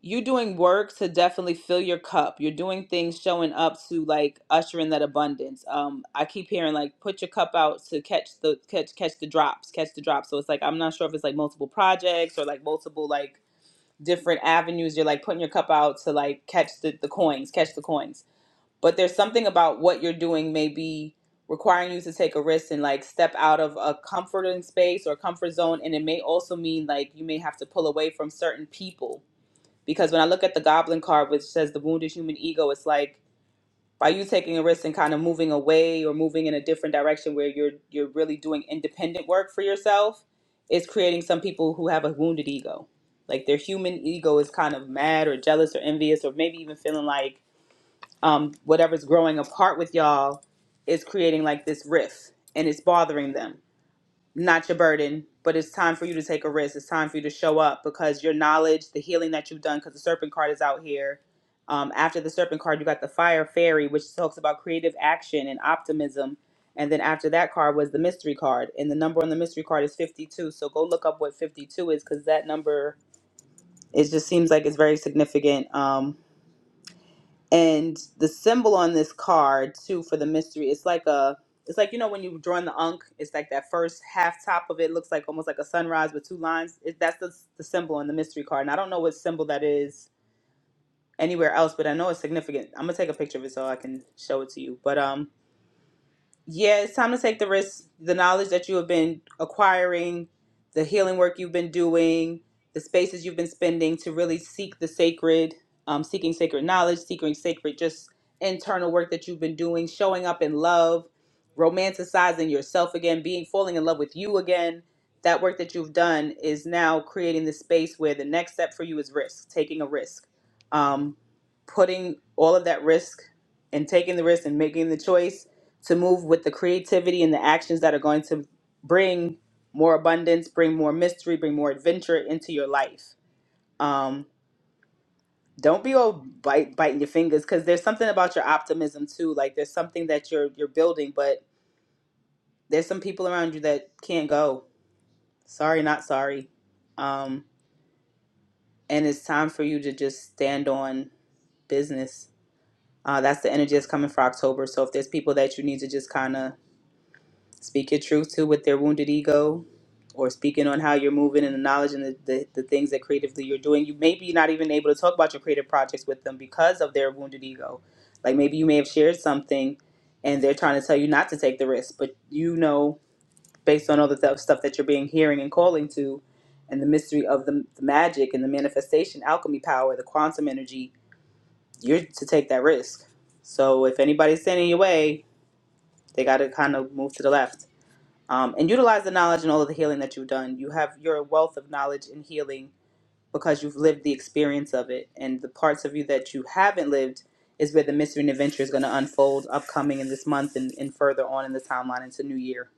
Speaker 1: you're doing work to definitely fill your cup. You're doing things showing up to like usher in that abundance. Um, I keep hearing like put your cup out to catch the catch catch the drops, catch the drops. So it's like I'm not sure if it's like multiple projects or like multiple like different avenues. You're like putting your cup out to like catch the, the coins, catch the coins. But there's something about what you're doing maybe requiring you to take a risk and like step out of a comforting space or comfort zone. And it may also mean like you may have to pull away from certain people because when I look at the Goblin card, which says the wounded human ego, it's like by you taking a risk and kind of moving away or moving in a different direction where you're you're really doing independent work for yourself, it's creating some people who have a wounded ego. Like their human ego is kind of mad or jealous or envious or maybe even feeling like um, whatever's growing apart with y'all is creating like this rift and it's bothering them not your burden, but it's time for you to take a risk. It's time for you to show up because your knowledge, the healing that you've done, because the serpent card is out here. Um, after the serpent card, you got the fire fairy, which talks about creative action and optimism. And then after that card was the mystery card. And the number on the mystery card is 52. So go look up what 52 is because that number, it just seems like it's very significant. Um, and the symbol on this card too for the mystery it's like a it's like you know when you draw in the unk it's like that first half top of it looks like almost like a sunrise with two lines it, that's the, the symbol on the mystery card and i don't know what symbol that is anywhere else but i know it's significant i'm gonna take a picture of it so i can show it to you but um yeah, it's time to take the risk. The knowledge that you have been acquiring, the healing work you've been doing, the spaces you've been spending to really seek the sacred, um, seeking sacred knowledge, seeking sacred just internal work that you've been doing, showing up in love, romanticizing yourself again, being falling in love with you again. That work that you've done is now creating the space where the next step for you is risk, taking a risk, um, putting all of that risk and taking the risk and making the choice to move with the creativity and the actions that are going to bring more abundance, bring more mystery, bring more adventure into your life. Um, don't be all bite, biting your fingers because there's something about your optimism too. Like there's something that you're you're building, but there's some people around you that can't go. Sorry, not sorry. Um, and it's time for you to just stand on business. Uh, that's the energy that's coming for October. So if there's people that you need to just kind of Speak your truth to with their wounded ego or speaking on how you're moving and the knowledge and the, the, the things that creatively you're doing you may be not even able to talk about your creative projects with them because of their wounded ego like maybe you may have shared something and they're trying to tell you not to take the risk but you know based on all the th- stuff that you're being hearing and calling to and the mystery of the, the magic and the manifestation alchemy power the quantum energy you're to take that risk so if anybody's standing in your way they got to kind of move to the left um, and utilize the knowledge and all of the healing that you've done. You have your wealth of knowledge and healing because you've lived the experience of it, and the parts of you that you haven't lived is where the mystery and adventure is going to unfold upcoming in this month and, and further on in the timeline into new year.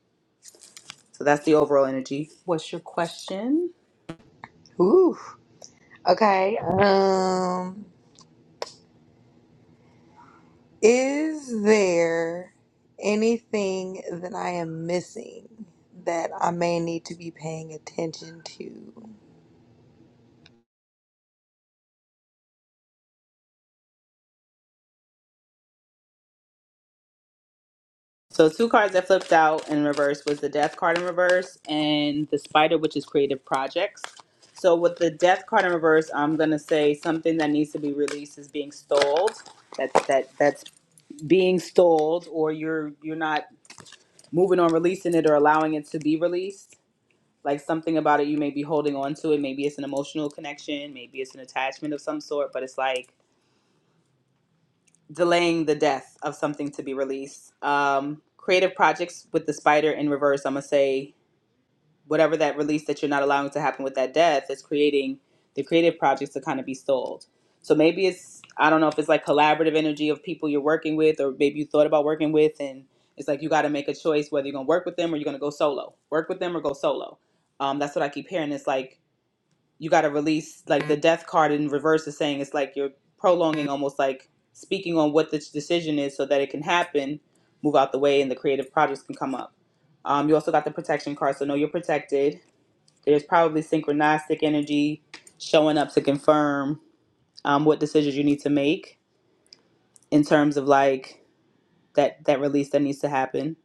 Speaker 1: So that's the overall energy. What's your question?
Speaker 11: Ooh. Okay. Um, is there anything that I am missing that I may need to be paying attention to?
Speaker 1: So two cards that flipped out in reverse was the death card in reverse and the spider, which is creative projects. So with the death card in reverse, I'm gonna say something that needs to be released is being stalled. That that that's being stalled or you're you're not moving on releasing it or allowing it to be released like something about it you may be holding on to it maybe it's an emotional connection maybe it's an attachment of some sort but it's like delaying the death of something to be released um creative projects with the spider in reverse i'm gonna say whatever that release that you're not allowing to happen with that death is creating the creative projects to kind of be stalled. So maybe it's I don't know if it's like collaborative energy of people you're working with, or maybe you thought about working with, and it's like you got to make a choice whether you're gonna work with them or you're gonna go solo. Work with them or go solo. Um, that's what I keep hearing. It's like you got to release like the death card in reverse is saying it's like you're prolonging almost like speaking on what this decision is so that it can happen, move out the way, and the creative projects can come up. Um, you also got the protection card, so know you're protected there's probably synchronistic energy showing up to confirm um, what decisions you need to make in terms of like that that release that needs to happen.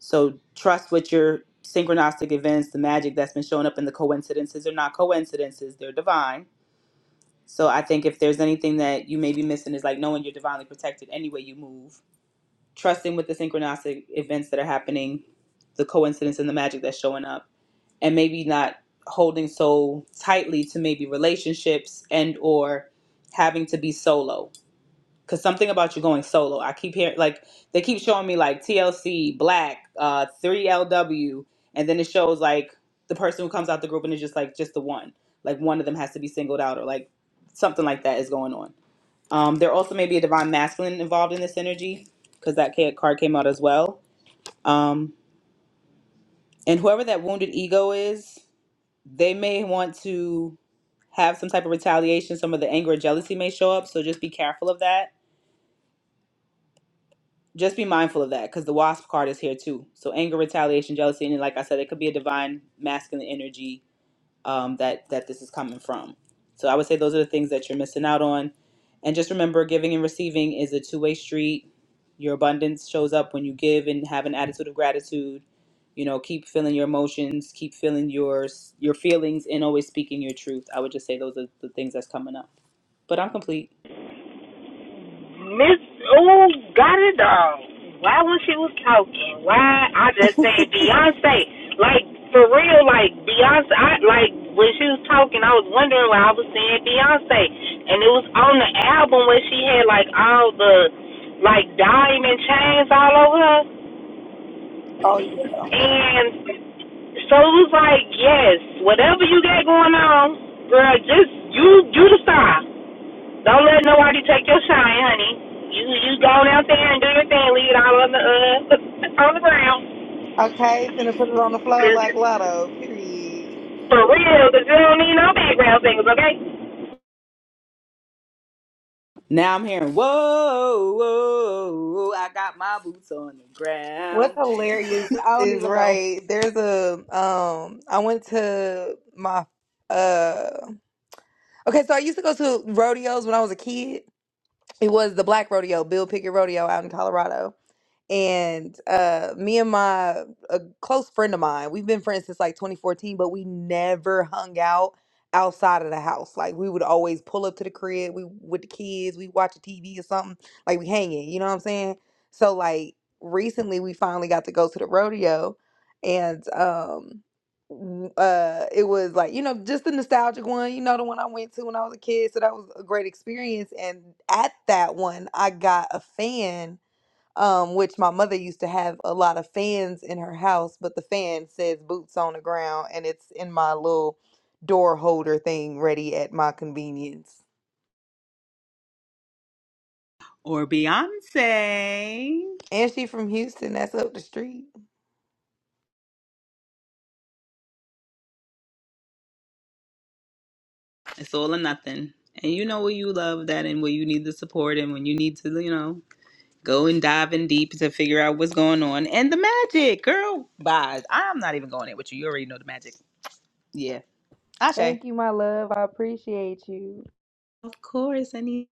Speaker 1: So trust what your synchronistic events, the magic that's been showing up, and the coincidences are not coincidences; they're divine. So I think if there's anything that you may be missing is like knowing you're divinely protected any way you move, trusting with the synchronistic events that are happening, the coincidence and the magic that's showing up and maybe not holding so tightly to maybe relationships and or having to be solo because something about you going solo i keep hearing like they keep showing me like tlc black uh 3lw and then it shows like the person who comes out the group and it's just like just the one like one of them has to be singled out or like something like that is going on um there also may be a divine masculine involved in this energy because that ca- card came out as well um and whoever that wounded ego is they may want to have some type of retaliation, some of the anger or jealousy may show up. So just be careful of that. Just be mindful of that because the wasp card is here too. So anger, retaliation, jealousy, and like I said, it could be a divine masculine energy um, that that this is coming from. So I would say those are the things that you're missing out on. And just remember, giving and receiving is a two way street. Your abundance shows up when you give and have an attitude of gratitude. You know, keep feeling your emotions, keep feeling your your feelings, and always speaking your truth. I would just say those are the things that's coming up. But I'm complete.
Speaker 3: Miss Ooh got it all. Why when she was talking? Why I just said Beyonce? Like for real, like Beyonce. I like when she was talking, I was wondering why I was saying Beyonce, and it was on the album where she had like all the like diamond chains all over her.
Speaker 11: Oh yeah.
Speaker 3: And so it was like, yes, whatever you got going on, girl, just you you the star. Don't let nobody take your shine, honey. You you go down there and do your thing, leave it all on the uh <laughs> on the ground,
Speaker 11: Okay, finna put it on the flow like Lotto. Period.
Speaker 3: For real, 'cause you don't need no background singers, okay?
Speaker 1: Now I'm hearing, whoa, whoa, I got my boots on the
Speaker 11: What's
Speaker 1: ground.
Speaker 11: hilarious
Speaker 1: <laughs> I don't
Speaker 11: is
Speaker 1: even know.
Speaker 11: right. There's a um. I went to my uh. Okay, so I used to go to rodeos when I was a kid. It was the Black Rodeo, Bill Pickett Rodeo out in Colorado. and uh me and my a close friend of mine we've been friends since like 2014 but we never hung out outside of the house like we would always pull up to the crib we with the kids we watch a tv or something like we hanging you know what i'm saying so like recently we finally got to go to the rodeo and um w- uh it was like you know just the nostalgic one you know the one i went to when i was a kid so that was a great experience and at that one i got a fan um, which my mother used to have a lot of fans in her house, but the fan says boots on the ground and it's in my little door holder thing ready at my convenience.
Speaker 1: Or Beyonce.
Speaker 11: And she from Houston, that's up the street.
Speaker 1: It's all or nothing. And you know where you love that and where you need the support and when you need to, you know, go and dive in deep to figure out what's going on. And the magic, girl. Bye. I'm not even going in with you. You already know the magic. Yeah. Ashe.
Speaker 11: Thank you, my love. I appreciate you.
Speaker 1: Of course. I need.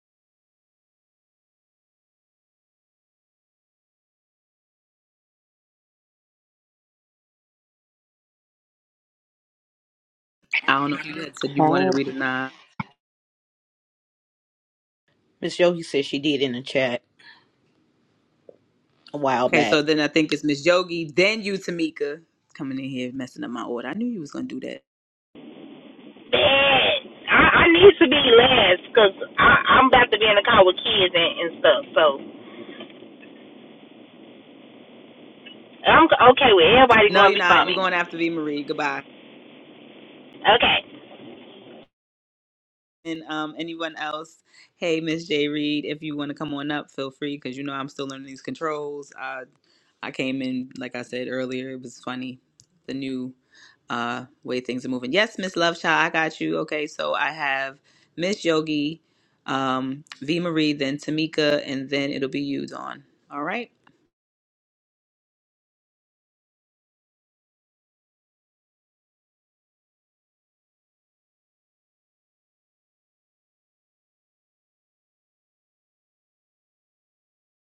Speaker 1: I don't know if you had said you
Speaker 12: Hi,
Speaker 1: wanted to read or not.
Speaker 6: Miss Yogi said she did in the chat a while
Speaker 1: Okay, so
Speaker 6: back.
Speaker 1: then I think it's Miss Yogi, then you, Tamika, coming in here messing up my order. I knew you was gonna do that.
Speaker 3: Bad. I, I need to be last 'cause I I'm about to be in the car with kids and, and stuff. So I'm okay with everybody
Speaker 1: No,
Speaker 3: going
Speaker 1: you're
Speaker 3: to be
Speaker 1: not.
Speaker 3: for me.
Speaker 1: You're going after V Marie. Goodbye.
Speaker 3: Okay.
Speaker 1: And um, anyone else? Hey, Miss J Reed, if you want to come on up, feel free because you know I'm still learning these controls. Uh, I came in like I said earlier. It was funny, the new uh way things are moving. Yes, Miss Lovechild, I got you. Okay, so I have Miss Yogi, um, V Marie, then Tamika, and then it'll be you, Dawn. All right.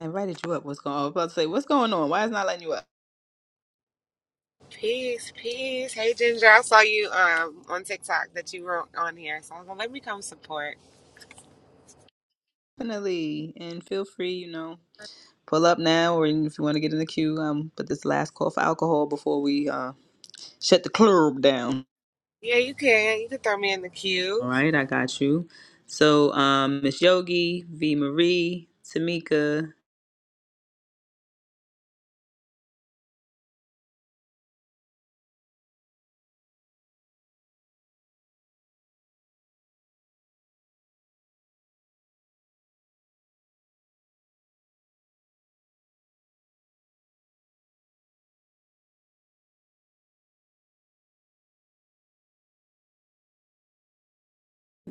Speaker 1: invited you up. What's going on? I was about to say, what's going on? Why is not letting you up?
Speaker 13: Peace, peace. Hey Ginger, I saw you um on TikTok that you were on here, so I was gonna let me come support.
Speaker 1: Definitely. And feel free, you know, pull up now or if you want to get in the queue, um, put this last call for alcohol before we uh shut the club down.
Speaker 13: Yeah, you can. You can throw me in the
Speaker 1: All
Speaker 13: queue.
Speaker 1: right, I got you. So um Miss Yogi, V Marie, Tamika,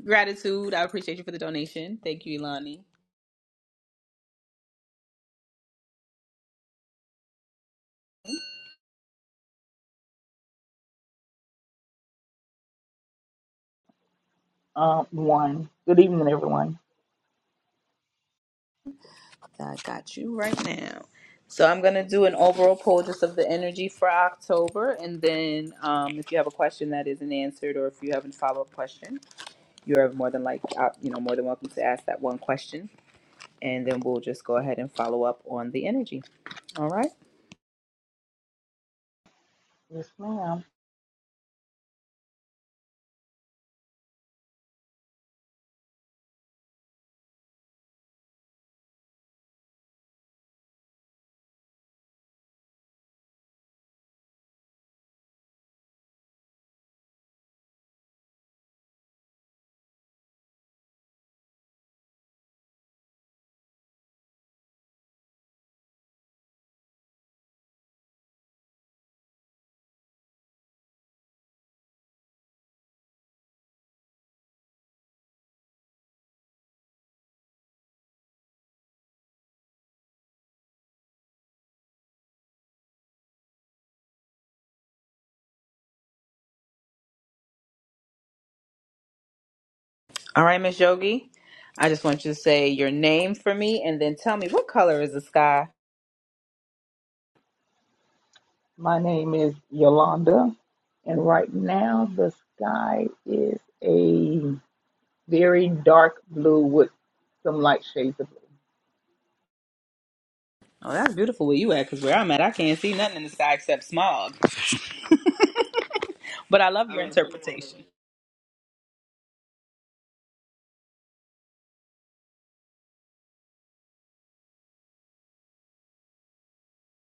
Speaker 1: gratitude. I appreciate you for the donation. Thank you, Ilani.
Speaker 14: Um, one. Good evening, everyone.
Speaker 1: I got you right now. So I'm gonna do an overall poll just of the energy for October, and then um, if you have a question that isn't answered, or if you have a follow up question, you're more than like uh, you know more than welcome to ask that one question, and then we'll just go ahead and follow up on the energy. All right,
Speaker 14: Yes, ma'am.
Speaker 1: all right, Miss Yogi. I just want you to say your name for me, and then tell me what color is the sky.
Speaker 14: My name is Yolanda, and right now the sky is a very dark blue with some light shades of blue.
Speaker 1: Oh, that's beautiful where you at, because where I'm at, I can't see nothing in the sky except smog. But I love your interpretation.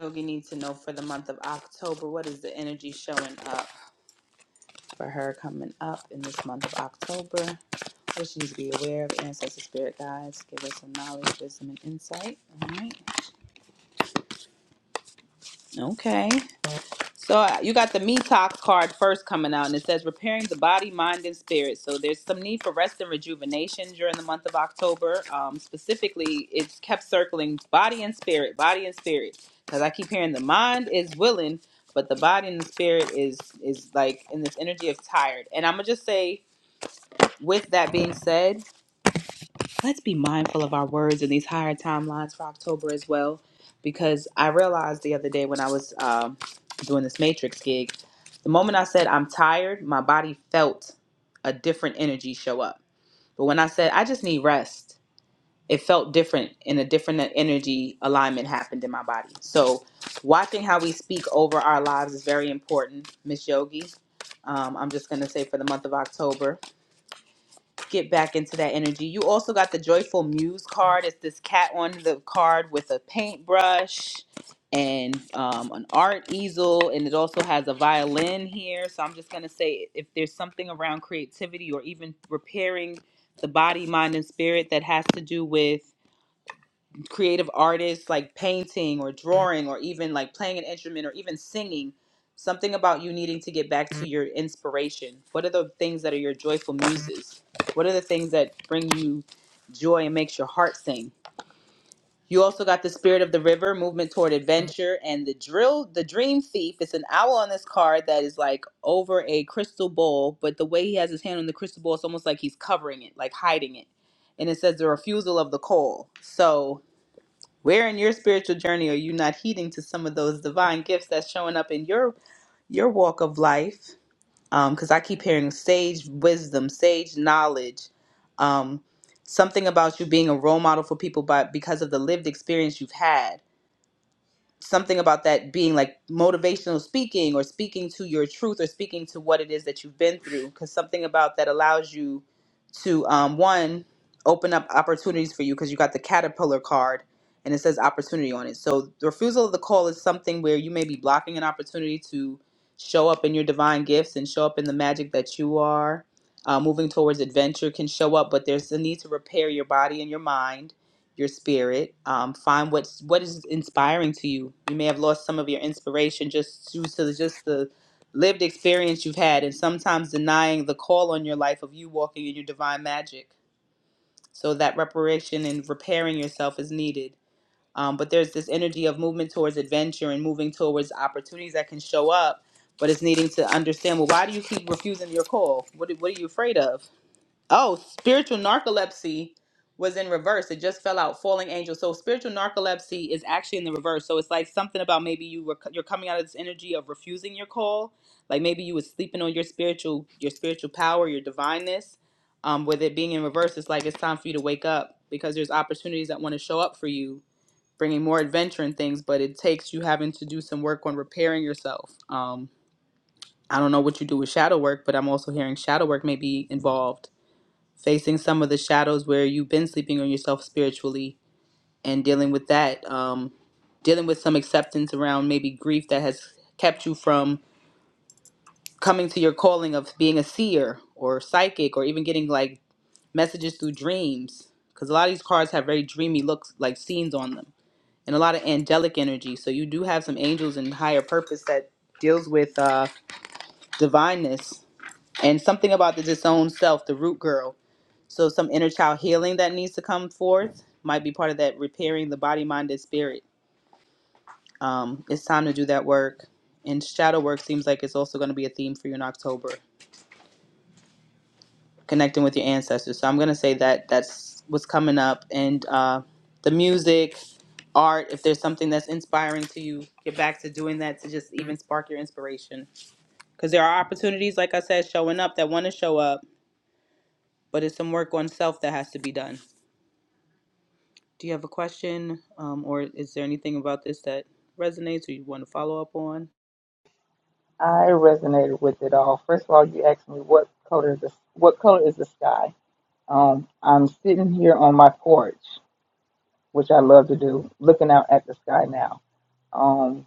Speaker 1: Yogi needs to know for the month of October what is the energy showing up for her coming up in this month of October. What she needs to be aware of, ancestor spirit guides, give us some knowledge, wisdom, and insight. All right. Okay. So uh, you got the Metox card first coming out, and it says repairing the body, mind, and spirit. So there's some need for rest and rejuvenation during the month of October. Um, specifically, it's kept circling body and spirit, body and spirit, because I keep hearing the mind is willing, but the body and the spirit is is like in this energy of tired. And I'm gonna just say, with that being said, let's be mindful of our words in these higher timelines for October as well, because I realized the other day when I was um, doing this Matrix gig, the moment I said I'm tired, my body felt a different energy show up. But when I said I just need rest, it felt different, and a different energy alignment happened in my body. So, watching how we speak over our lives is very important, Miss Yogi. Um, I'm just gonna say for the month of October, get back into that energy. You also got the Joyful Muse card. It's this cat on the card with a paintbrush and um, an art easel, and it also has a violin here. So I'm just gonna say if there's something around creativity or even repairing the body, mind, and spirit that has to do with creative artists like painting or drawing or even like playing an instrument or even singing something about you needing to get back to your inspiration what are the things that are your joyful muses what are the things that bring you joy and makes your heart sing you also got the spirit of the river movement toward adventure and the drill the dream thief it's an owl on this card that is like over a crystal bowl but the way he has his hand on the crystal bowl it's almost like he's covering it like hiding it and it says the refusal of the coal so where in your spiritual journey are you not heeding to some of those divine gifts that's showing up in your your walk of life? Because I keep hearing sage wisdom, sage knowledge, um, something about you being a role model for people by because of the lived experience you've had something about that being like motivational speaking or speaking to your truth or speaking to what it is that you've been through because something about that allows you to um, one open up opportunities for you because you got the caterpillar card and it says opportunity on it so the refusal of the call is something where you may be blocking an opportunity to show up in your divine gifts and show up in the magic that you are uh, moving towards adventure can show up but there's a need to repair your body and your mind your spirit. Um, find what's what is inspiring to you. You may have lost some of your inspiration just due to the- just the lived experience you've had, and sometimes denying the call on your life of you walking in your divine magic. So that reparation and repairing yourself is needed. Um, but there's this energy of movement towards adventure and moving towards opportunities that can show up, but it's needing to understand. Well, why do you keep refusing your call? What What are you afraid of? Oh, spiritual narcolepsy was in reverse. It just fell out. Falling angel. So spiritual narcolepsy is actually in the reverse. So it's like something about maybe you were you're coming out of this energy of refusing your call. Like maybe you were sleeping on your spiritual your spiritual power, your divineness. Um, with it being in reverse, it's like it's time for you to wake up because there's opportunities that want to show up for you, bringing more adventure and things. But it takes you having to do some work on repairing yourself. Um, I don't know what you do with shadow work, but I'm also hearing shadow work may be involved facing some of the shadows where you've been sleeping on yourself spiritually and dealing with that um, dealing with some acceptance around maybe grief that has kept you from coming to your calling of being a seer or psychic or even getting like messages through dreams because a lot of these cards have very dreamy looks like scenes on them and a lot of angelic energy so you do have some angels and higher purpose that deals with uh divineness and something about the disowned self, the root girl. So some inner child healing that needs to come forth might be part of that repairing the body, mind, and spirit. Um, it's time to do that work. And shadow work seems like it's also going to be a theme for you in October, connecting with your ancestors. So I'm going to say that that's what's coming up. And uh, the music, art, if there's something that's inspiring to you, get back to doing that to just even spark your inspiration. Because there are opportunities, like I said, showing up that want to show up, but it's some work on self that has to be done. Do you have a question, um, or is there anything about this that resonates or you want to follow up on?
Speaker 14: I resonated with it all. First of all, you asked me what color is the what color is the sky. Um, I'm sitting here on my porch, which I love to do, looking out at the sky now. Um,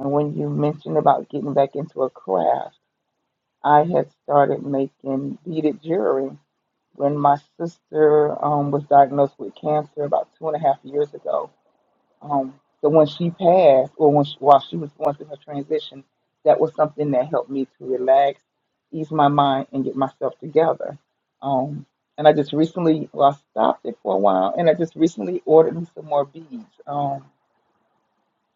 Speaker 14: and when you mentioned about getting back into a craft. I had started making beaded jewelry when my sister um, was diagnosed with cancer about two and a half years ago. Um, so when she passed, or when she, while she was going through her transition, that was something that helped me to relax, ease my mind, and get myself together. Um, and I just recently, well, I stopped it for a while, and I just recently ordered me some more beads. Um,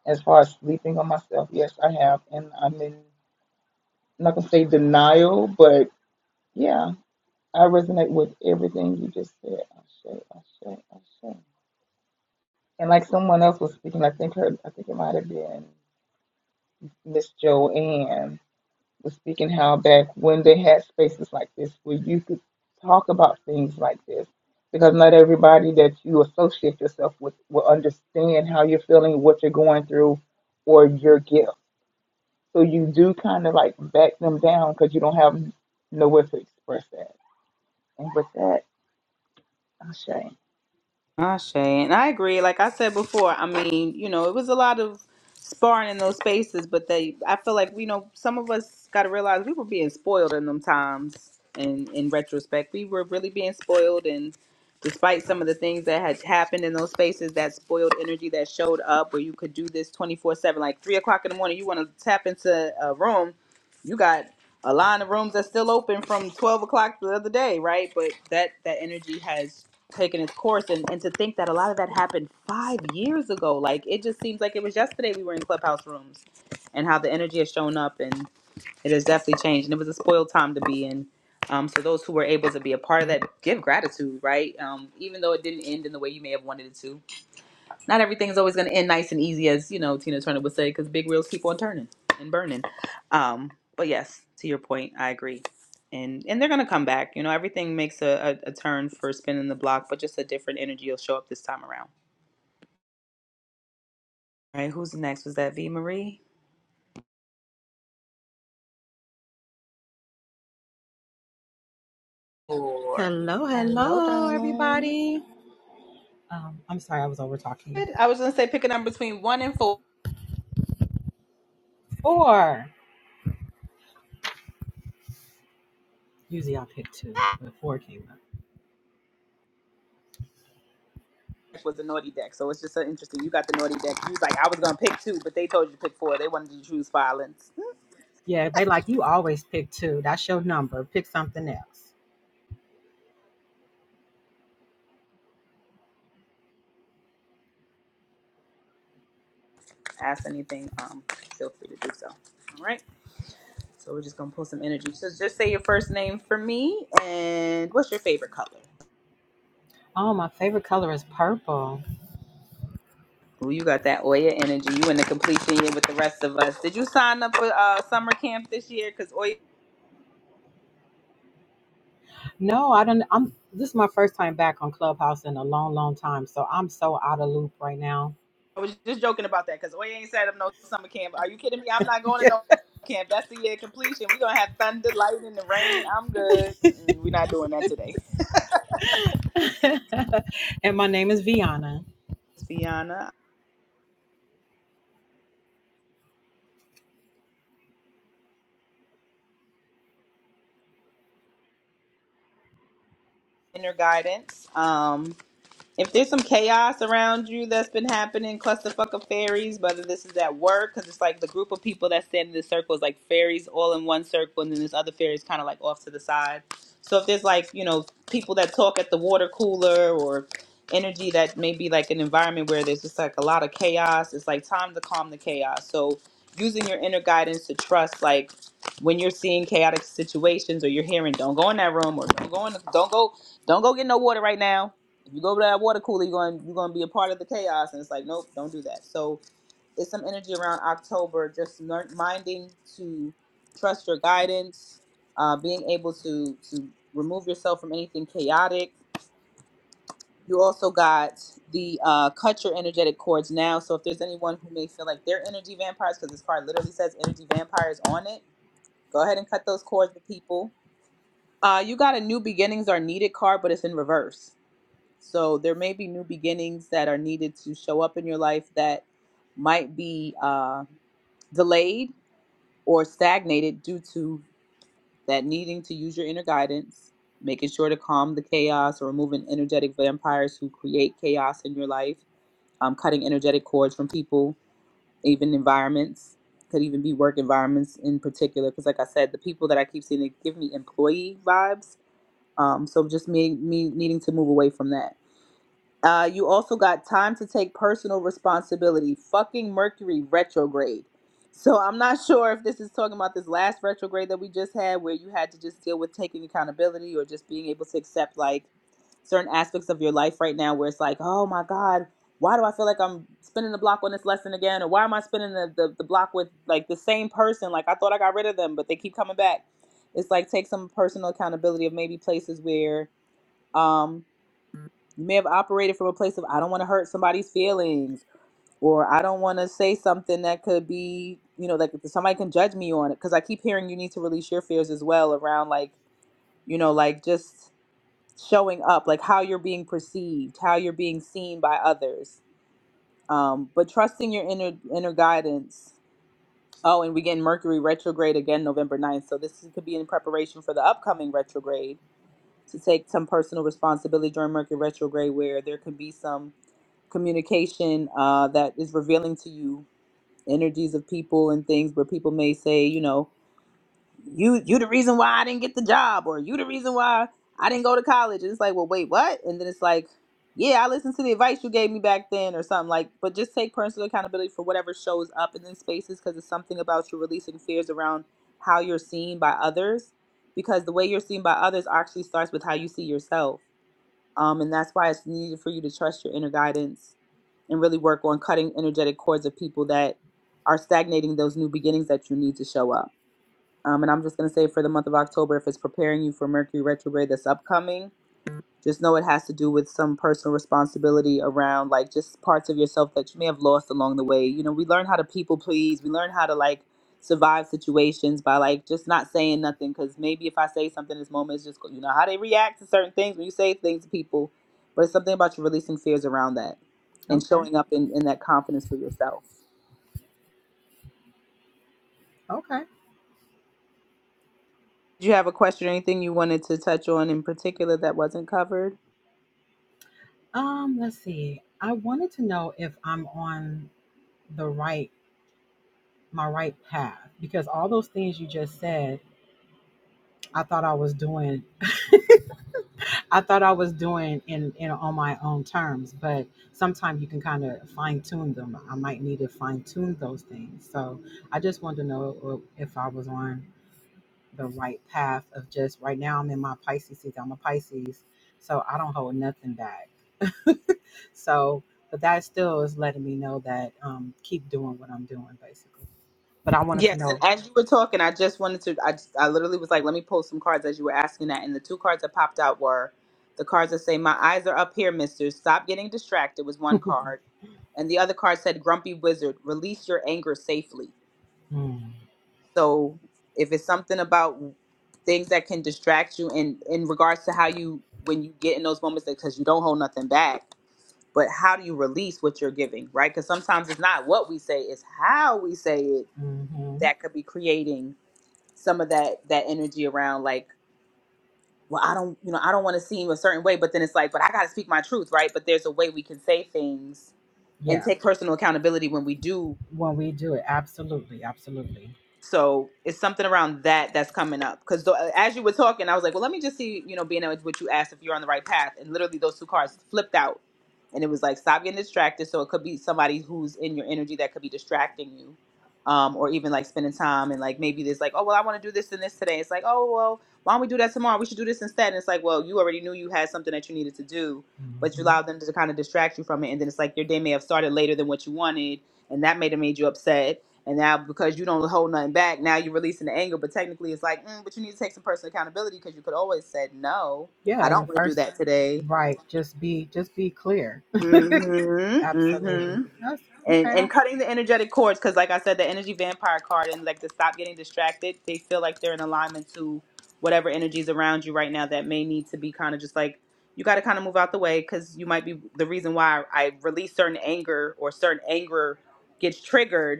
Speaker 14: as far as sleeping on myself, yes, I have, and I'm in, I'm not gonna say denial, but yeah, I resonate with everything you just said. Ashe, Ashe, Ashe. And like someone else was speaking, I think her, I think it might have been Miss Joanne was speaking how back when they had spaces like this where you could talk about things like this, because not everybody that you associate yourself with will understand how you're feeling, what you're going through, or your gift. So you do kind of like back them down because you don't have nowhere to express that. And with that, Ashe.
Speaker 1: Ashe. And I agree. Like I said before, I mean, you know, it was a lot of sparring in those spaces, but they I feel like, you know, some of us gotta realize we were being spoiled in them times and in retrospect. We were really being spoiled and despite some of the things that had happened in those spaces, that spoiled energy that showed up where you could do this twenty four seven, like three o'clock in the morning, you wanna tap into a room, you got a line of rooms that's still open from twelve o'clock the other day, right? But that that energy has taken its course and, and to think that a lot of that happened five years ago like it just seems like it was yesterday we were in clubhouse rooms and how the energy has shown up and it has definitely changed and it was a spoiled time to be in um, so those who were able to be a part of that give gratitude right um, even though it didn't end in the way you may have wanted it to not everything's always going to end nice and easy, as you know Tina Turner would say, because big wheels keep on turning and burning. Um, but yes, to your point, I agree, and and they're going to come back. You know, everything makes a, a, a turn for spinning the block, but just a different energy will show up this time around. All right, who's next? Was that V Marie? Or
Speaker 15: Hello,
Speaker 1: Hello,
Speaker 15: hello,
Speaker 1: darling.
Speaker 15: everybody.
Speaker 1: Good. I was going to say pick a number between one and four was the naughty deck, so it's just so interesting. You got the naughty deck. You was like, I was going to pick two, but they told you to pick four. They wanted you to choose violence. ask anything, um, feel free to do so. All right. So we're just gonna pull some energy. So just say your first name for me, and what's your favorite color? Ooh, you got that Oya energy. You in the completion year with the rest of us. Did you sign up for uh, summer camp this year? Because Oya, I was just joking about that. Because Oya ain't set up no summer camp. Are you kidding me? I'm not going to no camp. That's the year of completion. We're gonna have thunder, lightning, the rain. I'm good. Mm-mm, we're not doing that today. Fiona, inner guidance. Um, If there's some chaos around you that's been happening, clusterfuck of fairies, whether this is at work, because it's like the group of people that stand in the circle is like fairies all in one circle, and then this other fairies kind of like off to the side. So if there's like, you know, people that talk at the water cooler or energy that may be like an environment where there's just like a lot of chaos, it's like time to calm the chaos. So using your inner guidance to trust, like, when you're seeing chaotic situations or you're hearing don't go in that room or don't go in the, don't go don't go get no water right now if you go over to that water cooler, you're going you're going to be a part of the chaos, and it's like, nope, don't do that. So it's some energy around October, just learn, minding to trust your guidance, uh, being able to to remove yourself from anything chaotic. You also got the uh, cut your energetic cords now. So if there's anyone who may feel like they're energy vampires, because this card literally says energy vampires on it, go ahead and cut those cords with people. Uh, you got a new beginnings are needed card, but it's in reverse. So there may be new beginnings that are needed to show up in your life that might be uh, delayed or stagnated due to that needing to use your inner guidance, making sure to calm the chaos or removing energetic vampires who create chaos in your life, um, cutting energetic cords from people, even environments. Could even be work environments in particular, because like I said, the people that I keep seeing they give me employee vibes. Um, so just me me needing to move away from that Uh, you also got time to take personal responsibility. Fucking Mercury retrograde. So I'm not <laughs> sure if this is talking about this last retrograde that we just had, where you had to just deal with taking accountability or just being able to accept like certain aspects of your life right now, where it's like, oh my god, why do I feel like I'm spinning the block on this lesson again, or why am I spinning the the, the block with like the same person? Like I thought I got rid of them, but they keep coming back. It's like take some personal accountability of maybe places where. Um, you may have operated from a place of I don't want to hurt somebody's feelings or I don't want to say something that could be, you know, like somebody can judge me on it cuz I keep hearing you need to release your fears as well around like, you know, like just showing up, like how you're being perceived, how you're being seen by others. Um but trusting your inner inner guidance. Oh, and we get Mercury retrograde again November ninth. So this could be in preparation for the upcoming retrograde to take some personal responsibility during Mercury retrograde where there can be some communication uh, that is revealing to you energies of people and things where people may say, you know, you you the reason why I didn't get the job or you the reason why I didn't go to college. And it's like, well, wait, what? And then it's like, yeah, I listened to the advice you gave me back then or something like, but just take personal accountability for whatever shows up in these spaces because it's something about you releasing fears around how you're seen by others because the way you're seen by others actually starts with how you see yourself. Um, and that's why it's needed for you to trust your inner guidance and really work on cutting energetic cords of people that are stagnating those new beginnings that you need to show up. Um, and I'm just going to say for the month of October, if it's preparing you for Mercury retrograde that's upcoming, just know it has to do with some personal responsibility around like just parts of yourself that you may have lost along the way. You know, we learn how to people please. We learn how to like survive situations by like just not saying nothing because maybe if I say something in this moment, it's just you know how they react to certain things when you say things to people. But it's something about you releasing fears around that and showing up in, in that confidence for yourself. Did you have a question or anything you wanted to touch on in particular that wasn't covered? Yes, and as you were talking, I just wanted to. I just, I literally was like, let me pull some cards as you were asking that, and the two cards that popped out were the cards that say, "My eyes are up here, Mister. Stop getting distracted." Was one card, and the other card said, "Grumpy Wizard, release your anger safely." So, if it's something about things that can distract you, in in regards to how you when you get in those moments, because you don't hold nothing back, but how do you release what you're giving, right? Because sometimes it's not what we say; it's how we say it that could be creating some of that that energy around like well i don't you know i don't want to seem a certain way but then it's like but i gotta speak my truth right but there's a way we can say things and take personal accountability when we do so it's something around that that's coming up because as you were talking i was like well let me just see you know being able to what you asked if you're on the right path and literally those two cards flipped out and it was like stop getting distracted so it could be somebody who's in your energy that could be distracting you um, or even like spending time and like maybe there's like oh well i want to do this and this today it's like oh well why don't we do that tomorrow we should do this instead and it's like well you already knew you had something that you needed to do but you allowed them to kind of distract you from it and then it's like your day may have started later than what you wanted and that may have made you upset and now because you don't hold nothing back, now you're releasing the anger. But technically, it's like, mm, but you need to take some personal accountability because you could always said, no, I don't want to do that today. Mm-hmm. Mm-hmm. And and cutting the energetic cords because, like I said, the energy vampire card and like to stop getting distracted. They feel like they're in alignment to whatever energies around you right now that may need to be kind of just like you got to kind of move out the way because you might be the reason why I release certain anger or certain anger gets triggered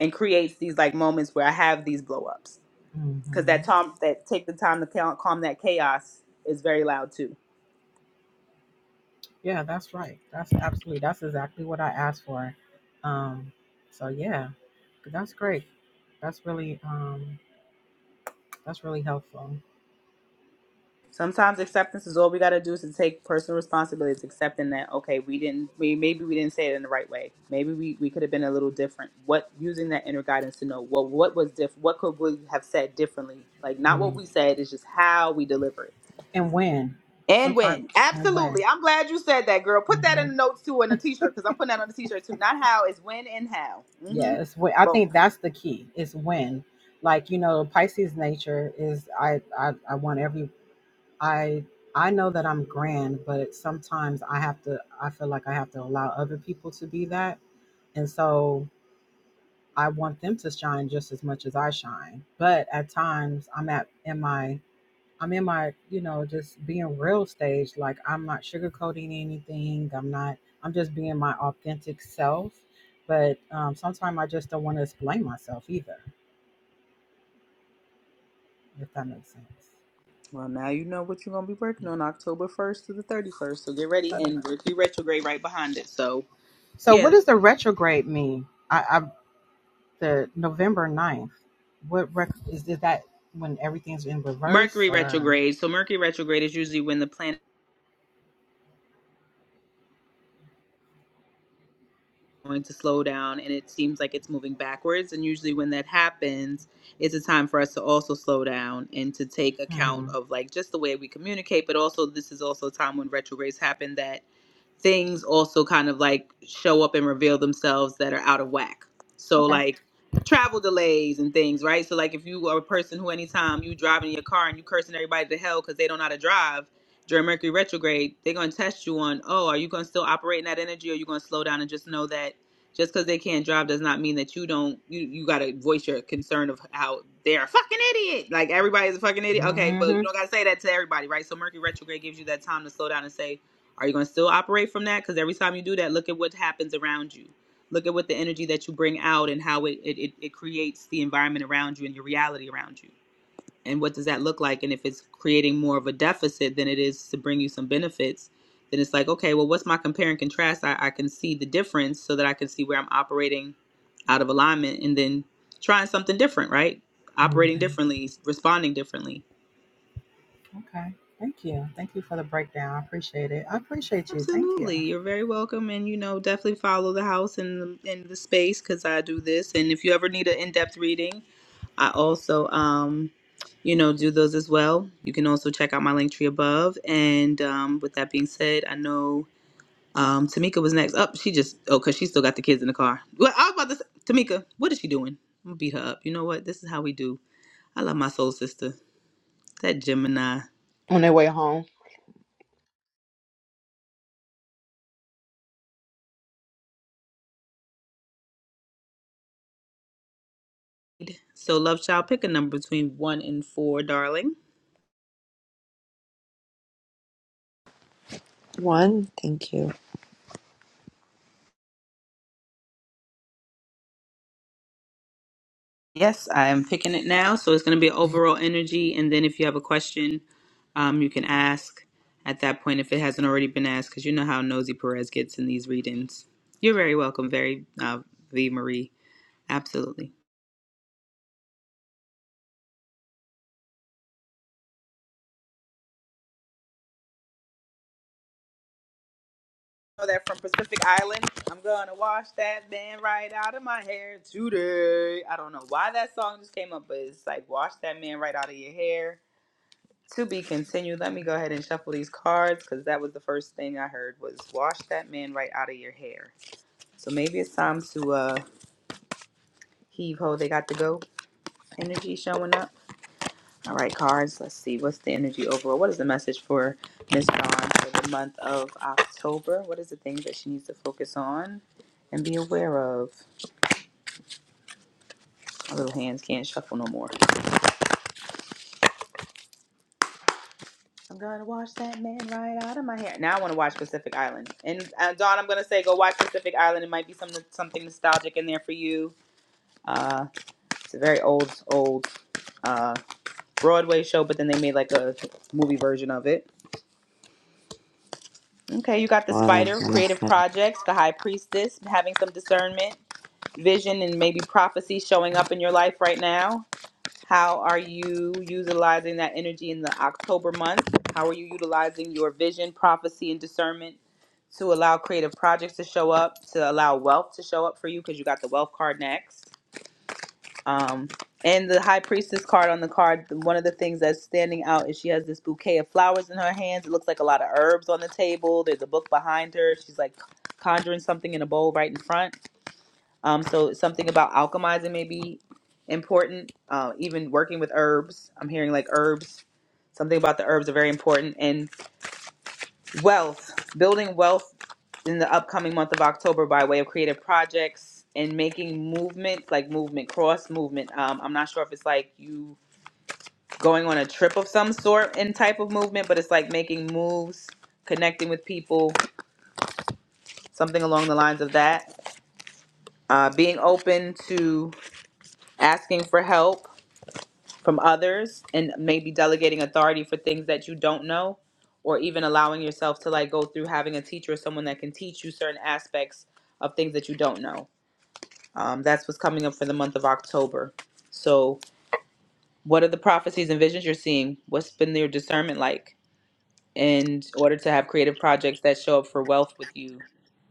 Speaker 1: and creates these like moments where I have these blow ups because that time that take the time to cal- calm that chaos is very loud too. Sometimes acceptance is all we got to do is to take personal responsibility. It's accepting that okay, we didn't, we maybe we didn't say it in the right way. Maybe we, we could have been a little different. What using that inner guidance to know well what was different? what could we have said differently? Like not what we said, it's just how we delivered And win. Absolutely. I'm glad you said that, girl. Put that in the notes too and a t shirt because I'm putting that on the t shirt too. Not how, it's when and how. hmm Both. Well, now you know what you're going to be working on October 1st to the 31st. So get ready. And Mercury retrograde right behind it. So, yeah. Mercury retrograde. So, Mercury retrograde is usually when the planet. going to slow down and it seems like it's moving backwards. And usually, when that happens, it's a time for us to also slow down and to take account of like just the way we communicate. But also, this is also a time when retrogrades happen that things also kind of like show up and reveal themselves that are out of whack. So like travel delays and things, right? So like if you are a person who anytime you driving in your car and you cursing everybody to hell because they don't know how to drive during Mercury retrograde, they're gonna test you on, oh, are you gonna still operate in that energy or are you gonna slow down and just know that just because they can't drive does not mean that you don't you you gotta voice your concern of how they're a fucking idiot. Like everybody's a fucking idiot. Okay, but you don't gotta say that to everybody, right? So Mercury retrograde gives you that time to slow down and say, are you going to still operate from that? Because every time you do that, look at what happens around you. Look at what the energy that you bring out and how it, it, it, creates the environment around you and your reality around you. And what does that look like? And if it's creating more of a deficit than it is to bring you some benefits, then it's like, okay, well, what's my compare and contrast? I, I can see the difference so that I can see where I'm operating out of alignment and then trying something different, right? Operating differently, responding differently Absolutely. You're very welcome. And, you know, definitely follow the house and the, and the space because I do this. And if you ever need an in depth reading, I also, um, you know, do those as well. You can also check out my link tree above. And um, with that being said, I know um, Tamika was next. Up, she just, oh, because she still got the kids in the car. Well, I was about to say, Tamika, what is she doing? I'm going to beat her up. You know what? This is how we do. I love my soul sister, that Gemini.
Speaker 6: On their way home.
Speaker 1: So, love child, pick a number between one and four, darling.
Speaker 12: everyone. Thank you,
Speaker 1: Yes, I'm picking it now. So it's going to be overall energy. And then if you have a question, um, you can ask at that point if it hasn't already been asked, because you know how nosy Perez gets in these readings. You're very welcome, very uh, V Marie. Absolutely. know that from Pacific Island. I'm gonna wash that man right out of my hair today. I don't know why that song just came up, but it's like wash that man right out of your hair. To be continued. Let me go ahead and shuffle these cards because that was the first thing I heard was wash that man right out of your hair. So maybe it's time to uh heave ho. They got to go. Energy showing up. All right, cards. Let's see. What's the energy overall? What is the message for Miss Dawn for the month of October? What is the thing that she needs to focus on and be aware of? My little hands can't shuffle no more. I'm gonna wash that man right out of my hair. Now I want to watch Pacific Island. And uh, Dawn, I'm gonna say go watch Pacific Island. It might be some something nostalgic in there for you. Uh, it's a very old, old uh, Broadway show, but then they made like a movie version of it. Okay, you got the
Speaker 12: Lana.
Speaker 1: spider, creative
Speaker 12: Vanessa.
Speaker 1: projects, the high priestess, having some discernment, vision, and maybe prophecy showing up in your life right now. How are you utilizing that energy in the October month? How are you utilizing your vision, prophecy, and discernment to allow creative projects to show up, to allow wealth to show up for you? Because you got the wealth card next Um, and the high priestess card on the card, one of the things that's standing out is she has this bouquet of flowers in her hands. It looks like a lot of herbs on the table. There's a book behind her. She's like conjuring something in a bowl right in front. Um, so something about alchemizing may be important. Uh, even working with herbs, I'm hearing like herbs. Something about the herbs are very important and wealth, building wealth in the upcoming month of October by way of creative projects and making movements like movement cross movement. Um, I'm not sure if it's like you going on a trip of some sort and type of movement, but it's like making moves, connecting with people, something along the lines of that. Uh, being open to asking for help from others and maybe delegating authority for things that you don't know or even allowing yourself to like go through having a teacher or someone that can teach you certain aspects of things that you don't know Um, that's what's coming up for the month of October. So, what are the prophecies and visions you're seeing? What's been your discernment like in order to have creative projects that show up for wealth with you?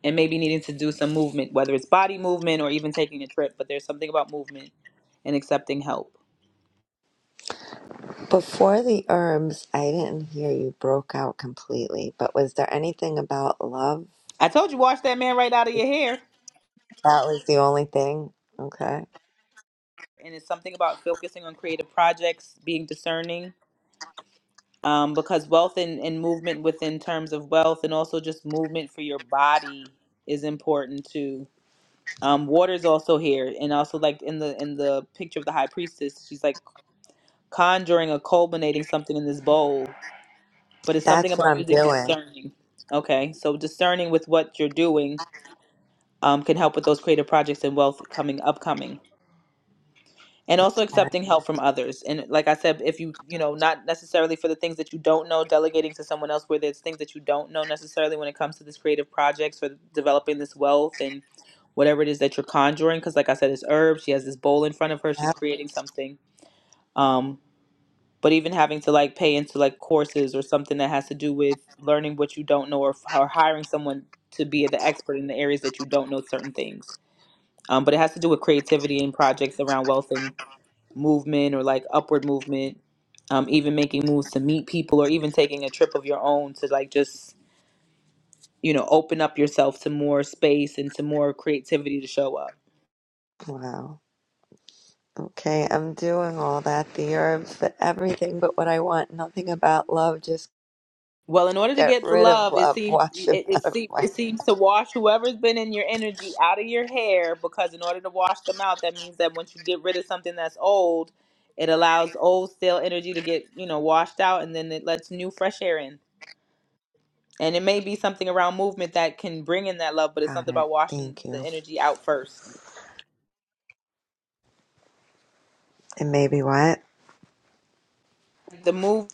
Speaker 1: And maybe needing to do some movement, whether it's body movement or even taking a trip, but there's something about movement and accepting help.
Speaker 12: Before the herbs, I didn't hear you broke out completely, but was there anything about love?
Speaker 1: I told you, wash that man right out of your hair.
Speaker 12: That was the only thing. Okay.
Speaker 1: And it's something about focusing on creative projects, being discerning, um, because wealth and, and movement within terms of wealth and also just movement for your body is important too Um, water's also here, and also like in the in the picture of the high priestess, she's like conjuring or culminating something in this bowl. But it's something
Speaker 12: That's what
Speaker 1: about
Speaker 12: I'm
Speaker 1: using
Speaker 12: doing.
Speaker 1: discerning. Okay, so discerning with what you're doing um, can help with those creative projects and wealth coming upcoming. and
Speaker 12: That's
Speaker 1: also
Speaker 12: hard.
Speaker 1: accepting help from others and like i said if you you know not necessarily for the things that you don't know delegating to someone else where there's things that you don't know necessarily when it comes to this creative projects for developing this wealth and whatever it is that you're conjuring because like i said it's herbs she has this bowl in front of her she's
Speaker 12: Yep.
Speaker 1: creating something um but even having to like pay into like courses or something that has to do with learning what you don't know or, f- or hiring someone to be the expert in the areas that you don't know certain things um, but it has to do with creativity and projects around wealth and movement or like upward movement, um, even making moves to meet people or even taking a trip of your own to like just, you know, open up yourself to more space and to more creativity to show up.
Speaker 12: Wow. Okay. I'm doing all that the herbs, but everything but what I want. Nothing about love. Just
Speaker 1: Well, in order to
Speaker 12: get
Speaker 1: get the
Speaker 12: rid of
Speaker 1: love, it
Speaker 12: love. <laughs>
Speaker 1: seems
Speaker 12: Wash it
Speaker 1: it, it
Speaker 12: out of
Speaker 1: seems
Speaker 12: my.
Speaker 1: it seems to wash whoever's been in your energy out of your hair because in order to wash them out, that means that once you get rid of something that's old, it allows old stale energy to get, you know, washed out and then it lets new fresh air in. And it may be something around movement that can bring in that love, but it's
Speaker 12: Got
Speaker 1: something
Speaker 12: it.
Speaker 1: about washing
Speaker 12: Thank
Speaker 1: the
Speaker 12: you.
Speaker 1: energy out first.
Speaker 12: And maybe what?
Speaker 1: The move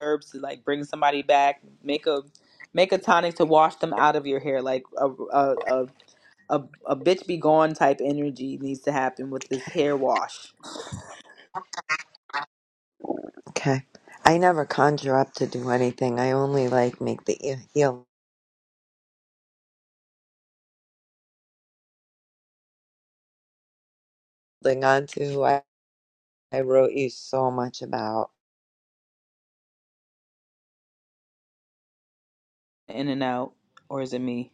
Speaker 1: herbs to like bring somebody back, make a make a tonic to wash them out of your hair, like a a a, a, a bitch be gone type energy needs to happen with this hair wash
Speaker 12: Okay. I never conjure up to do anything. I only like make the e- healing onto who I, I wrote you so much about
Speaker 1: in and out. Or is it me?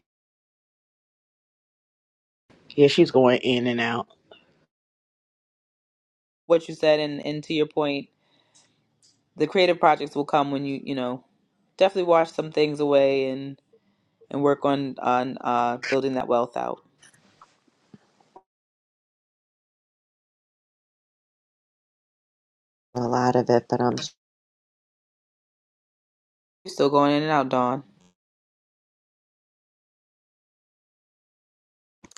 Speaker 6: Yeah, she's going in and out.
Speaker 1: What you said and and to your point, the creative projects will come when you you know definitely wash some things away and. and work on on uh, building that wealth out.
Speaker 12: a lot of it, but I'm
Speaker 1: You still going in and out, Dawn.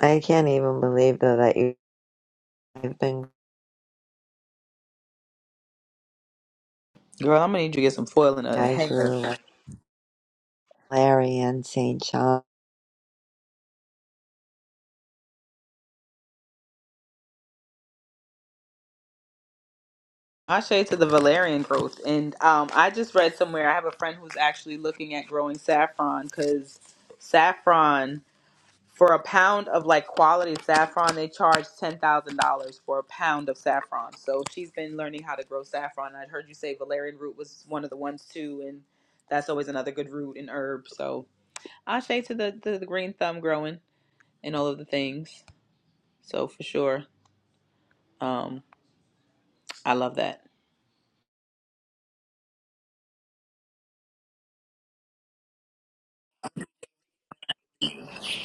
Speaker 12: I can't even believe though that you have been
Speaker 1: Girl, I'm gonna need you to get some foil and a
Speaker 12: I
Speaker 1: hanger.
Speaker 12: grew like Larry and St. John
Speaker 1: I shade to the Valerian growth, and um, I just read somewhere I have a friend who's actually looking at growing saffron because saffron for a pound of like quality saffron they charge ten thousand dollars for a pound of saffron. So she's been learning how to grow saffron. I'd heard you say Valerian root was one of the ones too, and that's always another good root and herb. So I shade to the to the green thumb growing. and all of the things. So for sure, um, I love that.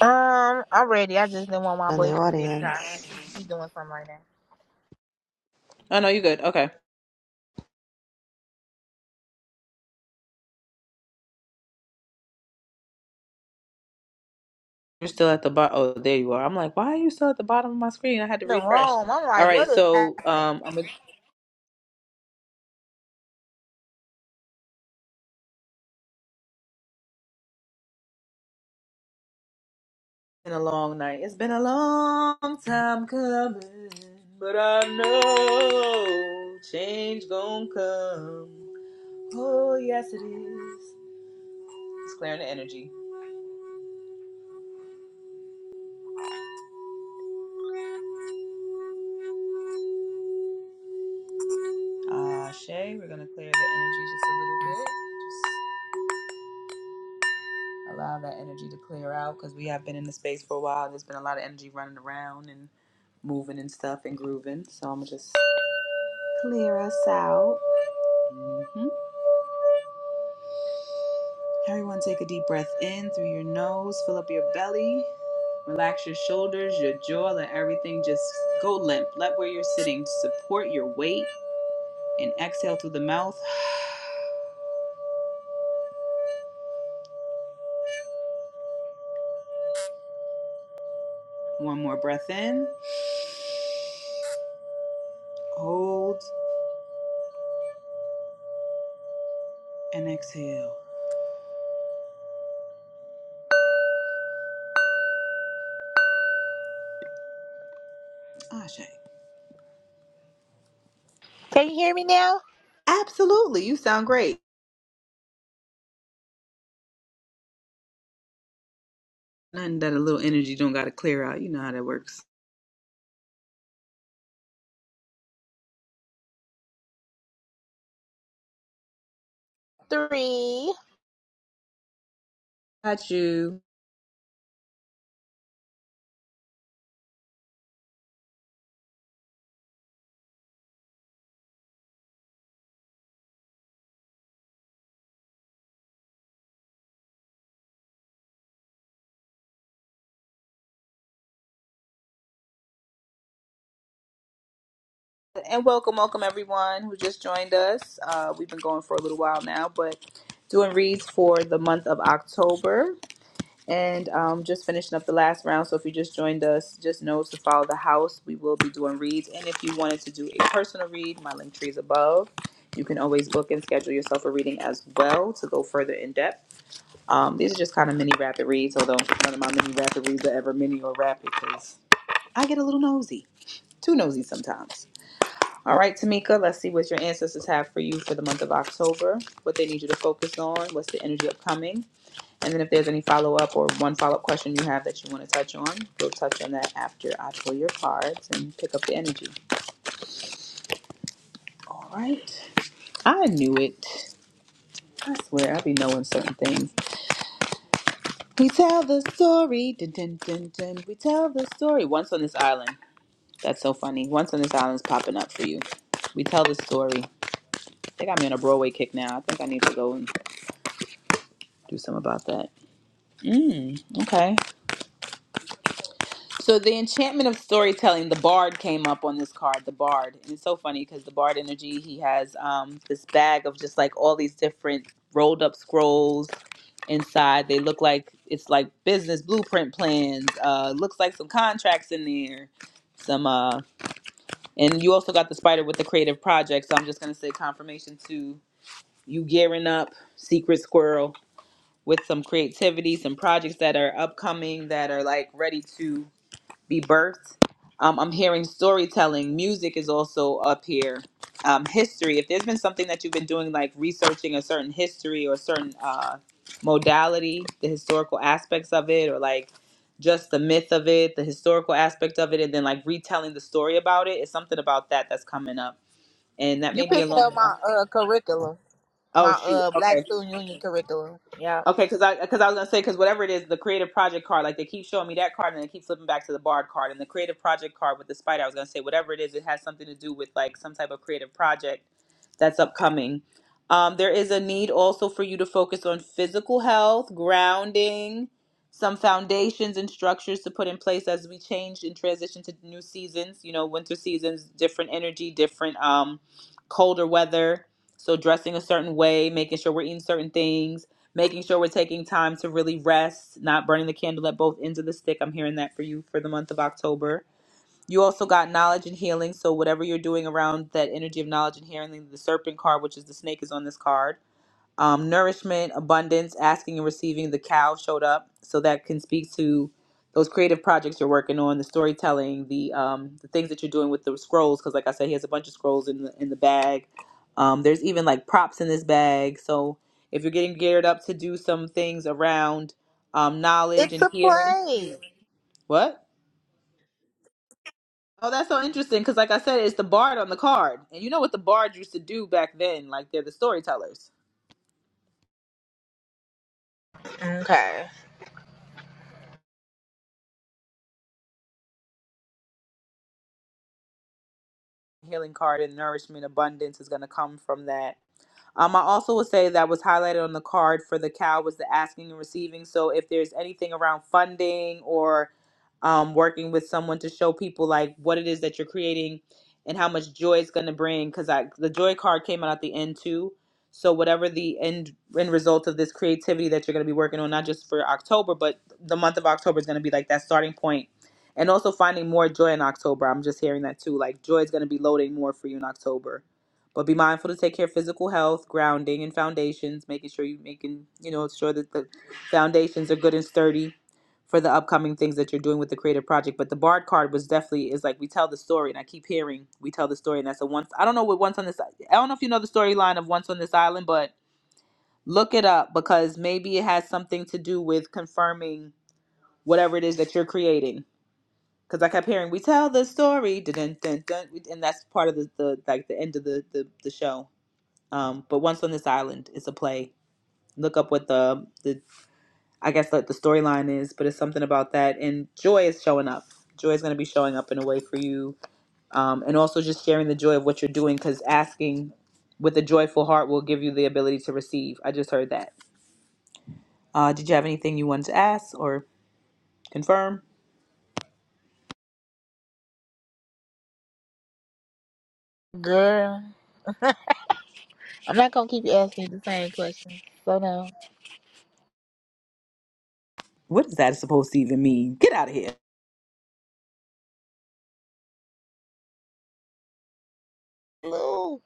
Speaker 3: Um, I'm ready. I just didn't want my
Speaker 12: in the
Speaker 3: boyfriend to be shot.
Speaker 12: audience.
Speaker 3: He doing something right now.
Speaker 1: Oh no, you're good. Okay, you're still at the bottom. Oh, there you are. I'm like, why are you still at the bottom of my screen? I had to
Speaker 3: The
Speaker 1: refresh.
Speaker 3: room. I'm
Speaker 1: All
Speaker 3: like,
Speaker 1: right,
Speaker 3: what is
Speaker 1: so
Speaker 3: happening?
Speaker 1: um, I'm it's been a long night. It's been a long time coming, but I know change gonna come. Oh yes, it is. It's clearing the energy. Ah, Shay, we're gonna clear the energy just a little bit. allow that energy to clear out because we have been in the space for a while. There's been a lot of energy running around and moving and stuff and grooving. So I'm gonna just clear us out. hmm Everyone, take a deep breath in through your nose, fill up your belly, relax your shoulders, your jaw, let everything just go limp. Let where you're sitting support your weight and exhale through the mouth. <sighs> One more breath in, hold, and exhale. Ashe.
Speaker 3: Can you hear me now?
Speaker 1: Absolutely, you sound great. Nothing that a little energy don't got to clear out. You know how that works.
Speaker 3: Three.
Speaker 1: Got you. And welcome, welcome everyone who just joined us. Uh, we've been going for a little while now, but doing reads for the month of October and um, just finishing up the last round. So if you just joined us, just know to follow the house. We will be doing reads. And if you wanted to do a personal read, my link tree is above. You can always book and schedule yourself a reading as well to go further in depth. Um, these are just kind of mini rapid reads, although none of my mini rapid reads are ever mini or rapid 'cause I get a little nosy, too nosy sometimes. All right, Tamika, let's see what your ancestors have for you for the month of October, what they need you to focus on, what's the energy upcoming, and then if there's any follow up or one follow up question you have that you want to touch on, we'll touch on that after I pull your cards and pick up the energy. All right, I knew it. I swear, I be knowing certain things. We tell the story, dun, dun, dun, dun. we tell the story. Once on this island, that's so funny. Once on this island's popping up for you. We tell the story. They got me on a Broadway kick now. I think I need to go and do something about that. Mm, okay. So the enchantment of storytelling, the bard came up on this card, the bard. And it's so funny because the bard energy, he has um this bag of just like all these different rolled up scrolls inside. They look like it's like business blueprint plans. Uh looks like some contracts in there. Some uh and you also got the spider with the creative project. So I'm just gonna say confirmation to you gearing up, secret squirrel with some creativity, some projects that are upcoming that are like ready to be birthed. Um, I'm hearing storytelling, music is also up here. Um, history, if there's been something that you've been doing, like researching a certain history or a certain uh, modality, the historical aspects of it, or like just the myth of it, the historical aspect of it, and then like retelling the story about it, it's something about that that's coming up. And that
Speaker 3: You
Speaker 1: may be
Speaker 3: picking
Speaker 1: along
Speaker 3: up
Speaker 1: the
Speaker 3: my
Speaker 1: line.
Speaker 3: uh curriculum, my
Speaker 1: Oh, shoot.
Speaker 3: uh Black
Speaker 1: Okay.
Speaker 3: Student Union curriculum. Yeah.
Speaker 1: Okay, because I because I was gonna say because whatever it is, the creative project card, like they keep showing me that card and they keep flipping back to the barred card and the creative project card with the spider. I was gonna say whatever it is, it has something to do with like some type of creative project that's upcoming. Um, there is a need also for you to focus on physical health, grounding, some foundations and structures to put in place as we change and transition to new seasons. You know, winter seasons, different energy, different um, colder weather. So dressing a certain way, making sure we're eating certain things making sure we're taking time to really rest, not burning the candle at both ends of the stick. I'm hearing that for you for the month of October. You also got knowledge and healing. So, whatever you're doing around that energy of knowledge and healing, the serpent card, which is the snake, is on this card um, nourishment, abundance, asking and receiving. The cow showed up, so that can speak to those creative projects you're working on, the storytelling, the um, the things that you're doing with the scrolls. Because, like I said, he has a bunch of scrolls in the in the bag. Um, there's even like props in this bag. So if you're getting geared up to do some things around um, knowledge
Speaker 3: It's
Speaker 1: and
Speaker 3: a
Speaker 1: healing,
Speaker 3: play.
Speaker 1: <laughs> what? Oh, that's so interesting. Because, like I said, it's the bard on the card, and you know what the bard used to do back then? Like they're the storytellers.
Speaker 3: Okay.
Speaker 1: Healing card and nourishment, abundance is going to come from that Um, I also would say that was highlighted on the card for the cow was the asking and receiving. So if there's anything around funding or um, working with someone to show people like what it is that you're creating and how much joy it's going to bring because i the joy card came out at the end too so whatever the end end result of this creativity that you're going to be working on not just for october but the month of october is going to be like that starting point point. and also finding more joy in october i'm just hearing that too like joy is going to be loading more for you in october but be mindful to take care of physical health grounding and foundations making sure you making you know sure that the foundations are good and sturdy for the upcoming things that you're doing with the creative project. But the Bard card was definitely is like we tell the story, and I keep hearing we tell the story, and that's a once. I don't know what once on this. I don't know if you know the storyline of once on this island, but look it up because maybe it has something to do with confirming whatever it is that you're creating. Because I kept hearing we tell the story, dun, dun, dun, and that's part of the, the like the end of the the, the show. Um, but once on this island, is a play. Look up what the the I guess like the storyline is, but it's something about that. And joy is showing up. Joy is going to be showing up in a way for you, um, and also just sharing the joy of what you're doing. Because asking with a joyful heart will give you the ability to receive. I just heard that. Uh, did you have anything you wanted to ask or confirm?
Speaker 3: Girl, I'm not gonna keep asking the same question. So no.
Speaker 1: What is that supposed to even mean? Get out of here.
Speaker 3: Blue.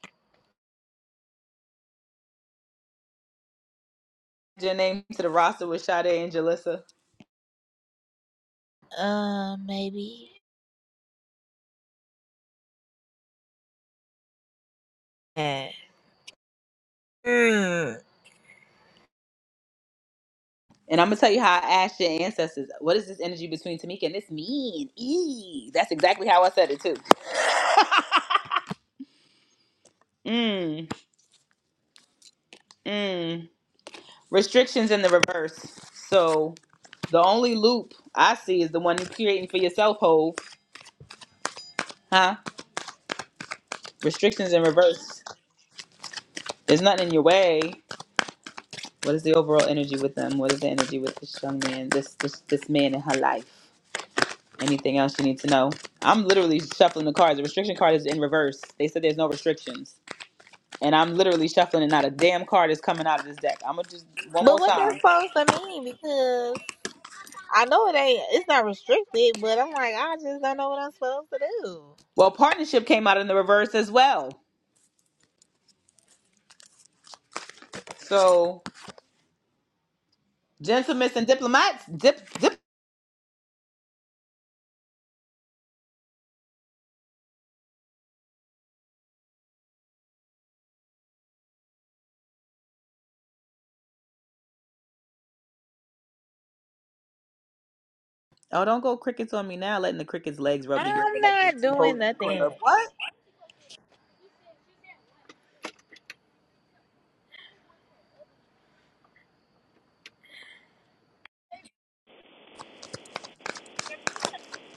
Speaker 1: Your name to the roster with Sade and Jalissa.
Speaker 3: Uh, maybe. Yeah. Hmm.
Speaker 1: And I'm gonna tell you how I asked your ancestors. What is this energy between Tamika and this mean? Eee. That's exactly how I said it too. <laughs> mm, mm. restrictions in the reverse. So the only loop I see is the one you're creating for yourself, Hove. Huh? Restrictions in reverse. There's nothing in your way. What is the overall energy with them? What is the energy with this young man? This this this man in her life. Anything else you need to know? I'm literally shuffling the cards. The restriction card is in reverse. They said there's no restrictions, and I'm literally shuffling, and not a damn card is coming out of this deck. I'm gonna just one
Speaker 3: But
Speaker 1: more
Speaker 3: what that's
Speaker 1: time.
Speaker 3: supposed to mean? Because I know it ain't. It's not restricted, but I'm like, I just don't know what I'm supposed to do.
Speaker 1: Well, partnership came out in the reverse as well. So Gentlemen and diplomats, dip, dip. Oh, don't go crickets on me now, letting the crickets' legs rub together
Speaker 3: I'm
Speaker 1: like the
Speaker 3: not
Speaker 1: two
Speaker 3: doing
Speaker 1: hoes in the
Speaker 3: nothing.
Speaker 1: club. What?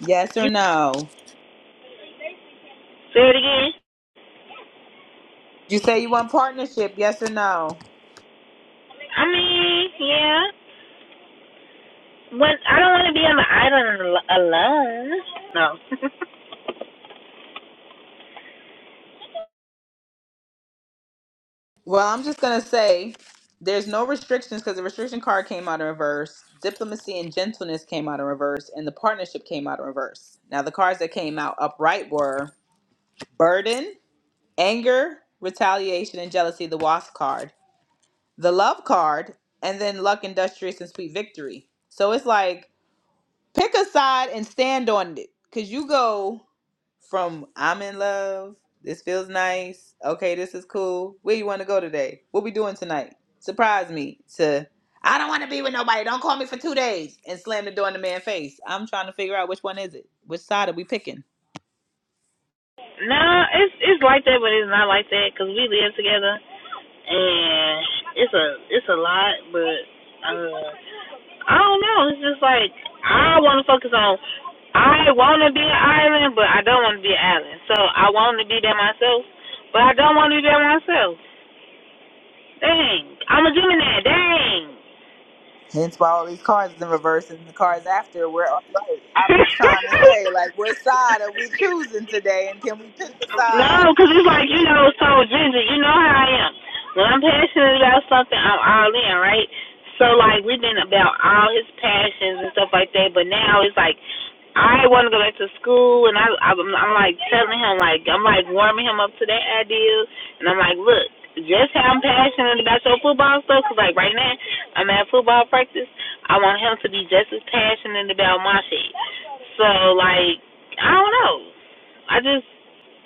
Speaker 1: Yes or no?
Speaker 3: Say it again.
Speaker 1: You say you want partnership, yes or no?
Speaker 3: I mean, yeah. When I don't want to be on the island al- alone. No.
Speaker 1: Well, I'm just going to say there's no restrictions because the restriction card came out in reverse, diplomacy and gentleness came out in reverse, and the partnership came out in reverse. Now, the cards that came out upright were burden, anger, retaliation, and jealousy, the wasp card. the love card, and then luck, industrious, and sweet victory. So it's like pick a side and stand on it. Cause you go from I'm in love, this feels nice, okay, this is cool. Where you wanna go today? What we doing tonight? Surprise me to I don't wanna be with nobody, don't call me for two days and slam the door in the man's face. I'm trying to figure out which one is it. Which side are we picking?
Speaker 3: <laughs> no, it's it's like that, but it's not like that because we live together, and it's a it's a lot, but. uh, I don't know. It's just like I want to focus on. I want to be an island, but I don't want to be an island. So I want to be there myself, but I don't want to be there myself. Dang, I'm a Gemini. Dang.
Speaker 1: Hence why all these cars is in reverse and the cars after we're all right. I'm just trying to say,
Speaker 3: <laughs>
Speaker 1: like, what side are we choosing today, and can we pick the side?
Speaker 3: No, because it's like, you know, so Ginger, you know how I am. When I'm passionate about something, I'm all in, right? So, like, we've been about all his passions and stuff like that, but now it's like, I want to go back to school, and I, I'm, I'm like telling him, like, I'm like warming him up to that idea, and I'm like, look, just how I'm passionate about your football stuff, because, like, right now, I'm at football practice. I want him to be just as passionate about my shit. So, like, I don't know. I just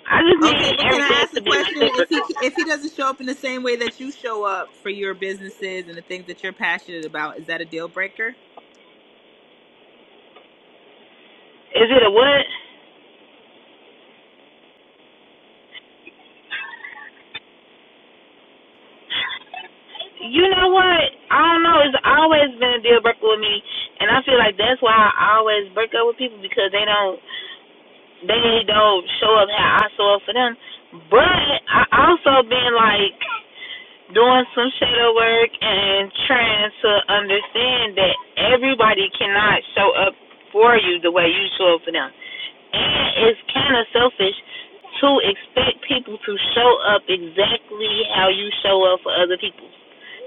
Speaker 3: I just
Speaker 1: Okay,
Speaker 3: need
Speaker 1: but can I
Speaker 3: everything
Speaker 1: ask
Speaker 3: to
Speaker 1: a
Speaker 3: be
Speaker 1: question? If
Speaker 3: reciprocal.
Speaker 1: he if he doesn't show up in the same way that you show up for your businesses and the things that you're passionate about, is that a deal breaker?
Speaker 3: Is it a what? You know what? I don't know. It's always been a deal breaker with me, and I feel like that's why I always break up with people because they don't they don't show up how I show up for them. But I also been like doing some shadow work and trying to understand that everybody cannot show up for you the way you show up for them. And it's kind of selfish to expect people to show up exactly how you show up for other people.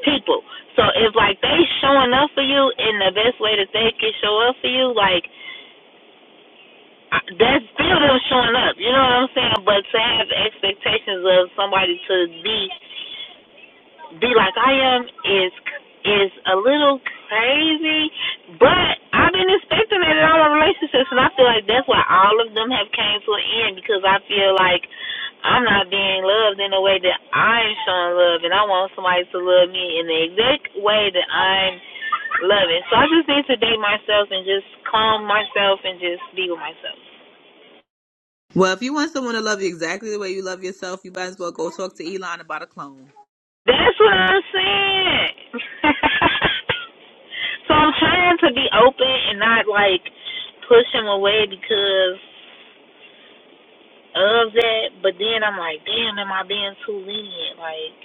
Speaker 3: People. So if like they showing up for you in the best way that they can show up for you, like that's still them showing up. You know what I'm saying? But to have expectations of somebody to be be like I am is is a little crazy, but I've been expecting it in all my relationships, and I feel like that's why all of them have came to an end because I feel like I'm not being loved in a way that I'm showing love, and I want somebody to love me in the exact way that I'm loving. So I just need to date myself and just calm myself and just be with myself.
Speaker 1: Well, if you want someone to love you exactly the way you love yourself, you might as well go talk to Elon about a clone.
Speaker 3: That's what I'm saying. <laughs> So I'm trying to be open and not like push him away because of that. But then I'm like, damn, am I being too lenient? Like,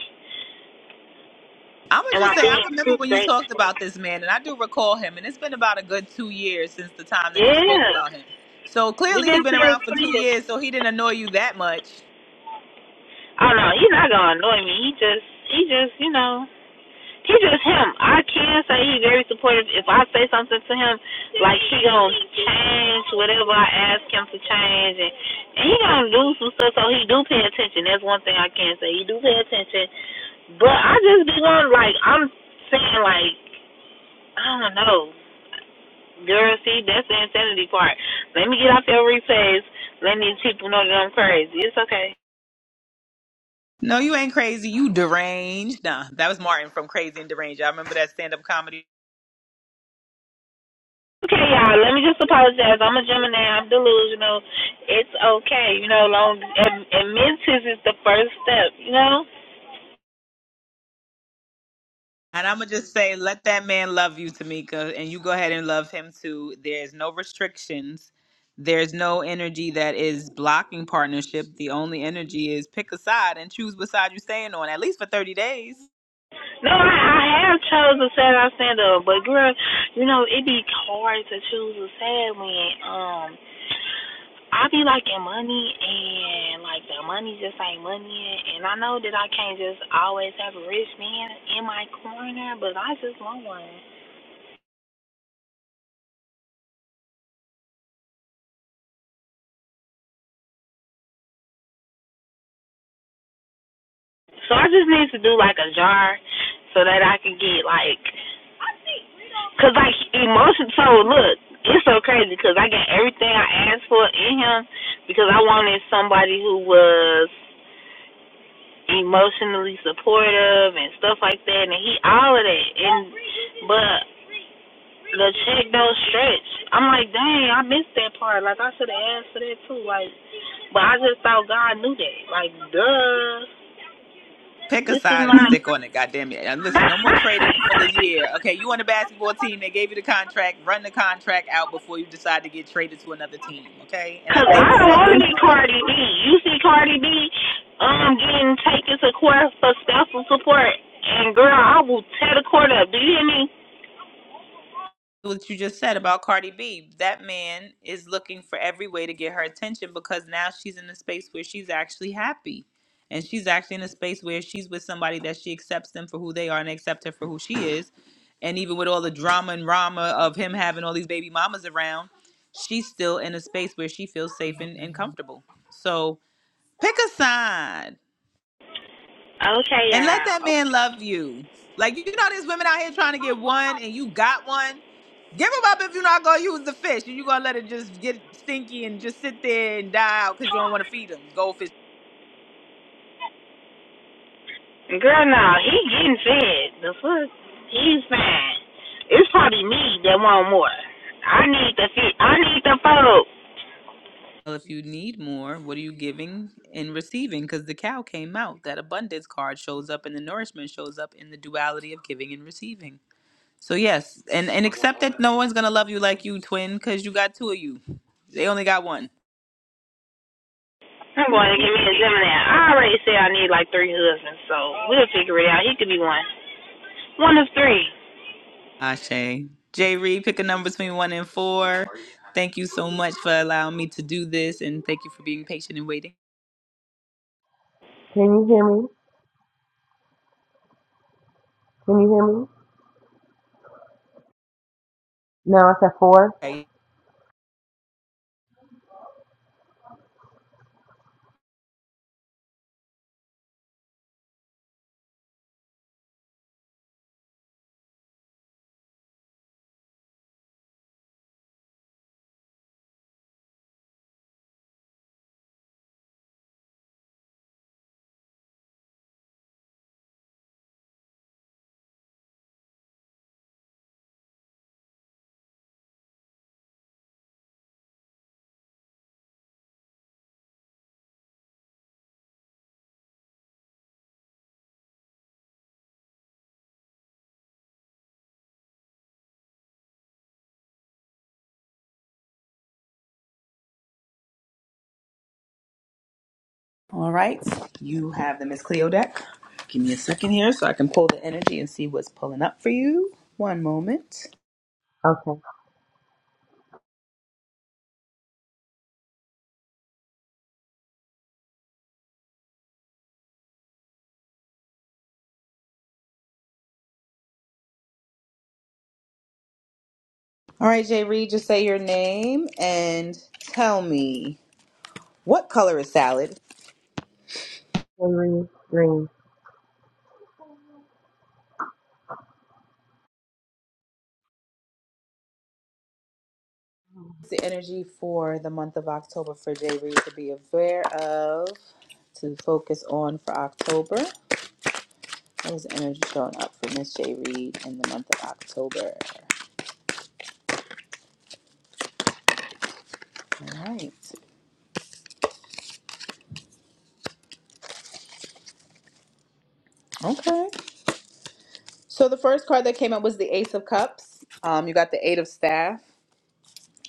Speaker 1: I would
Speaker 3: am
Speaker 1: just
Speaker 3: I
Speaker 1: say I
Speaker 3: being
Speaker 1: remember
Speaker 3: too
Speaker 1: when you talked
Speaker 3: thankful?
Speaker 1: about this man, and I do recall him, and it's been about a good two years since the time that you spoke
Speaker 3: Yeah,
Speaker 1: about him. So
Speaker 3: we
Speaker 1: clearly
Speaker 3: been
Speaker 1: he's been
Speaker 3: together
Speaker 1: around for
Speaker 3: for
Speaker 1: two
Speaker 3: years.
Speaker 1: years, so he didn't annoy you that much.
Speaker 3: I know. He's not gonna annoy me. He just, he just, you know. He just him. I can say he very supportive. If I say something to him, like he gonna change whatever I ask him to change, and, and he gonna do some stuff. So he do pay attention. That's one thing I can say. He do pay attention. But I just be going like I'm saying like I don't know. Girl, see, that's the insanity part. Let me get off your replays. Let these people know that I'm crazy. It's okay.
Speaker 1: No, you ain't crazy. You deranged. Nah, that was Martin from Crazy and Deranged. I remember that stand up comedy.
Speaker 3: Okay, y'all. Let me just apologize. I'm a Gemini. I'm delusional. It's okay, you know. Long ad- admittance is the first step, you know.
Speaker 1: And I'm gonna just say, let that man love you, Tamika, and you go ahead and love him too. There's no restrictions. There's no energy that is blocking partnership. The only energy is pick a side and choose what side you're staying on, at least for 30 days.
Speaker 3: No, I, I have chose a sad I stand up, but girl, you know it be hard to choose a sad when um I be liking money and like the money just ain't money and I know that I can't just always have a rich man in my corner, but I just want one. So I just need to do like a jar so that I can get like Cause like emotion told, look, it's so crazy because I got everything I asked for in him because I wanted somebody who was emotionally supportive and stuff like that, and he all of that. And but the check don't stretch. I'm like, dang, I missed that part. Like I should have asked for that too. Like, but I just thought God knew that. Like, duh,
Speaker 1: Pick a
Speaker 3: this is
Speaker 1: side and
Speaker 3: not.
Speaker 1: stick on it, goddamn it. And listen, no more trading for the year.
Speaker 3: <laughs>
Speaker 1: Okay, you on the basketball team, they gave you the contract, run the contract out before you decide to get traded to another team, okay? And I
Speaker 3: Cause
Speaker 1: think
Speaker 3: I don't
Speaker 1: so
Speaker 3: want to be
Speaker 1: far
Speaker 3: Cardi B. You see Cardi B um getting taken to court for spousal support, and girl, I will tear the court up. Do you hear me?
Speaker 1: what you just said about Cardi B. That man is looking for every way to get her attention because now she's in a space where she's actually happy. And she's actually in a space where she's with somebody that she accepts them for who they are and they accept her for who she is. And even with all the drama and rama of him having all these baby mamas around, she's still in a space where she feels safe and, and comfortable. So pick a side.
Speaker 3: Okay,
Speaker 1: And let that
Speaker 3: y'all.
Speaker 1: man love you. Like you know, there's women out here trying to get one, and you got one. Give him up if you're not gonna use the fish, and you're gonna let it just get stinky and just sit there and die out because you don't want to feed them. Goldfish.
Speaker 3: Girl, no, he getting fed. The fuck? He's fine. It's probably me that want more. I need the fit. I need the photo.
Speaker 1: Well, if you need more, what are you giving and receiving? Because the cow came out. That abundance card shows up, and the nourishment shows up in the duality of giving and receiving. So yes, and and accept that no one's gonna love you like you, twin, because you got two of you. They only got one.
Speaker 3: I'm going to give me a Gemini. I already said I need like three husbands, so we'll figure it out. He could be one. One of three.
Speaker 1: Ashe. Jay Reed, pick a number between one and four. Thank you so much for allowing me to do this, and thank you for being patient and waiting.
Speaker 13: Can you hear me? Can you hear me? No, I said four,
Speaker 1: Okay. All right, you have the Miss Cleo deck. Give me a second here so I can pull the energy and see what's pulling up for you. One moment. All right, Jay Reed, just say your name and tell me what color is salad.
Speaker 13: three, three.
Speaker 1: The energy for the month of October for Jay Reed to be aware of, to focus on for October. There's energy showing up for Miss J. Reid in the month of October. All right. Okay. So the first card that came up was the Ace of Cups. Um, you got the Eight of Staff.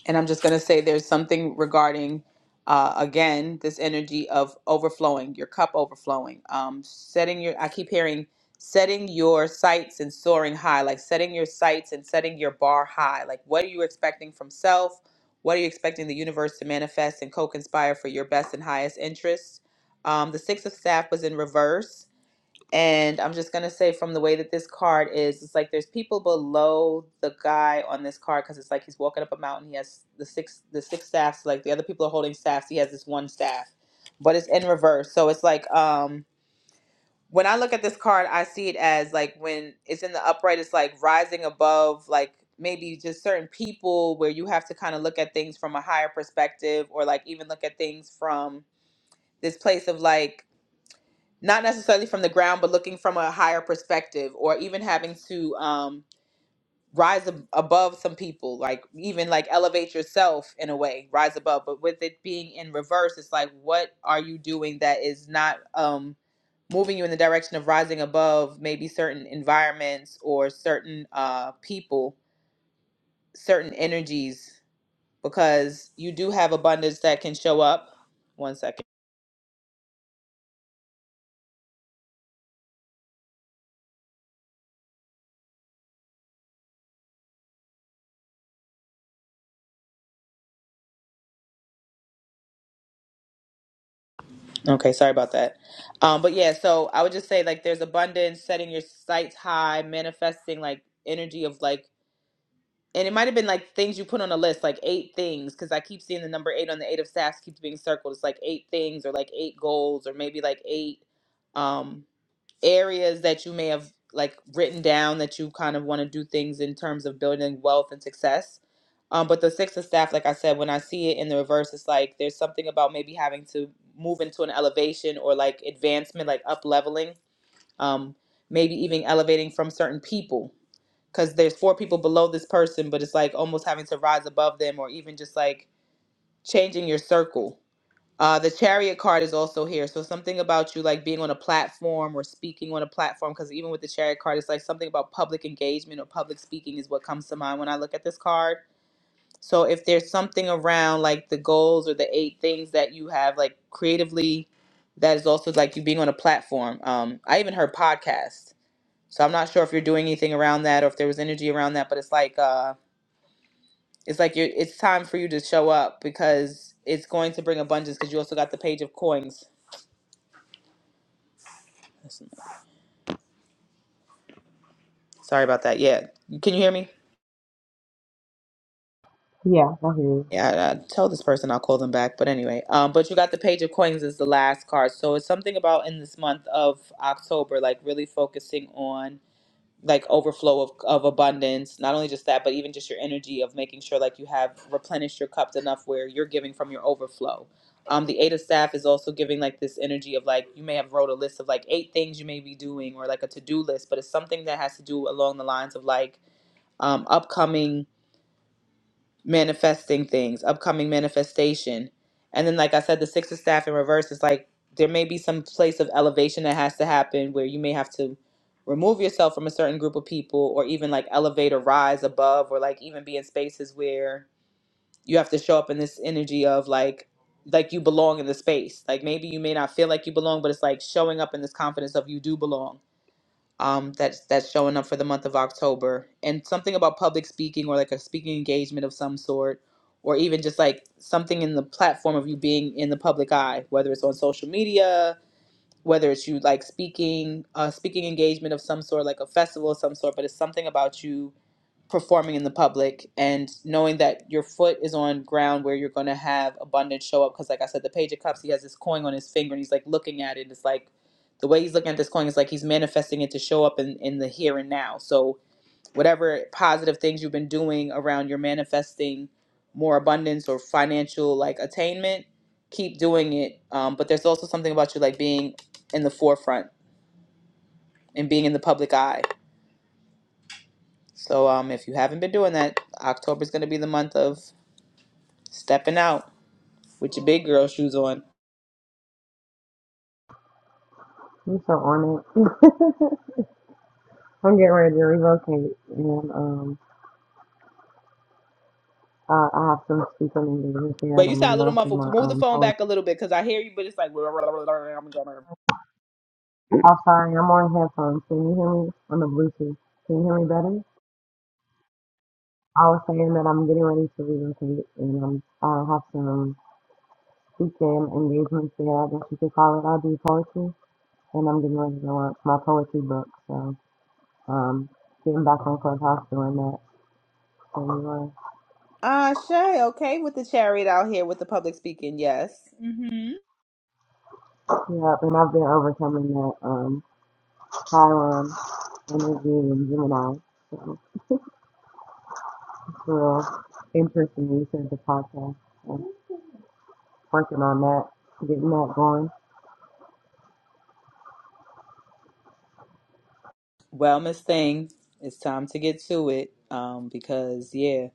Speaker 1: And I'm just going to say there's something regarding, uh, again, this energy of overflowing, your cup overflowing. Um, setting your, I keep hearing, setting your sights and soaring high, like setting your sights and setting your bar high. Like, what are you expecting from self? What are you expecting the universe to manifest and co conspire for your best and highest interests? Um, the Six of Staff was in reverse. And I'm just gonna say from the way that this card is, it's like there's people below the guy on this card because it's like he's walking up a mountain. He has the six the six staffs. Like the other people are holding staffs. He has this one staff, but it's in reverse. So it's like um when I look at this card, I see it as like when it's in the upright, it's like rising above like maybe just certain people where you have to kind of look at things from a higher perspective or like even look at things from this place of like not necessarily from the ground, but looking from a higher perspective, or even having to um, rise ab- above some people, like even like elevate yourself in a way, rise above. But with it being in reverse, it's like, what are you doing that is not um, moving you in the direction of rising above maybe certain environments or certain uh, people, certain energies? Because you do have abundance that can show up. One second. Okay, sorry about that. Um, but yeah, so I would just say like there's abundance, setting your sights high, manifesting like energy of like, and it might have been like things you put on a list, like eight things, because I keep seeing the number eight on the eight of staffs keeps being circled. It's like eight things or like eight goals or maybe like eight. Um, areas that you may have like written down that you kind of want to do things in terms of building wealth and success. Um, but the six of staff, like I said, when I see it in the reverse, it's like there's something about maybe having to move into an elevation or like advancement, like up leveling, um, maybe even elevating from certain people. Because there's four people below this person, but it's like almost having to rise above them or even just like changing your circle uh, the chariot card is also here. So something about you like being on a platform or speaking on a platform, because even with the chariot card, it's like something about public engagement or public speaking is what comes to mind when I look at this card. So if there's something around like the goals or the eight things that you have like creatively, that is also like you being on a platform. Um, I even heard podcast. So I'm not sure if you're doing anything around that or if there was energy around that, but it's like uh it's like you it's time for you to show up because it's going to bring abundance because you also got the page of coins Listen, Sorry about that. Yeah. Can you hear me?
Speaker 13: Yeah, I hear you.
Speaker 1: Yeah, I, I tell this person I'll call them back. But anyway, um, but you got the page of coins as the last card. So it's something about in this month of October, like really focusing on like overflow of, of abundance. Not only just that, but even just your energy of making sure like you have replenished your cups enough where you're giving from your overflow. Um, the eight of staff is also giving like this energy of like you may have wrote a list of like eight things you may be doing or like a to-do list, but it's something that has to do along the lines of like um, upcoming manifesting things, upcoming manifestation. And then, like I said, the six of staff in reverse is like there may be some place of elevation that has to happen where you may have to remove yourself from a certain group of people or even like elevate or rise above or like even be in spaces where you have to show up in this energy of like like you belong in the space like maybe you may not feel like you belong but it's like showing up in this confidence of you do belong um, that's that's showing up for the month of October, and something about public speaking or like a speaking engagement of some sort, or even just like something in the platform of you being in the public eye, whether it's on social media, whether it's you like speaking, uh, speaking engagement of some sort, like a festival of some sort, but it's something about you performing in the public and knowing that your foot is on ground where you're going to have abundance show up because like i said the page of cups he has this coin on his finger and he's like looking at it it's like the way he's looking at this coin is like he's manifesting it to show up in, in the here and now so whatever positive things you've been doing around your manifesting more abundance or financial like attainment keep doing it um, but there's also something about you like being in the forefront and being in the public eye so um, if you haven't been doing that october is going to be the month of Stepping out with your big girl shoes on.
Speaker 13: You're so on it. <laughs> I'm getting ready to relocate, and um, I, I have some speaking engagements here,
Speaker 1: But
Speaker 13: and
Speaker 1: you
Speaker 13: I'm
Speaker 1: sound a little
Speaker 13: relaunching
Speaker 1: muffled.
Speaker 13: my
Speaker 1: Move the
Speaker 13: um
Speaker 1: phone
Speaker 13: poetry.
Speaker 1: back a little bit because I hear you, but it's like. <laughs>
Speaker 13: I'm sorry, I'm on headphones. Can you hear me on the Bluetooth? Can you hear me better? I was saying that I'm getting ready to relocate and um, I have some weekend engagements there, I guess you could call it. I do poetry and I'm getting ready to launch my poetry book. So um, getting back on Clubhouse doing that. So anyway,
Speaker 1: Ah, Shay, okay with the chariot out here with the public speaking, yes. hmm
Speaker 13: yeah, and I've been overcoming that um, Chiron energy and Gemini. So it's in interesting use of the podcast and working on that, getting that going.
Speaker 1: Well, Miss Thing, it's time to get to it um, because, yeah,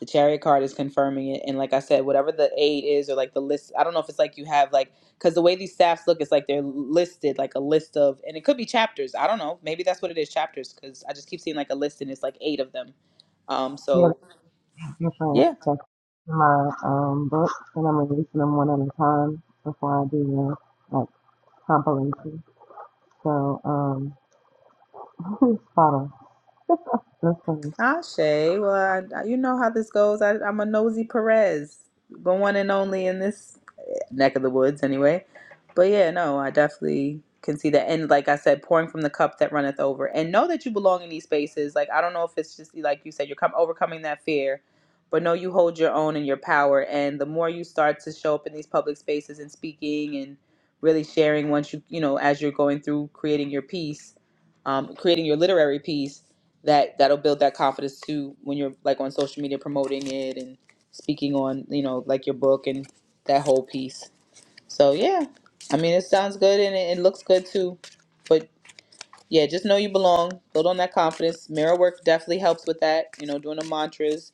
Speaker 1: the chariot card is confirming it. And like I said, whatever the aid is or like the list, I don't know if it's like you have like, because the way these staffs look, it's like they're listed, like a list of, and it could be chapters. I don't know. Maybe that's what it is, chapters, because I just keep seeing like a list and it's like eight of them Um,
Speaker 13: Yeah,
Speaker 1: so
Speaker 13: different
Speaker 1: yeah,
Speaker 13: sections of my um, books, and I'm releasing them one at a time before I do the like compilation. So um, <laughs> spot on. That's funny.
Speaker 1: Ashe. Well, I, I- you know how this goes. I, I'm a nosy Perez, the one and only in this neck of the woods anyway. But yeah, no, I definitely can see that. And like I said, pouring from the cup that runneth over, and know that you belong in these spaces. Like I don't know if it's just like you said, you're come overcoming that fear, but know you hold your own and your power. And the more you start to show up in these public spaces and speaking and really sharing, once you you know as you're going through creating your piece, um, creating your literary piece, that that'll build that confidence too when you're like on social media promoting it and speaking on you know like your book and that whole piece. So yeah, I mean, it sounds good and it, it looks good too. But yeah, just know you belong. Build on that confidence. Mirror work definitely helps with that. You know, doing the mantras,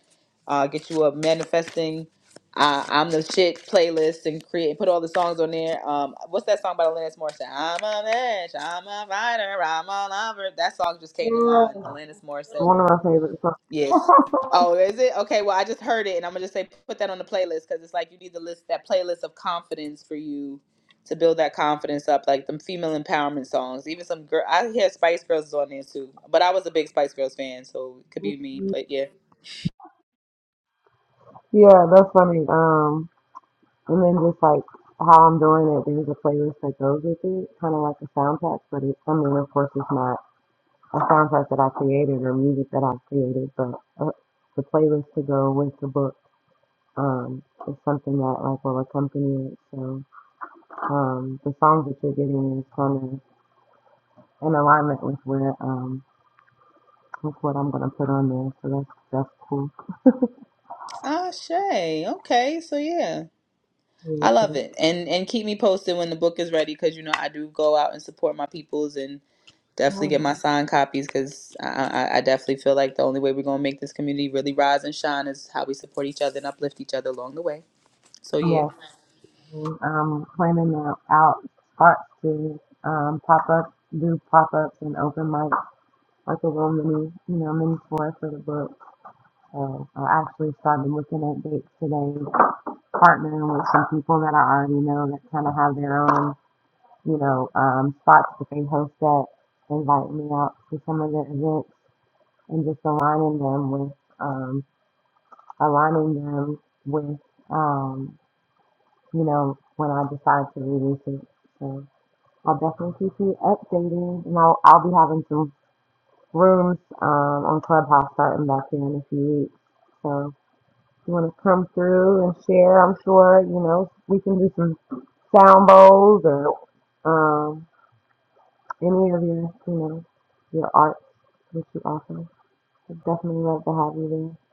Speaker 1: uh, get you a manifesting. Uh, I'm the shit playlist and create put all the songs on there. Um, what's that song by Alanis Morissette? I'm a bitch, I'm a fighter, I'm a lover. That song just came to
Speaker 13: Yeah,
Speaker 1: mind. Alanis Morissette.
Speaker 13: one of my favorites. So,
Speaker 1: Yes. Oh, is it? Okay, well, I just heard it and I'm going to just say put that on the playlist cuz it's like you need to list that playlist of confidence for you to build that confidence up like them female empowerment songs. Even some girl I hear Spice Girls is on there too. But I was a big Spice Girls fan, so it could be me, but yeah.
Speaker 13: yeah, that's funny. Um, and then just like how I'm doing it, there's a playlist that goes with it, kind of like a soundtrack, but it, I mean, of course, it's not a soundtrack that I created or music that I created, but uh, the playlist to go with the book. um, it's something that like will accompany it. So um, the song that you're getting is kind of in alignment with where um, with what I'm gonna put on there. So that's that's cool.
Speaker 1: Ah, Shay. Okay, so yeah.
Speaker 13: Really
Speaker 1: I love
Speaker 13: good.
Speaker 1: it. And and keep me posted when the book is ready cuz you know I do go out and support my peoples and. Definitely get my
Speaker 13: Yeah.
Speaker 1: signed copies because I, I, I definitely feel like the only way we're going to make this community really rise and shine is how we support each other and uplift each other along the way. So, yeah.
Speaker 13: Yes, and, um, planning out, out spots to um, pop up, do pop ups and open mic like a little mini, you know, mini tour for the book. So I actually started looking at dates today, partnering with some people that I already know that kind of have their own. you know, um, spots that they host that invite me out to some of the events and just aligning them with, um, aligning them with, um, you know, when I decide to release it. So I'll definitely keep you updated and I'll, I'll be having some rooms, um, on Clubhouse starting back here in a few weeks. So if you want to come through and share, I'm sure, you know, we can do some sound bowls or, um, any of your, you know, your art, that you offer. I'd definitely love to have you there.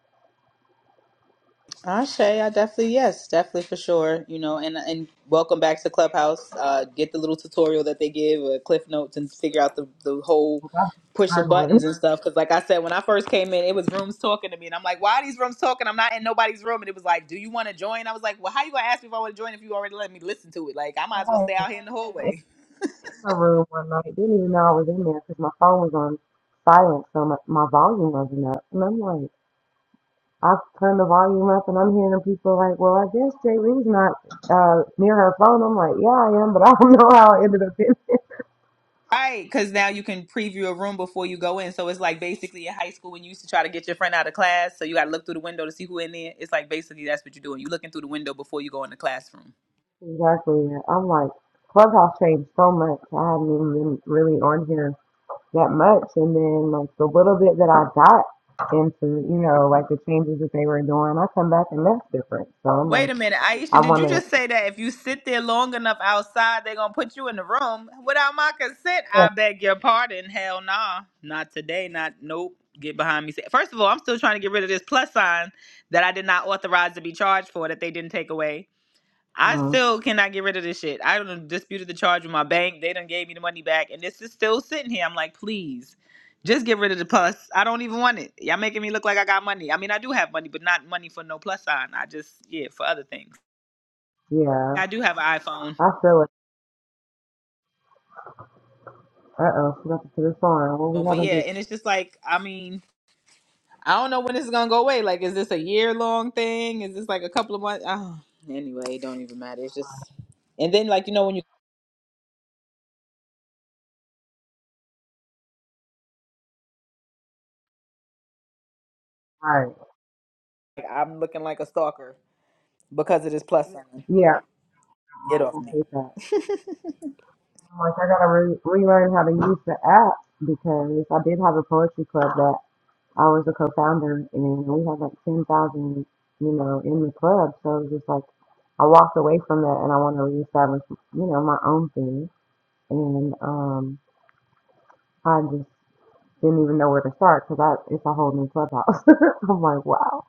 Speaker 1: Ashe, I definitely, yes, definitely for sure. You know, and and welcome back to Clubhouse. Uh, get the little tutorial that they give, or Cliff Notes, and figure out the, the whole
Speaker 13: Like, I've
Speaker 1: pushing
Speaker 13: been struggling.
Speaker 1: buttons and stuff. Because, like I said, when I first came in, it was rooms talking to me, and I'm like, why are these rooms talking? I'm not in nobody's room. And it was like, do you want to join? I was like, well, how you gonna ask me if I want to join if you already let me listen to it? Like, I might as well
Speaker 13: <laughs>
Speaker 1: stay out here in the hallway.
Speaker 13: I was in my room one night, didn't even know I was in there because my phone was on silent, so my, my volume wasn't up. And I'm like, I've turned the volume up and I'm hearing people like, well, I guess Jay Lee's not uh, near her phone. I'm like, yeah, I am, but I don't <laughs> know how I ended up in there. <laughs>
Speaker 1: Right, because now you can preview a room before you go in. So it's like basically in high school when you used to try to get your friend out of class, so you got to look through the window to see who in there. It's like basically that's what you're doing. You're looking through the window before you go in the classroom.
Speaker 13: Exactly. yeah. I'm like, Clubhouse changed so much. I haven't even been really on here that much. And then like the little bit that I got into, you know, like the changes that they were doing, I come back and that's different. So I'm like,
Speaker 1: Wait a minute, Aisha,
Speaker 13: I
Speaker 1: did
Speaker 13: want
Speaker 1: you just
Speaker 13: to,
Speaker 1: say that if you sit there long enough outside, they're gonna put you in the room without my consent?
Speaker 13: yeah,
Speaker 1: I beg your pardon. Hell nah, not today. Not nope. Get behind me. First of all, I'm still trying to get rid of this plus sign that I did not authorize to be charged for that they didn't take away. I
Speaker 13: mm,
Speaker 1: still cannot get rid of this shit. I done disputed the charge with my bank. They done gave me the money back, and this is still sitting here. I'm like, please, just get rid of the plus. I don't even want it. Y'all making me look like I got money. I mean, I do have money, but not money for no plus sign. I just yeah, for other things.
Speaker 13: yeah,
Speaker 1: I do have an iPhone,
Speaker 13: I feel it. Uh oh, she got to put this on. What we
Speaker 1: Oh, but
Speaker 13: gotta
Speaker 1: yeah,
Speaker 13: do?
Speaker 1: and it's just like, I mean, I don't know when this is gonna go away. Like, is this a year long thing? Is this like a couple of months? Oh, anyway, it don't even matter. It's just, and then like you know when you
Speaker 13: Right.
Speaker 1: like, I'm looking like a stalker because of this plus sign.
Speaker 13: Yeah,
Speaker 1: Get
Speaker 13: like, I
Speaker 1: off me.
Speaker 13: hate that. I'm like, I gotta re- relearn how to use the app because I did have a poetry club that. I was a co-founder, and we had like ten thousand, you know, in the club. So it was just like I walked away from that, and I want to reestablish, you know, my own thing. And um, I just didn't even know where to start because I it's a whole new clubhouse. <laughs> I'm like, wow.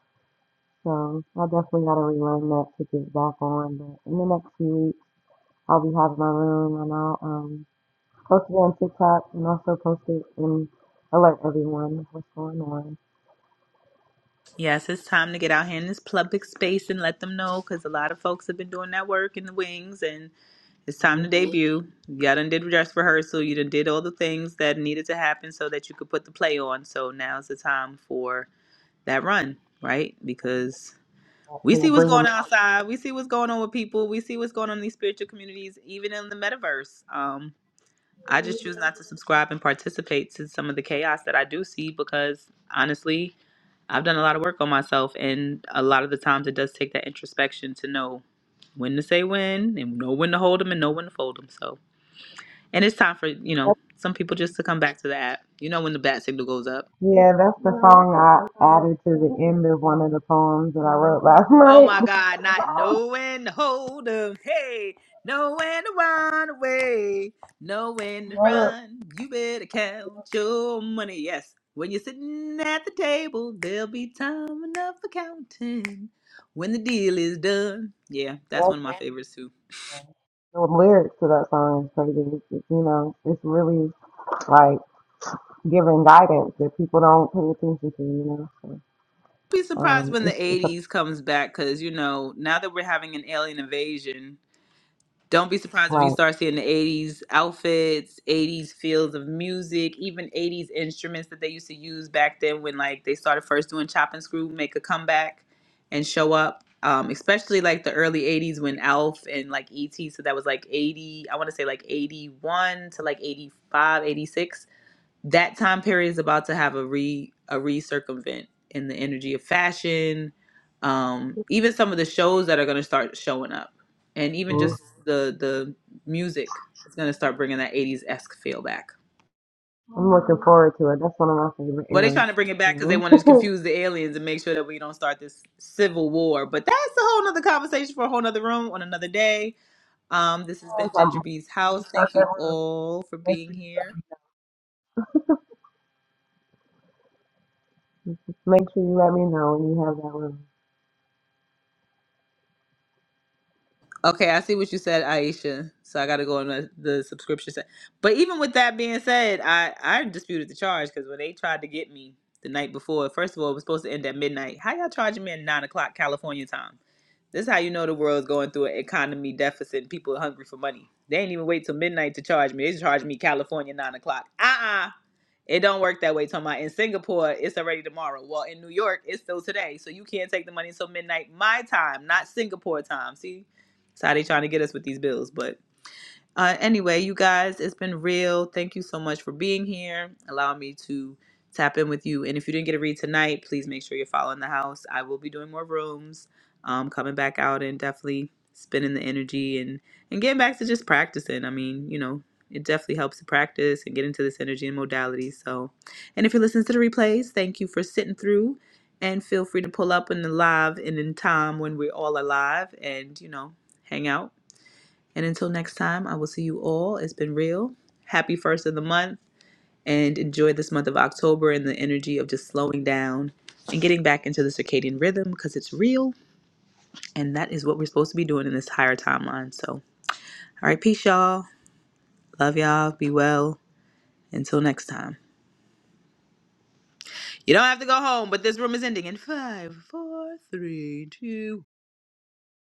Speaker 13: So I definitely got to relearn that to get back on. But in the next few weeks, I'll be having my room, and I'll um, post it on TikTok, and also post it and alert everyone what's going on.
Speaker 1: Yes, it's time to get out here in this public space and let them know because a lot of folks have been doing that work in the wings and it's time to
Speaker 13: Um,
Speaker 1: debut. You done did dress rehearsal, you done did all the things that needed to happen so that you could put the play on. So now's the time for that run, right? Because
Speaker 13: That
Speaker 1: we
Speaker 13: can
Speaker 1: see what's
Speaker 13: bring them
Speaker 1: going on outside, we see what's going on with people, we see what's going on in these spiritual communities, even in the metaverse. Um. I just choose not to subscribe and participate to some of the chaos that I do see because honestly, I've done a lot of work on myself, and a lot of the times it does take that introspection to know when to say when and know when to hold them and know when to fold them. So, and it's time for you know some people just to come back to the app. You know when the bat signal goes up.
Speaker 13: Yeah, that's the song I added to the end of one of the poems that I wrote last <laughs>
Speaker 1: Oh
Speaker 13: night.
Speaker 1: my God, not knowing to hold 'em. Hey, knowing to run away, knowing to run. You better count your money. Yes, when you're sitting at the table, there'll be time enough for counting when the deal is done. Yeah, that's
Speaker 13: That's
Speaker 1: one of my favorites too.
Speaker 13: the lyrics to that song is crazy. It's, you know, it's really like giving guidance that people don't pay attention to, you know. So,
Speaker 1: Be surprised
Speaker 13: um,
Speaker 1: when the
Speaker 13: it's, it's a,
Speaker 1: 80s comes back because, you know, now that we're having an alien invasion. Don't be surprised if you
Speaker 13: like,
Speaker 1: start seeing the 80s outfits, 80s fields of music, even 80s instruments that they used to use back then when like they started first doing chop and screw, make a comeback and show up. Um, especially like the early 80s when Alf and like ET, so that was like 80, I want to say like 81 to like 85, 86 that time period is about to have a re a recircumvent in the energy of fashion um even some of the shows that are going to start showing up and even
Speaker 13: mm,
Speaker 1: just the the music is going to start bringing that 80s-esque feel back
Speaker 13: I'm looking forward to it. That's one of my favorite
Speaker 1: well they
Speaker 13: eras.
Speaker 1: trying to bring it back because they
Speaker 13: So,
Speaker 1: want to
Speaker 13: <laughs>
Speaker 1: confuse the aliens and make sure that we don't start this civil war but that's a whole nother conversation for a whole nother room on another day um this has been
Speaker 13: yes,
Speaker 1: ginger
Speaker 13: I'm,
Speaker 1: bee's
Speaker 13: you
Speaker 1: house
Speaker 13: start
Speaker 1: thank
Speaker 13: that
Speaker 1: you
Speaker 13: room.
Speaker 1: all for
Speaker 13: Make
Speaker 1: being
Speaker 13: sure
Speaker 1: here
Speaker 13: you, make sure you let me know when you have that room.
Speaker 1: Okay, I see what you said, Aisha. So I got to go on the, the subscription set. But even with that being said, I I disputed the charge because when they tried to get me the night before, first of all, it was supposed to end at midnight. How y'all charging me at nine o'clock California time? This is how you know the world's going through an economy deficit. and People are hungry for money. They ain't even wait till midnight to charge me. They just charged me California nine o'clock. Uh uh it don't work that way. Talking about in Singapore, it's already tomorrow. Well, in New York, it's still today. So you can't take the money until midnight my time, not Singapore time. See, that's how they trying to get us with these bills. But uh, anyway, you guys, it's been real. Thank you so much for being here. Allow me to tap in with you. And if you didn't get a read tonight, please make sure you're following the house. I will be doing more rooms, um, coming back out and definitely spinning the energy and and getting back to just practicing. I mean, you know, it definitely helps to practice and get into this energy and modality. So, and if you listen to the replays, thank you for sitting through. And feel free to pull up in the live and in time when we're all alive and, you know, hang out and until next time, I will see you all. It's been real. Happy first of the month and enjoy this month of October and the energy of just slowing down and getting back into the circadian rhythm because it's real and that is what we're supposed to be doing in this higher timeline. So, all right, peace, y'all. Love y'all. Be well. Until next time. You don't have to go home, but this room is ending in five, four, three, two.